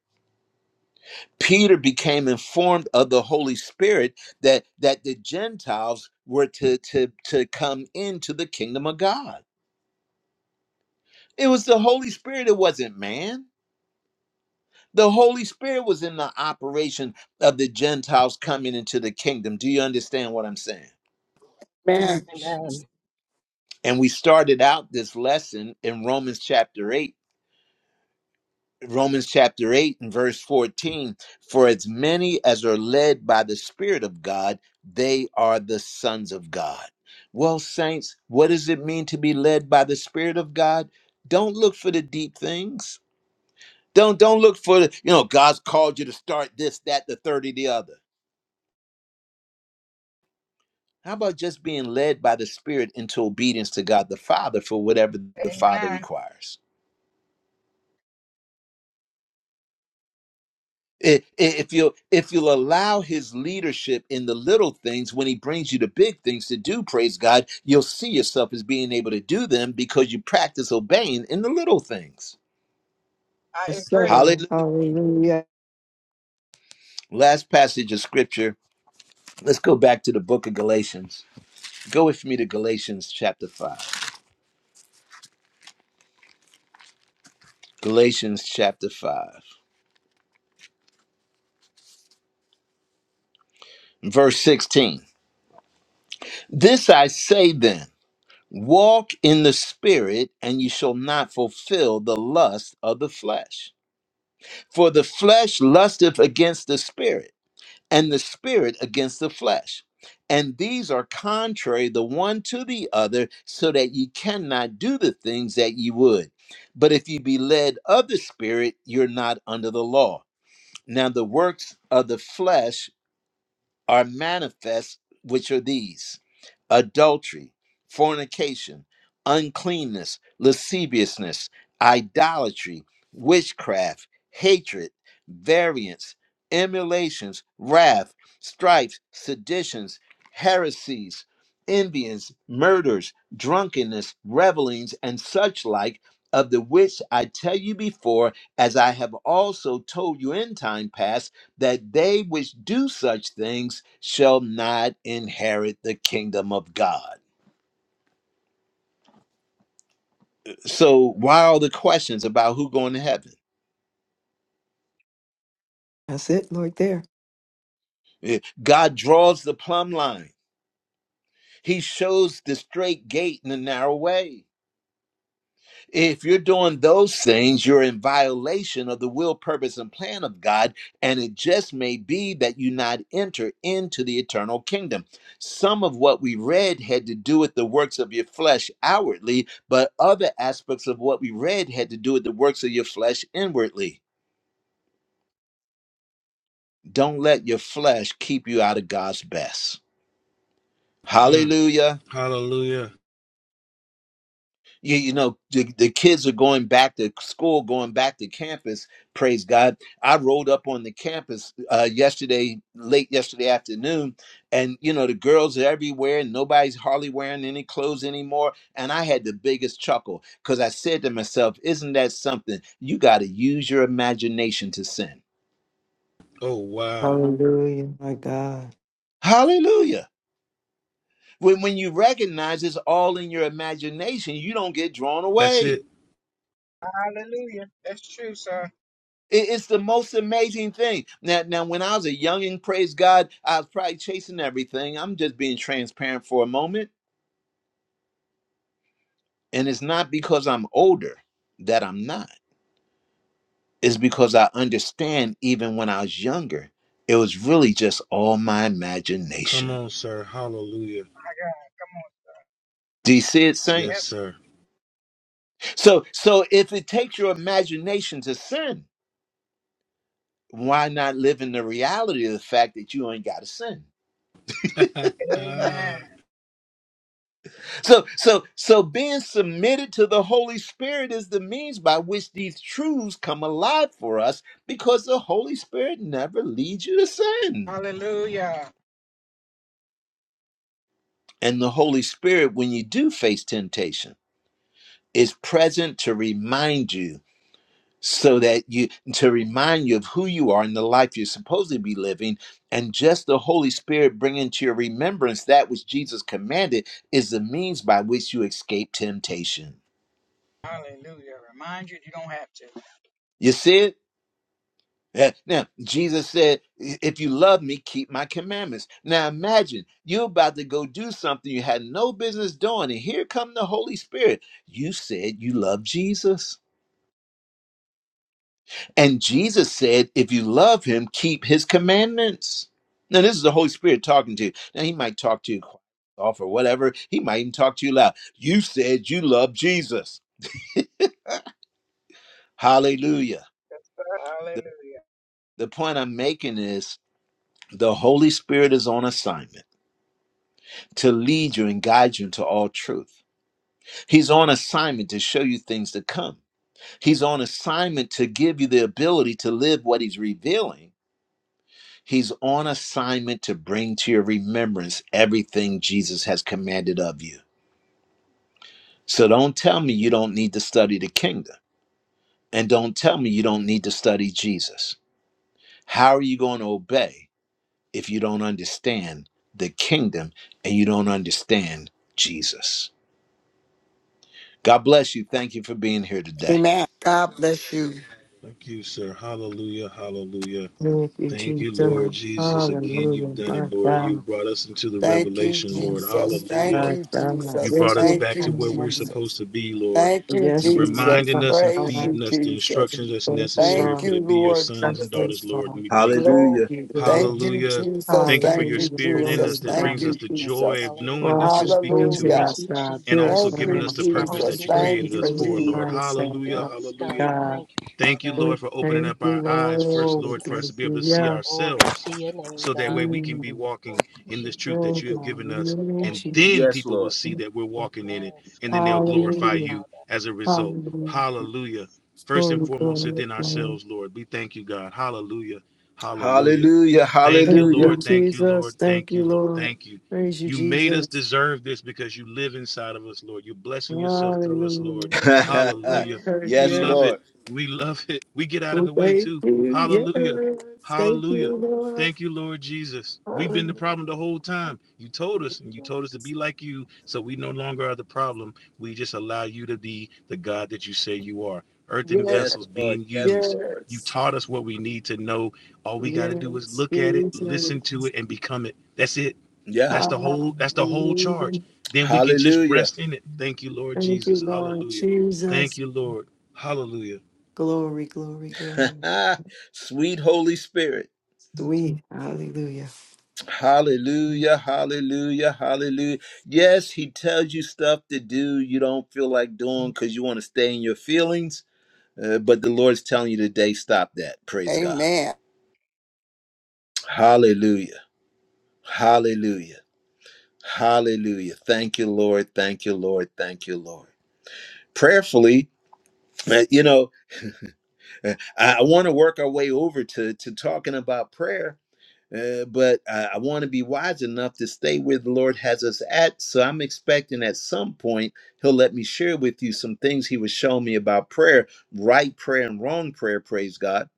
Peter became informed of the Holy Spirit that that the Gentiles were to to to come into the kingdom of God. It was the Holy Spirit, it wasn't man. The Holy Spirit was in the operation of the Gentiles coming into the kingdom. Do you understand what I'm saying?
Amen.
Amen.
And we started out this lesson in Romans chapter 8 Romans chapter 8 and verse 14 For as many as are led by the Spirit of God, they are the sons of God. Well, saints, what does it mean to be led by the Spirit of God? Don't look for the deep things. Don't don't look for the, you know, God's called you to start this, that, the third, or the other. How about just being led by the Spirit into obedience to God the Father for whatever the Father
Amen.
requires? I- i- if you if you'll allow his leadership in the little things when he brings you the big things to do praise god you'll see yourself as being able to do them because you practice obeying in the little things
I
Yes,
agree.
sir.
hallelujah
Hallelujah.
last passage of scripture let's go back to the book of galatians go with me to galatians chapter 5 galatians chapter 5 verse 16 this i say then walk in the spirit and you shall not fulfill the lust of the flesh For the flesh lusteth against the spirit, and the spirit against the flesh. And these are contrary the one to the other, so that ye cannot do the things that ye would. But if ye be led of the spirit, you're not under the law. Now, the works of the flesh are manifest, which are these adultery, fornication, uncleanness, lasciviousness, idolatry, witchcraft, hatred, variance, emulations, wrath, strifes, seditions, heresies, envyings, murders, drunkenness, revelings, and such like. Of the which I tell you before, as I have also told you in time past that they which do such things shall not inherit the kingdom of God. So why all the questions about who going to heaven?
That's it, Lord, there.
Eh, God draws the plumb line. He shows the straight gate and the narrow way. If you're doing those things, you're in violation of the will, purpose, and plan of God, and it just may be that you not enter into the eternal kingdom. Some of what we read had to do with the works of your flesh outwardly, but other aspects of what we read had to do with the works of your flesh inwardly. Don't let your flesh keep you out of God's best.
Mm.
Hallelujah.
Hallelujah.
you, you know the, the kids are going back to school going back to campus praise god i rolled up on the campus uh, yesterday late yesterday afternoon and you know the girls are everywhere and nobody's hardly wearing any clothes anymore and i had the biggest chuckle because i said to myself isn't that something you got to use your imagination to sin
Oh, wow.
Hallelujah. My God.
hallelujah when, when you recognize it's all in your imagination you don't get drawn
That's
away
it.
Hallelujah. That's true, sir.
It- It's the most amazing thing. Now, now, when I was a youngin', praise God, I was probably chasing everything. I'm just being transparent for a moment, and it's not because I'm older that I'm not. It's because I understand. Even when I was younger, it was really just all my
Come
imagination.
on, sir. Hallelujah.
My God. Come on.
Do you see it,
Yes,
Yep.
saints?
sir.
So, so if it takes your imagination to sin, why not live in the reality of the fact that you ain't got to sin?
Amen.
Ah,
So, so, so being submitted to the Holy Spirit is the means by which these truths come alive for us because the Holy Spirit never leads you to sin.
Hallelujah.
And the Holy Spirit, when you do face temptation, is present to remind you so that you to remind you of who you are and the life you're supposed to be living and just the holy spirit bringing to your remembrance that which jesus commanded is the means by which you escape temptation
Hallelujah. Remind you, you don't have to.
you see it Yeah. Now, Jesus said, If you love me, keep my commandments. Now, imagine you're about to go do something you had no business doing, and here come the Holy Spirit. You said you love Jesus. And Jesus said, If you love him, keep his commandments. Now, this is the Holy Spirit talking to you. Now, he might talk to you off or whatever. He might even talk to you loud. You said you love Jesus. Hallelujah.
Yes, sir.
The,
Hallelujah.
the point I'm making is the Holy Spirit is on assignment to lead you and guide you into all truth. He's on assignment to show you things to come. He's on assignment to give you the ability to live what he's revealing. He's on assignment to bring to your remembrance everything Jesus has commanded of you. So don't tell me you don't need to study the kingdom. And don't tell me you don't need to study Jesus. How are you going to obey if you don't understand the kingdom and you don't understand Jesus? God bless you. Thank you for being here today.
Amen. God bless you.
thank you, sir. Hallelujah. Hallelujah.
Thank you,
Thank you, Lord
Jesus.
Jesus. Again, you've
Hallelujah.
done
My
it, Lord. You
God.
brought us into the
Thank you,
revelation, Lord.
Jesus. Thank
Hallelujah.
My
you,
God.
You
Jesus.
brought
Yes,
us
you.
Thank
back to
you,
where we're supposed
Jesus.
to be, Lord.
Thank you,
Yes,
You're
she's my
Jesus.
reminding us and
Lord.
Praise
Thank
you,
feeding us the
Jesus.
instructions that's
you,
necessary
Thank
for
Lord.
you,
to be your
Thank
Lord
sons
you,
and
praise
daughters,
Jesus.
Lord. And
Lord.
we
Thank
thank you.
Glory.
you,
Thank
Lord.
you,
Hallelujah.
Jesus.
Thank you for
Thank
your
you,
Hallelujah.
spirit in
Glory
us
Jesus.
to
that
Thank
brings us
you,
God.
the joy
Jesus.
of
Hallelujah.
knowing that
Wash
you're
and
speaking
cleanse
to
Thank
Hallelujah.
us
us,
you,
God.
and also
Thank
Jesus.
Purify
giving
you,
in
us the
us, God.
purpose
Thank
We
Jesus.
that you
you,
thank
Thank
you
created
for
us
you,
your
for,
Jesus.
Jesus.
Lord.
mind, Saint
Hallelujah.
Lord.
Yes, God.
Hallelujah.
God.
Thank you,
Thank you,
Father.
We
Lord, for opening
thank
up
you,
our
Thank
eyes
you,
first,
Lord. We
Lord, for us to
thank
Jesus.
be able
you,
to see
yeah.
Glory
ourselves
to your name,
so that
God.
way we can be
Mm.
Thank
walking in
you,
this truth
Oh,
that
Jesus.
you have
God.
given
In
us.
your name, of
And
Thank you,
Jesus.
then
Jesus.
Yes,
people will
Lord.
see that we're walking in it
Yes,
and then
God.
they'll
Thank you,
glorify
Hallelujah.
you
Father.
as a result.
Hallelujah.
Hallelujah. First and
Glory,
foremost,
glory,
within
glory.
ourselves, Lord. We thank you, God. Hallelujah. Hallelujah.
Hallelujah.
Thank you,
Thank
Hallelujah.
you,
Lord. Thank you,
Jesus.
Lord.
Thank
Thank
you,
you, Lord.
Lord.
Thank you.
Praise you,
You made us
Jesus.
deserve this because you live inside of us, Lord. You're blessing yourself through us,
Hallelujah.
Lord. Hallelujah.
Lord.
We
yes,
Yes.
love it.
Lord.
We love it. We get out of
We
the way
Thank
too.
you.
Hallelujah.
Yes. Thank
Hallelujah.
you, Lord.
Thank you, Lord Jesus. We've been
Hallelujah.
the problem the whole time. You told us, and you told us to be like you, so we no longer are the problem. We just allow you to be the God that you say you are. Earthen
Yes.
Yes,
vessels
Lord.
being
Yes,
used.
Lord.
You
Yes.
taught us what we need to know. All we got to do is
Yes,
look at it,
Jesus.
listen to it, and become it. That's it.
Yeah.
That's the whole. That's the whole
Hallelujah.
charge. Then we can just
Hallelujah.
rest in it. Thank you, Lord
Thank you,
Jesus.
Lord
Hallelujah. Thank
Jesus.
you, Lord. Hallelujah.
Glory, glory, glory.
Sweet Holy Spirit.
Sweet. Hallelujah.
Hallelujah. Hallelujah. Hallelujah. Yes, he tells you stuff to do you don't feel like doing because you want to stay in your feelings. Uh, but the Lord's telling you today, stop that. Praise God.
Amen.
Hallelujah. Hallelujah. Hallelujah. Thank you, Lord. Thank you, Lord. Thank you, Lord. prayerfully uh, you know uh, i, I want to work our way over to to talking about prayer uh, but I, I want to be wise enough to stay where the Lord has us at. So I'm expecting at some point He'll let me share with you some things He was showing me about prayer, right prayer and wrong prayer. Praise God.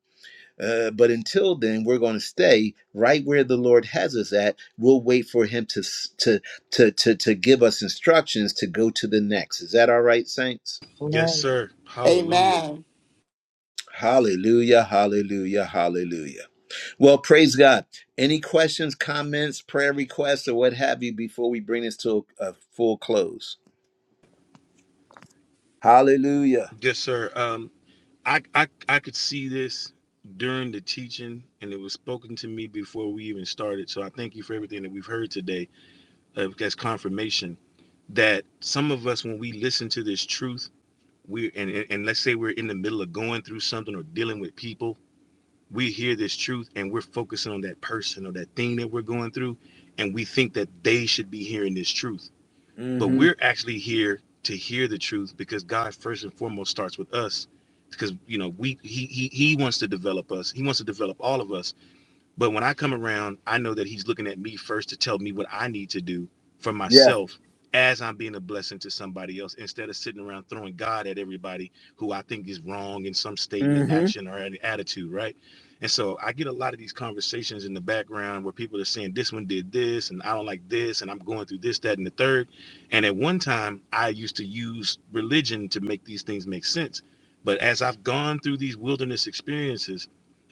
Uh, but until then, we're going to stay right where the Lord has us at. We'll wait for Him to s- to to to to give us instructions to go to the next. Is that all right, saints?
Yes,
Amen.
sir. Hallelujah.
Amen.
Hallelujah, hallelujah, hallelujah. Well, praise God. Any questions, comments, prayer requests, or what have you before we bring this to a, a full close? Hallelujah.
Yes, sir. Um, I, I I could see this during the teaching, and it was spoken to me before we even started. So I thank you for everything that we've heard today uh, as confirmation that some of us, when we listen to this truth, we and and and let's say we're in the middle of going through something or dealing with people, we hear this truth and we're focusing on that person or that thing that we're going through, and we think that they should be hearing this truth but
Mm-hmm.
we're actually here to hear the truth because God first and foremost starts with us because you know we he he, he wants to develop us he wants to develop all of us but when I come around, I know that he's looking at me first to tell me what I need to do for
Yeah.
myself as I'm being a blessing to somebody else instead of sitting around throwing God at everybody who I think is wrong in some statement,
Mm-hmm.
action, or an attitude, right? And so I get a lot of these conversations in the background where people are saying this one did this and I don't like this and I'm going through this, that, and the third. And at one time, I used to use religion to make these things make sense. But as I've gone through these wilderness experiences,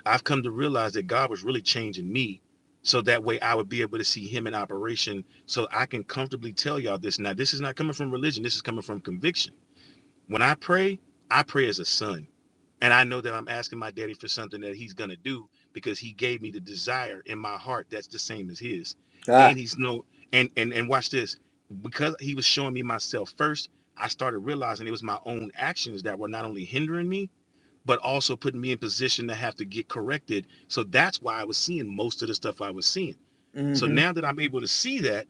I've come to realize that God was really changing me so that way I would be able to see him in operation so I can comfortably tell y'all this. Now, this is not coming from religion, this is coming from conviction. When I pray, I pray as a son, and I know that I'm asking my daddy for something that he's going to do because he gave me the desire in my heart that's the same as his.
Ah.
And he's no and and and watch this. Because he was showing me myself first, I started realizing it was my own actions that were not only hindering me, but also putting me in position to have to get corrected. So that's why I was seeing most of the stuff I was seeing. So
Mm-hmm.
now that I'm able to see that,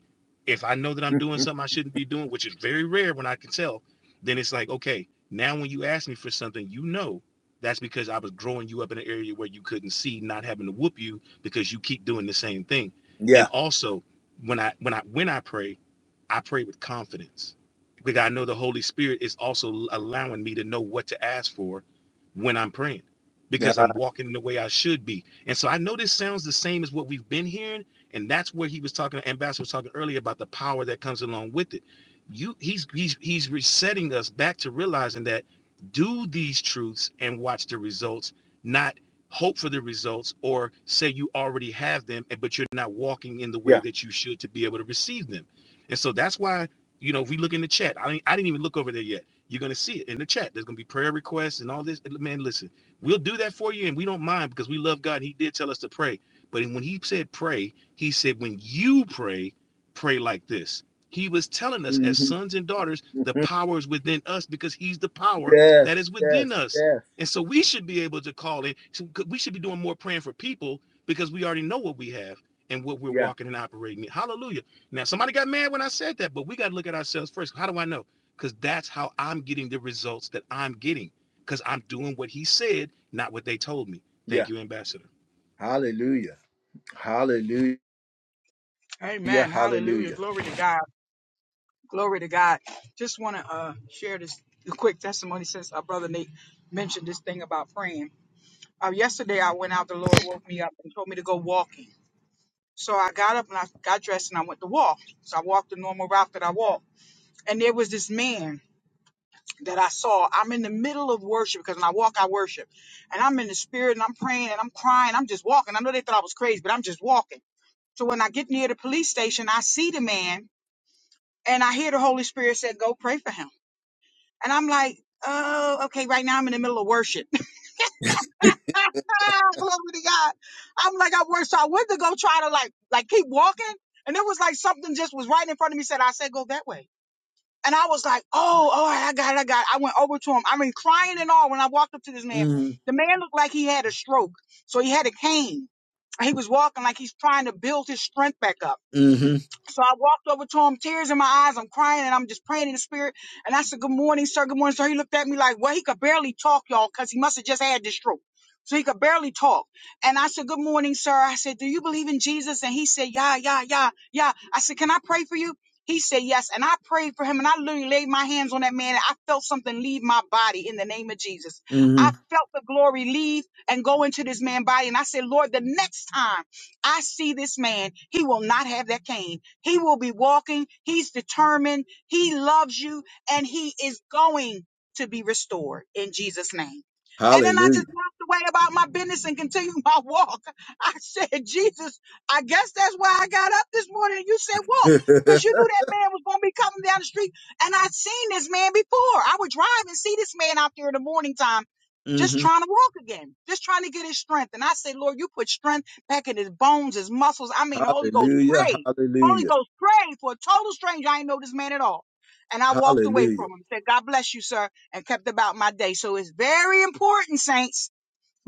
if I know that I'm doing something I shouldn't be doing, which is very rare when I can tell, then it's like, okay, now when you ask me for something, you know that's because I was growing you up in an area where you couldn't see, not having to whoop you because you keep doing the same thing. And
Yeah.
also when I when I when I pray, I pray with confidence because I know the Holy Spirit is also allowing me to know what to ask for when I'm praying because
Uh,
I'm walking in the way I should be. And so I know this sounds the same as what we've been hearing and that's where he was talking, Ambassador was talking earlier about the power that comes along with it. You he's he's he's resetting us back to realizing that do these truths and watch the results, not hope for the results or say you already have them, and- but you're not walking in the way
yeah.
that you should to be able to receive them. And so that's why, you know, if we look in the chat, I mean, I didn't even look over there yet. You're gonna see it in the chat. There's gonna be prayer requests and all this. Man, listen, we'll do that for you, and we don't mind because we love God. He did tell us to pray. But when he said pray, he said, when you pray, pray like this. He was telling us as
Mm-hmm.
sons and daughters, the
Mm-hmm.
power is within us because he's the power that
Yes.
is within
Yes.
us.
Yes.
And so we should be able to call in. so We should be doing more praying for people because we already know what we have and what we're
Yeah.
walking and operating in. Hallelujah. Now, somebody got mad when I said that, but we got to look at ourselves first. How do I know? Because that's how I'm getting the results that I'm getting because I'm doing what he said, not what they told me. Thank
Yeah.
you, Ambassador.
Hallelujah. Hallelujah.
Amen. Hallelujah.
Hallelujah.
Glory to God. Glory to God. Just want to uh, share this quick testimony since our brother Nate mentioned this thing about praying. Uh, yesterday, I went out. The Lord woke me up and told me to go walking. So I got up and I got dressed and I went to walk. So I walked the normal route that I walk. And there was this man that I saw. I'm in the middle of worship because when I walk, I worship. And I'm in the spirit and I'm praying and I'm crying. I'm just walking. I know they thought I was crazy, but I'm just walking. So when I get near the police station, I see the man and I hear the Holy Spirit say, go pray for him. And I'm like, oh, okay, right now I'm in the middle of worship. Glory to God. I'm like, I worship. So I went to go try to like, like keep walking. And it was like something just was right in front of me said, I said, go that way. And I was like, oh, oh, I got it, I got it. I went over to him. I mean, crying and all when I walked up to this man.
Mm-hmm.
The man looked like he had a stroke. So he had a cane. He was walking like he's trying to build his strength back up.
Mm-hmm.
So I walked over to him, tears in my eyes. I'm crying and I'm just praying in the spirit. And I said, Good morning, sir. Good morning, sir. He looked at me like, Well, he could barely talk, y'all, because he must have just had this stroke. So he could barely talk. And I said, Good morning, sir. I said, Do you believe in Jesus? And he said, Yeah, yeah, yeah, yeah. I said, Can I pray for you? He said, Yes. And I prayed for him and I literally laid my hands on that man and I felt something leave my body in the name of Jesus. I
Mm-hmm.
felt the glory leave and go into this man's body. And I said, Lord, the next time I see this man, he will not have that cane. He will be walking. He's determined. He loves you and he is going to be restored in Jesus' name. And then I just
Hallelujah.
walked away about my business and continued my walk. I said, Jesus, I guess that's why I got up this morning. and You said walk because you knew that man was going to be coming down the street. And I'd seen this man before. I would drive and see this man out there in the morning time
mm-hmm.
just trying to walk again, just trying to get his strength. And I said, Lord, you put strength back in his bones, his muscles. I mean, the Holy Ghost
Hallelujah.
prayed. Holy
Hallelujah.
Ghost prayed for a total stranger. I ain't know this man at all. And I walked away
Hallelujah.
from him, said, God bless you, sir, and kept about my day. So it's very important, saints,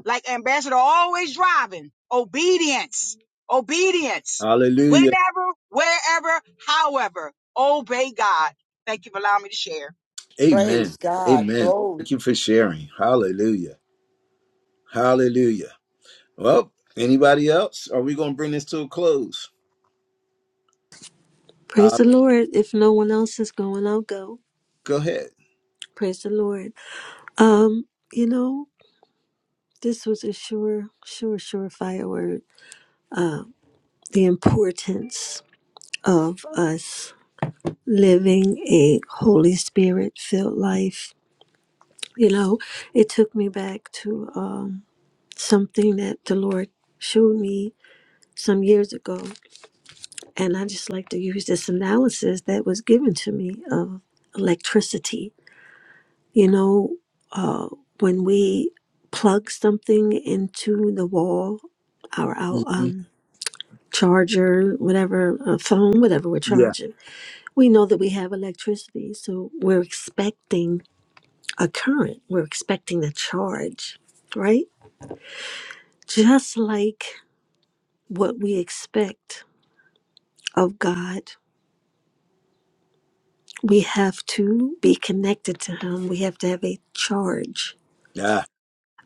like ambassador always driving, obedience, obedience,
Hallelujah.
whenever, wherever, however, obey God. Thank you for allowing me to share.
Praise
Amen.
God.
Amen.
Glory.
Thank you for sharing. Hallelujah. Hallelujah. Well, anybody else? Are we going to bring this to a close?
Praise
Hall-
the Lord. If no one else is going, I'll go.
Go ahead.
Praise the Lord. Um, you know, this was a sure, sure, surefire word. Uh, the importance of us living a Holy Spirit filled life. You know, it took me back to um, something that the Lord showed me some years ago. And I just like to use this analysis that was given to me of electricity You know, uh, when we plug something into the wall, our, our
hmm
um, charger, whatever, uh, phone, whatever we're
Yeah.
charging, we know that we have electricity. So we're expecting a current, we're expecting a charge, right? Just like what we expect of God, we have to be connected to Him, we have to have a charge
Yeah.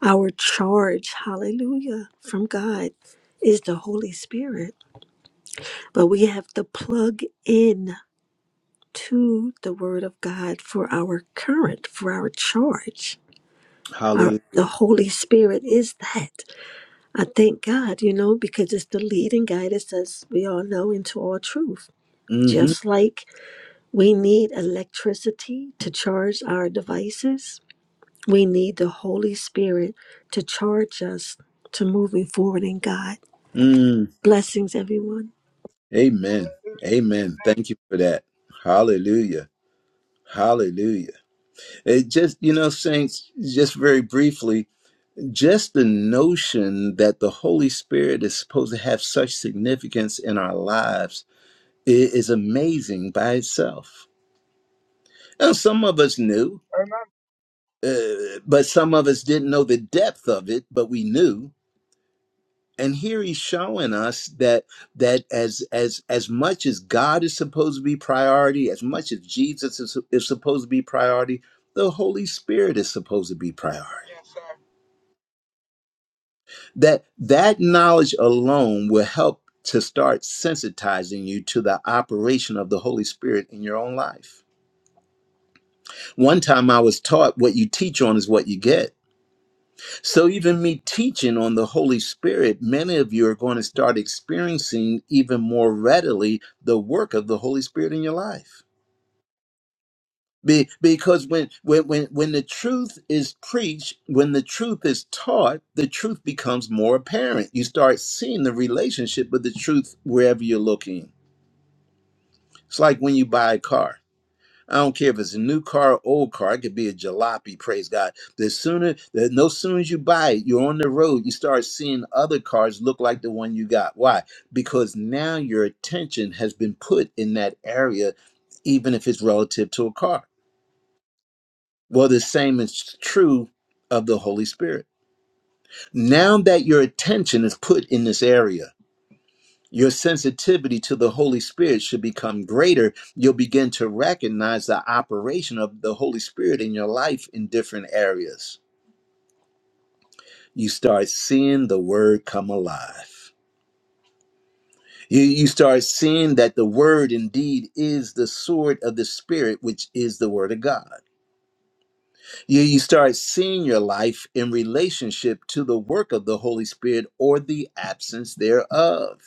Our charge, hallelujah, from God is the Holy Spirit. But we have to plug in to the Word of God for our current, for our charge. Our, the
Hallelujah.
Holy Spirit is that. I thank God, you know, because it's the leading guidance, as we all know, into all truth.
hmm
Just like we need electricity to charge our devices, we need the Holy Spirit to charge us to moving forward in God.
Mm.
Blessings, everyone.
Amen. Amen. Thank you for that. Hallelujah. Hallelujah. It just, you know, saints, just very briefly, just the notion that the Holy Spirit is supposed to have such significance in our lives i- is amazing by itself. Now, some of us knew,
Amen.
uh, but some of us didn't know the depth of it, but we knew. And here he's showing us that that as as as much as God is supposed to be priority, as much as Jesus is, is supposed to be priority, the Holy Spirit is supposed to be priority.
Yes, sir.
that that knowledge alone will help to start sensitizing you to the operation of the holy spirit in your own life one time i was taught what you teach on is what you get so even me teaching on the holy spirit many of you are going to start experiencing even more readily the work of the holy spirit in your life Be, because when, when when when the truth is preached, when the truth is taught, the truth becomes more apparent. You start seeing the relationship with the truth wherever you're looking. It's like when you buy a car. I don't care if it's a new car, old car. It could be a jalopy. Praise God. The sooner, the, no sooner as you buy it, you're on the road. You start seeing other cars look like the one you got. Why? Because now your attention has been put in that area, even if it's relative to a car. Well, the same is true of the Holy Spirit. Now that your attention is put in this area, your sensitivity to the Holy Spirit should become greater. You'll begin to recognize the operation of the Holy Spirit in your life in different areas. You start seeing the Word come alive. You, you start seeing that the Word indeed is the sword of the Spirit, which is the Word of God You, you start seeing your life in relationship to the work of the Holy Spirit or the absence thereof.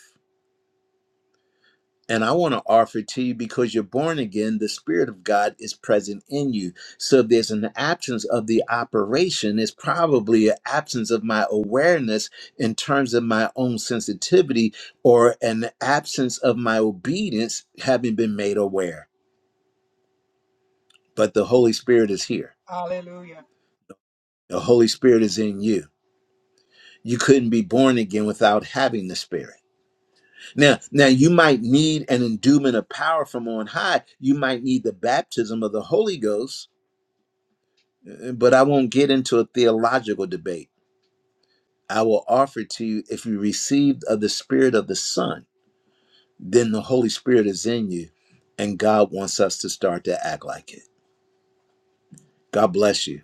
And I want to offer to you because you're born again, the Spirit of God is present in you. So if there's an absence of the operation, it's probably an absence of my awareness in terms of my own sensitivity or an absence of my obedience having been made aware. But the Holy Spirit is here,
Hallelujah.
the Holy Spirit is in you you couldn't be born again without having the spirit now now you might need an endowment of power from on high you might need the baptism of the holy ghost uh, but i won't get into a theological debate i will offer to you if you received of the spirit of the son then the holy spirit is in you and god wants us to start to act like it god bless you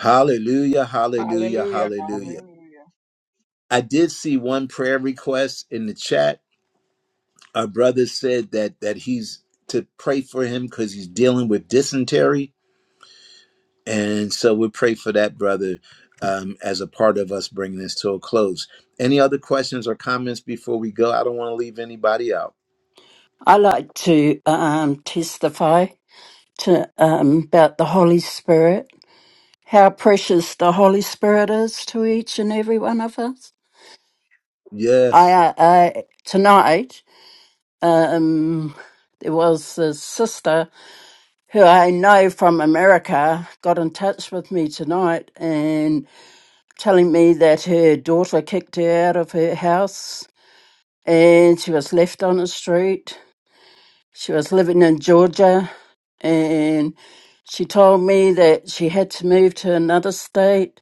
hallelujah hallelujah
Hallelujah.
hallelujah
Hallelujah.
i did see one prayer request in the chat Our brother said that that he's to pray for him because he's dealing with dysentery, and so we pray for that brother um, as a part of us bringing this to a close. Any other questions or comments before we go? I don't want to leave anybody out.
I like to um, testify to um, about the Holy Spirit, how precious the Holy Spirit is to each and every one of us. I,
Yes.
uh, I tonight um, there was a sister who I know from America got in touch with me tonight and telling me that her daughter kicked her out of her house and she was left on the street She was living in Georgia and she told me that she had to move to another state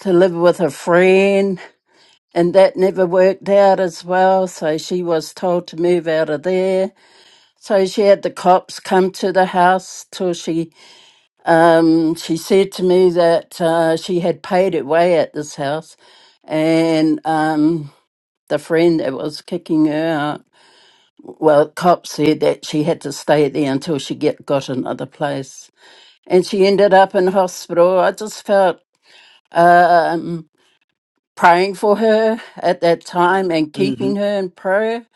to live with a friend and that never worked out as well. So she was told to move out of there. So she had the cops come to the house till she, um, she said to me that uh, she had paid it way at this house and um, the friend that was kicking her out well, cop said that she had to stay there until she get got another place, and she ended up in hospital. I just felt um, praying for her at that time and
Mm-hmm.
keeping her in prayer.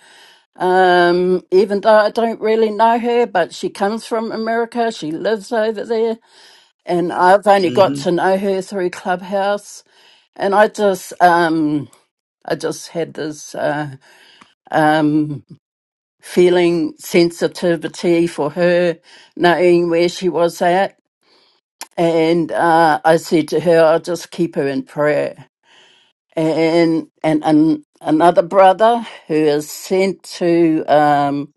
Um, even though I don't really know her, but she comes from America, she lives over there, and I've only got to
Mm-hmm.
know her through Clubhouse. And I just, um, I just had this uh, um, feeling sensitivity for her, knowing where she was at. And uh, I said to her, I'll just keep her in prayer. And and, and another brother who is sent to um,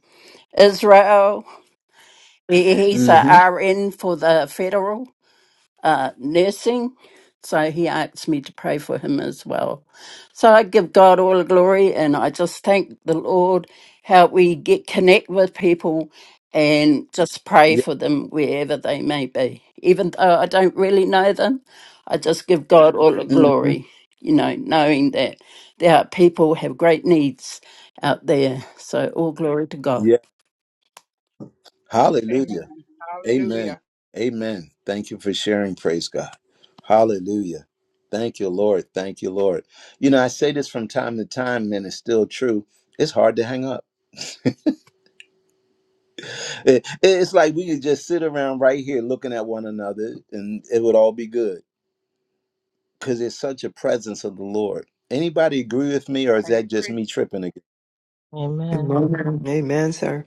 Israel, he- he's a
Mm-hmm.
RN for the federal. uh, nursing. So he asked me to pray for him as well. So I give God all the glory and I just thank the Lord how we get connect with people and just pray
Yeah.
for them wherever they may be. Even though I don't really know them, I just give God all the
Mm-hmm.
glory, you know, knowing that there are people have great needs out there. So all glory to God.
Yeah. Hallelujah.
Amen.
Amen.
Hallelujah.
Amen. Thank you for sharing. Praise God. Hallelujah. Thank you, Lord. Thank you, Lord. You know, I say this from time to time, and it's still true. It's hard to hang up. It- it's like we could just sit around right here looking at one another, and it would all be good because it's such a presence of the Lord. Anybody agree with me, or is
I
that just
agree.
me tripping again?
Amen.
Amen. Amen, sir.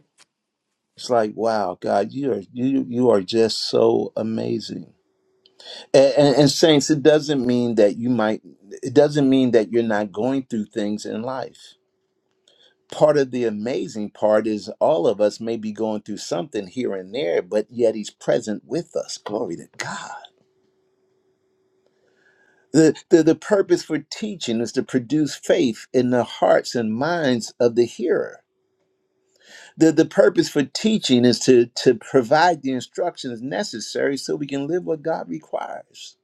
It's like, wow, God, you are you you are just so amazing. and, and and saints it doesn't mean that you might it doesn't mean that you're not going through things in life part of the amazing part is all of us may be going through something here and there but yet he's present with us glory to god the, the, the purpose for teaching is to produce faith in the hearts and minds of the hearer the, the purpose for teaching is to, to provide the instructions necessary so we can live what god requires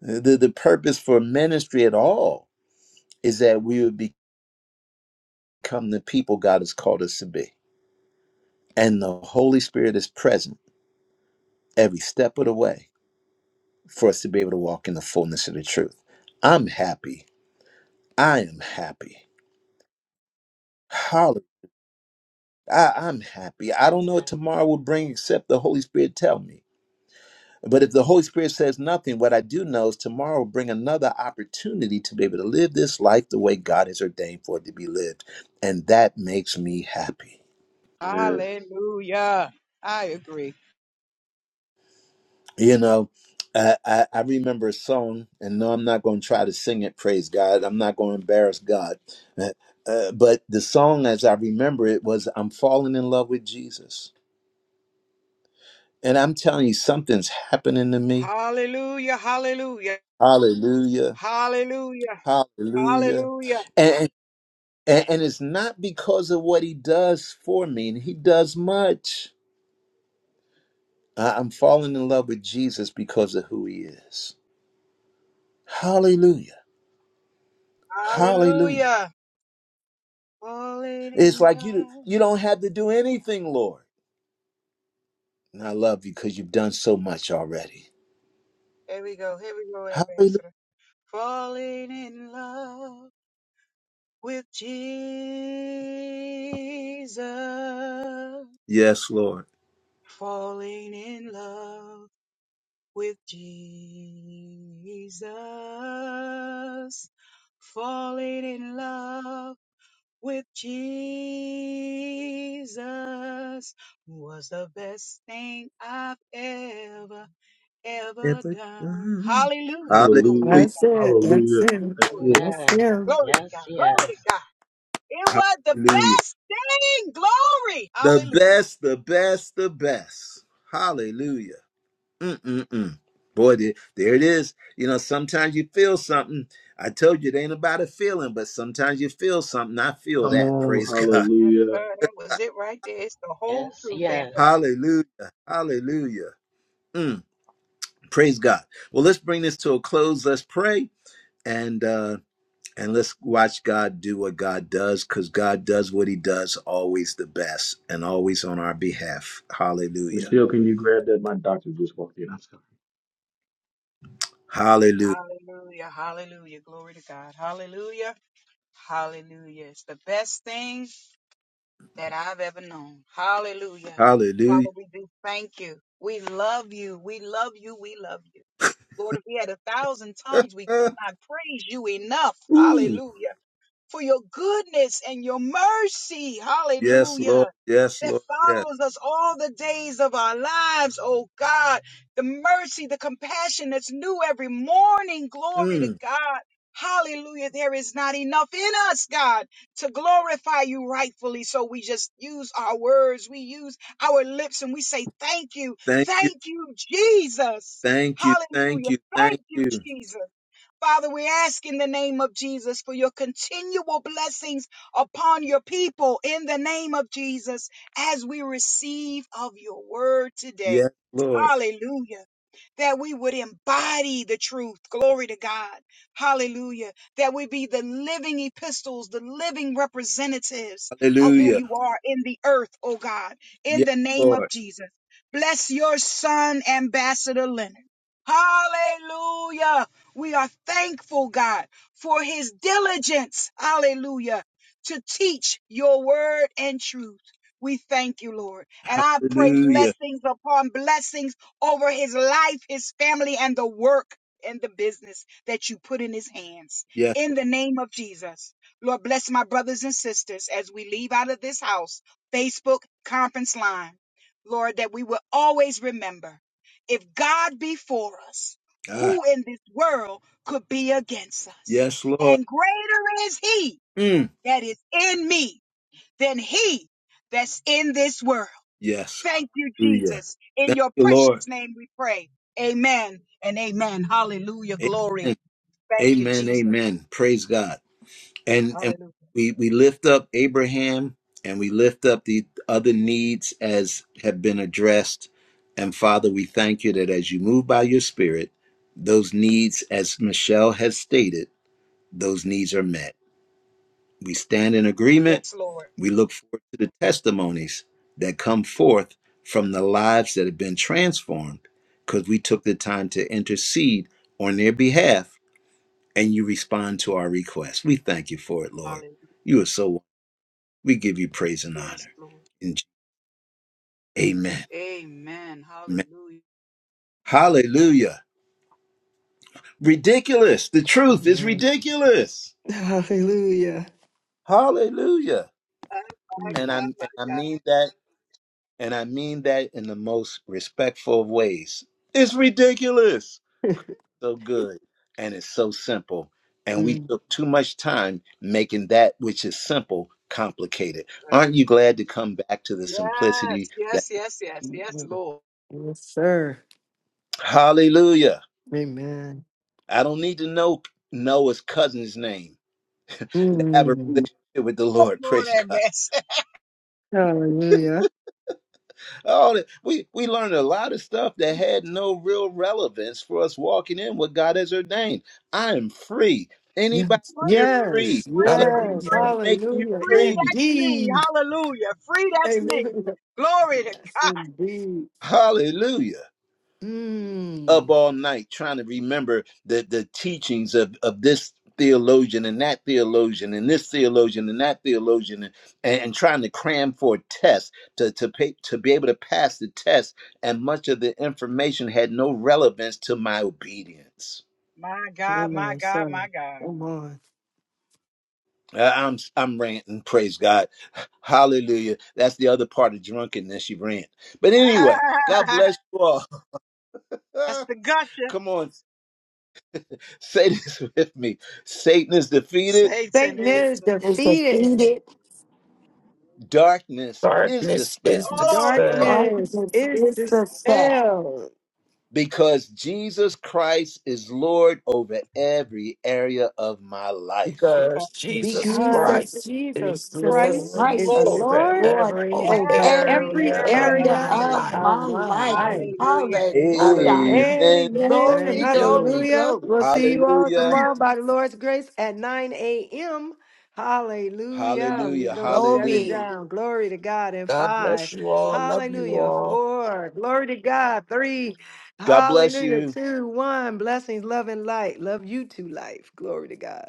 the, the purpose for ministry at all is that we would become the people God has called us to be. And the Holy Spirit is present every step of the way for us to be able to walk in the fullness of the truth. I'm happy. I am happy. Hallelujah. I- I'm happy. I don't know
Amen.
what tomorrow will bring except the Holy Spirit tell me. But if the Holy Spirit says nothing, what I do know is tomorrow will bring another opportunity to be able to live this life the way God has ordained for it to be lived. And that makes me happy.
Hallelujah. I agree.
You know, I, I, I remember a song, and no, I'm not going to try to sing it, praise God. I'm not going to embarrass God. Uh, uh, but the song, as I remember it, was I'm Falling in Love with Jesus. And I'm telling you, something's happening to me.
Hallelujah, hallelujah,
Hallelujah.
hallelujah,
Hallelujah.
hallelujah,
And, and, and it's not because of what he does for me, and he does much. I- I'm falling in love with Jesus because of who he is. Hallelujah. Hallelujah.
hallelujah. Falling
It's
in
like you
love.
you don't have to do anything, Lord. And I love you because you've done so much already.
There we go, here we go,
Hallelujah.
Ambassador. Falling in love with Jesus.
Yes, Lord.
Falling in love with Jesus. Falling in love with Jesus was the best thing I've ever, ever done. Hallelujah. Glory,
Hallelujah.
That's it. That's it.
glory to God.
That's
Amen.
him.
Glory to
Yes,
God. Glory to God.
yes.
It was the
Hallelujah.
best thing. Glory.
The
Hallelujah.
best, the best, the best. Hallelujah. Mm-mm-mm. Boy, there, there it is. You know, sometimes you feel something. I told you it ain't about a feeling, but sometimes you feel something. I feel
Come
that.
on,
Praise God.
Yes,
hallelujah.
sir. That was it right there. It's the whole
Yes,
truth, Aunt
yes.
Pat.
Hallelujah. Hallelujah. Mm. Praise God. Well, let's bring this to a close. Let's pray and uh and let's watch God do what God does cuz God does what he does always the best and always on our behalf. Hallelujah.
Michelle, can you grab that? My doctor just walked in. I'm sorry.
Hallelujah.
Hallelujah. Hallelujah. Glory to God. Hallelujah. Hallelujah. It's the best thing that I've ever known. Hallelujah. Father,
Hallelujah.
we do thank you. We love you. We love you. We love you. Lord, if we had a thousand tongues, we could not praise you enough.
Ooh.
Hallelujah. For your goodness and your mercy.
Yes,
Hallelujah
Lord. Yes,
that
Lord. Yes.
follows us all the days of our lives, oh God. The mercy, the compassion that's new every morning. Glory to
Mm.
God. Hallelujah. There is not enough in us, God, to glorify you rightfully. So we just use our words, we use our lips, and we say, Thank you.
Thank you.
Thank you, Jesus.
Thank you. Thank
Hallelujah.
you.
Thank
Thank
you,
you.
Jesus. Father, we ask in the name of Jesus for your continual blessings upon your people in the name of Jesus as we receive of your word today.
Yes, Lord.
Hallelujah that we would embody the truth. Glory to God. Hallelujah. That we be the living epistles, the living representatives of who
Hallelujah.
you are in the earth, oh God, in
Yes,
the name of
Lord.
Jesus. Bless your son, Ambassador Leonard. Hallelujah. We are thankful, God, for his diligence. Hallelujah. To teach your word and truth. We thank you, Lord. And I pray
Hallelujah.
blessings upon blessings over his life, his family, and the work and the business that you put in his hands.
Yes.
In the name of Jesus, Lord, bless my brothers and sisters as we leave out of this house, Facebook conference line. Lord, that we will always remember if God be for us,
God.
who in this world could be against us?
Yes, Lord.
And greater is he
Mm.
that is in me than he that's in this world.
Yes.
Thank you,
Hallelujah.
Jesus. In
Thank
your
you, Lord.
precious name we pray. Amen and amen. Hallelujah.
Amen.
Glory. Thank you,
Amen.
Jesus.
Amen. Praise God. And and
Hallelujah.
we we lift up Abraham and we lift up the other needs as have been addressed. And Father, we thank you that as you move by your spirit, those needs, as Michelle has stated, those needs are met. We stand in agreement.
Yes, Lord.
We look forward to the testimonies that come forth from the lives that have been transformed because we took the time to intercede on their behalf and you respond to our request. We thank you for it, Lord.
Hallelujah.
You are so, wonderful. we give you praise and
Yes,
honor.
Lord.
In Je- amen.
Amen.
amen.
Hallelujah.
Hallelujah. Ridiculous. The truth is
Amen.
ridiculous.
Hallelujah.
Hallelujah.
My
And
Mm.
I,
God,
and I
my God.
mean that and I mean that in the most respectful of ways. It's ridiculous. So good, and it's so simple. And we
Mm.
took too much time making that which is simple complicated. Aren't you glad to come back to the
Yes,
simplicity that
yes, yes, yes, yes, Lord.
Yes, sir.
hallelujah?
Amen.
I don't need to know Noah's cousin's name to have a
Mm.
relationship with the
Come
Lord.
on,
Praise
that
God.
mess.
Hallelujah.
All that we we learned a lot of stuff that had no real relevance for us walking in what God has ordained. I am free. Anybody
Yes.
here
Free, free,
Yes.
free? It's
free,
Yes.
Hallelujah.
free.
making you
Hallelujah.
Free,
free.
that's me.
Indeed.
Hallelujah. Free, that's me.
Hallelujah.
Glory to
Yes,
God.
indeed.
Hallelujah.
Mm.
Up all night trying to remember the, the teachings of, of this theologian and that theologian and this theologian and that theologian and, and, and trying to cram for a test to, to pay, to be able to pass the test and much of the information had no relevance to my obedience.
My God,
Come
my
on,
God,
sir.
my
Come on.
Uh, I'm I'm ranting. Praise God, Hallelujah. That's the other part of drunkenness. You rant, but anyway,
God.
God bless you all.
That's the gusher.
Come on, say this with me: Satan is defeated.
Satan
Satan
is
is
Is
defeated.
defeated.
defeated.
Darkness is
Darkness is
dispelled
All
dispelled
darkness
Darkness
Darkness
is
is
is the
dispelled
set.
dispelled
because Jesus Christ is Lord over every area of my life.
because
because
Jesus
Christ
because
Jesus,
Christ is
Jesus
is
Jesus
Christ
Lord
Christ
is
has
Lord
over
Lord
Lord
over
every
over
over
every
every
every
area
area
of
of
area
area
my
my
of
life.
life.
of
my
my
life.
life.
Amen.
Hallelujah. Amen.
Hallelujah.
Hallelujah.
Amen.
Amen.
Thank
Glory,
you,
glory,
Lord.
Hallelujah.
glory.
We'll see you all
Hallelujah.
tomorrow by the Lord's grace at 9 a.m. Hallelujah.
Hallelujah.
We're going to shut it
Glory.
Hallelujah.
down. Glory to God in
God
five.
bless you all. Love you
Hallelujah.
all.
Four. Glory to God. Three.
God bless
Hallelujah.
you.
Two. One. Blessings, love, and light. Love you to life. Glory to God.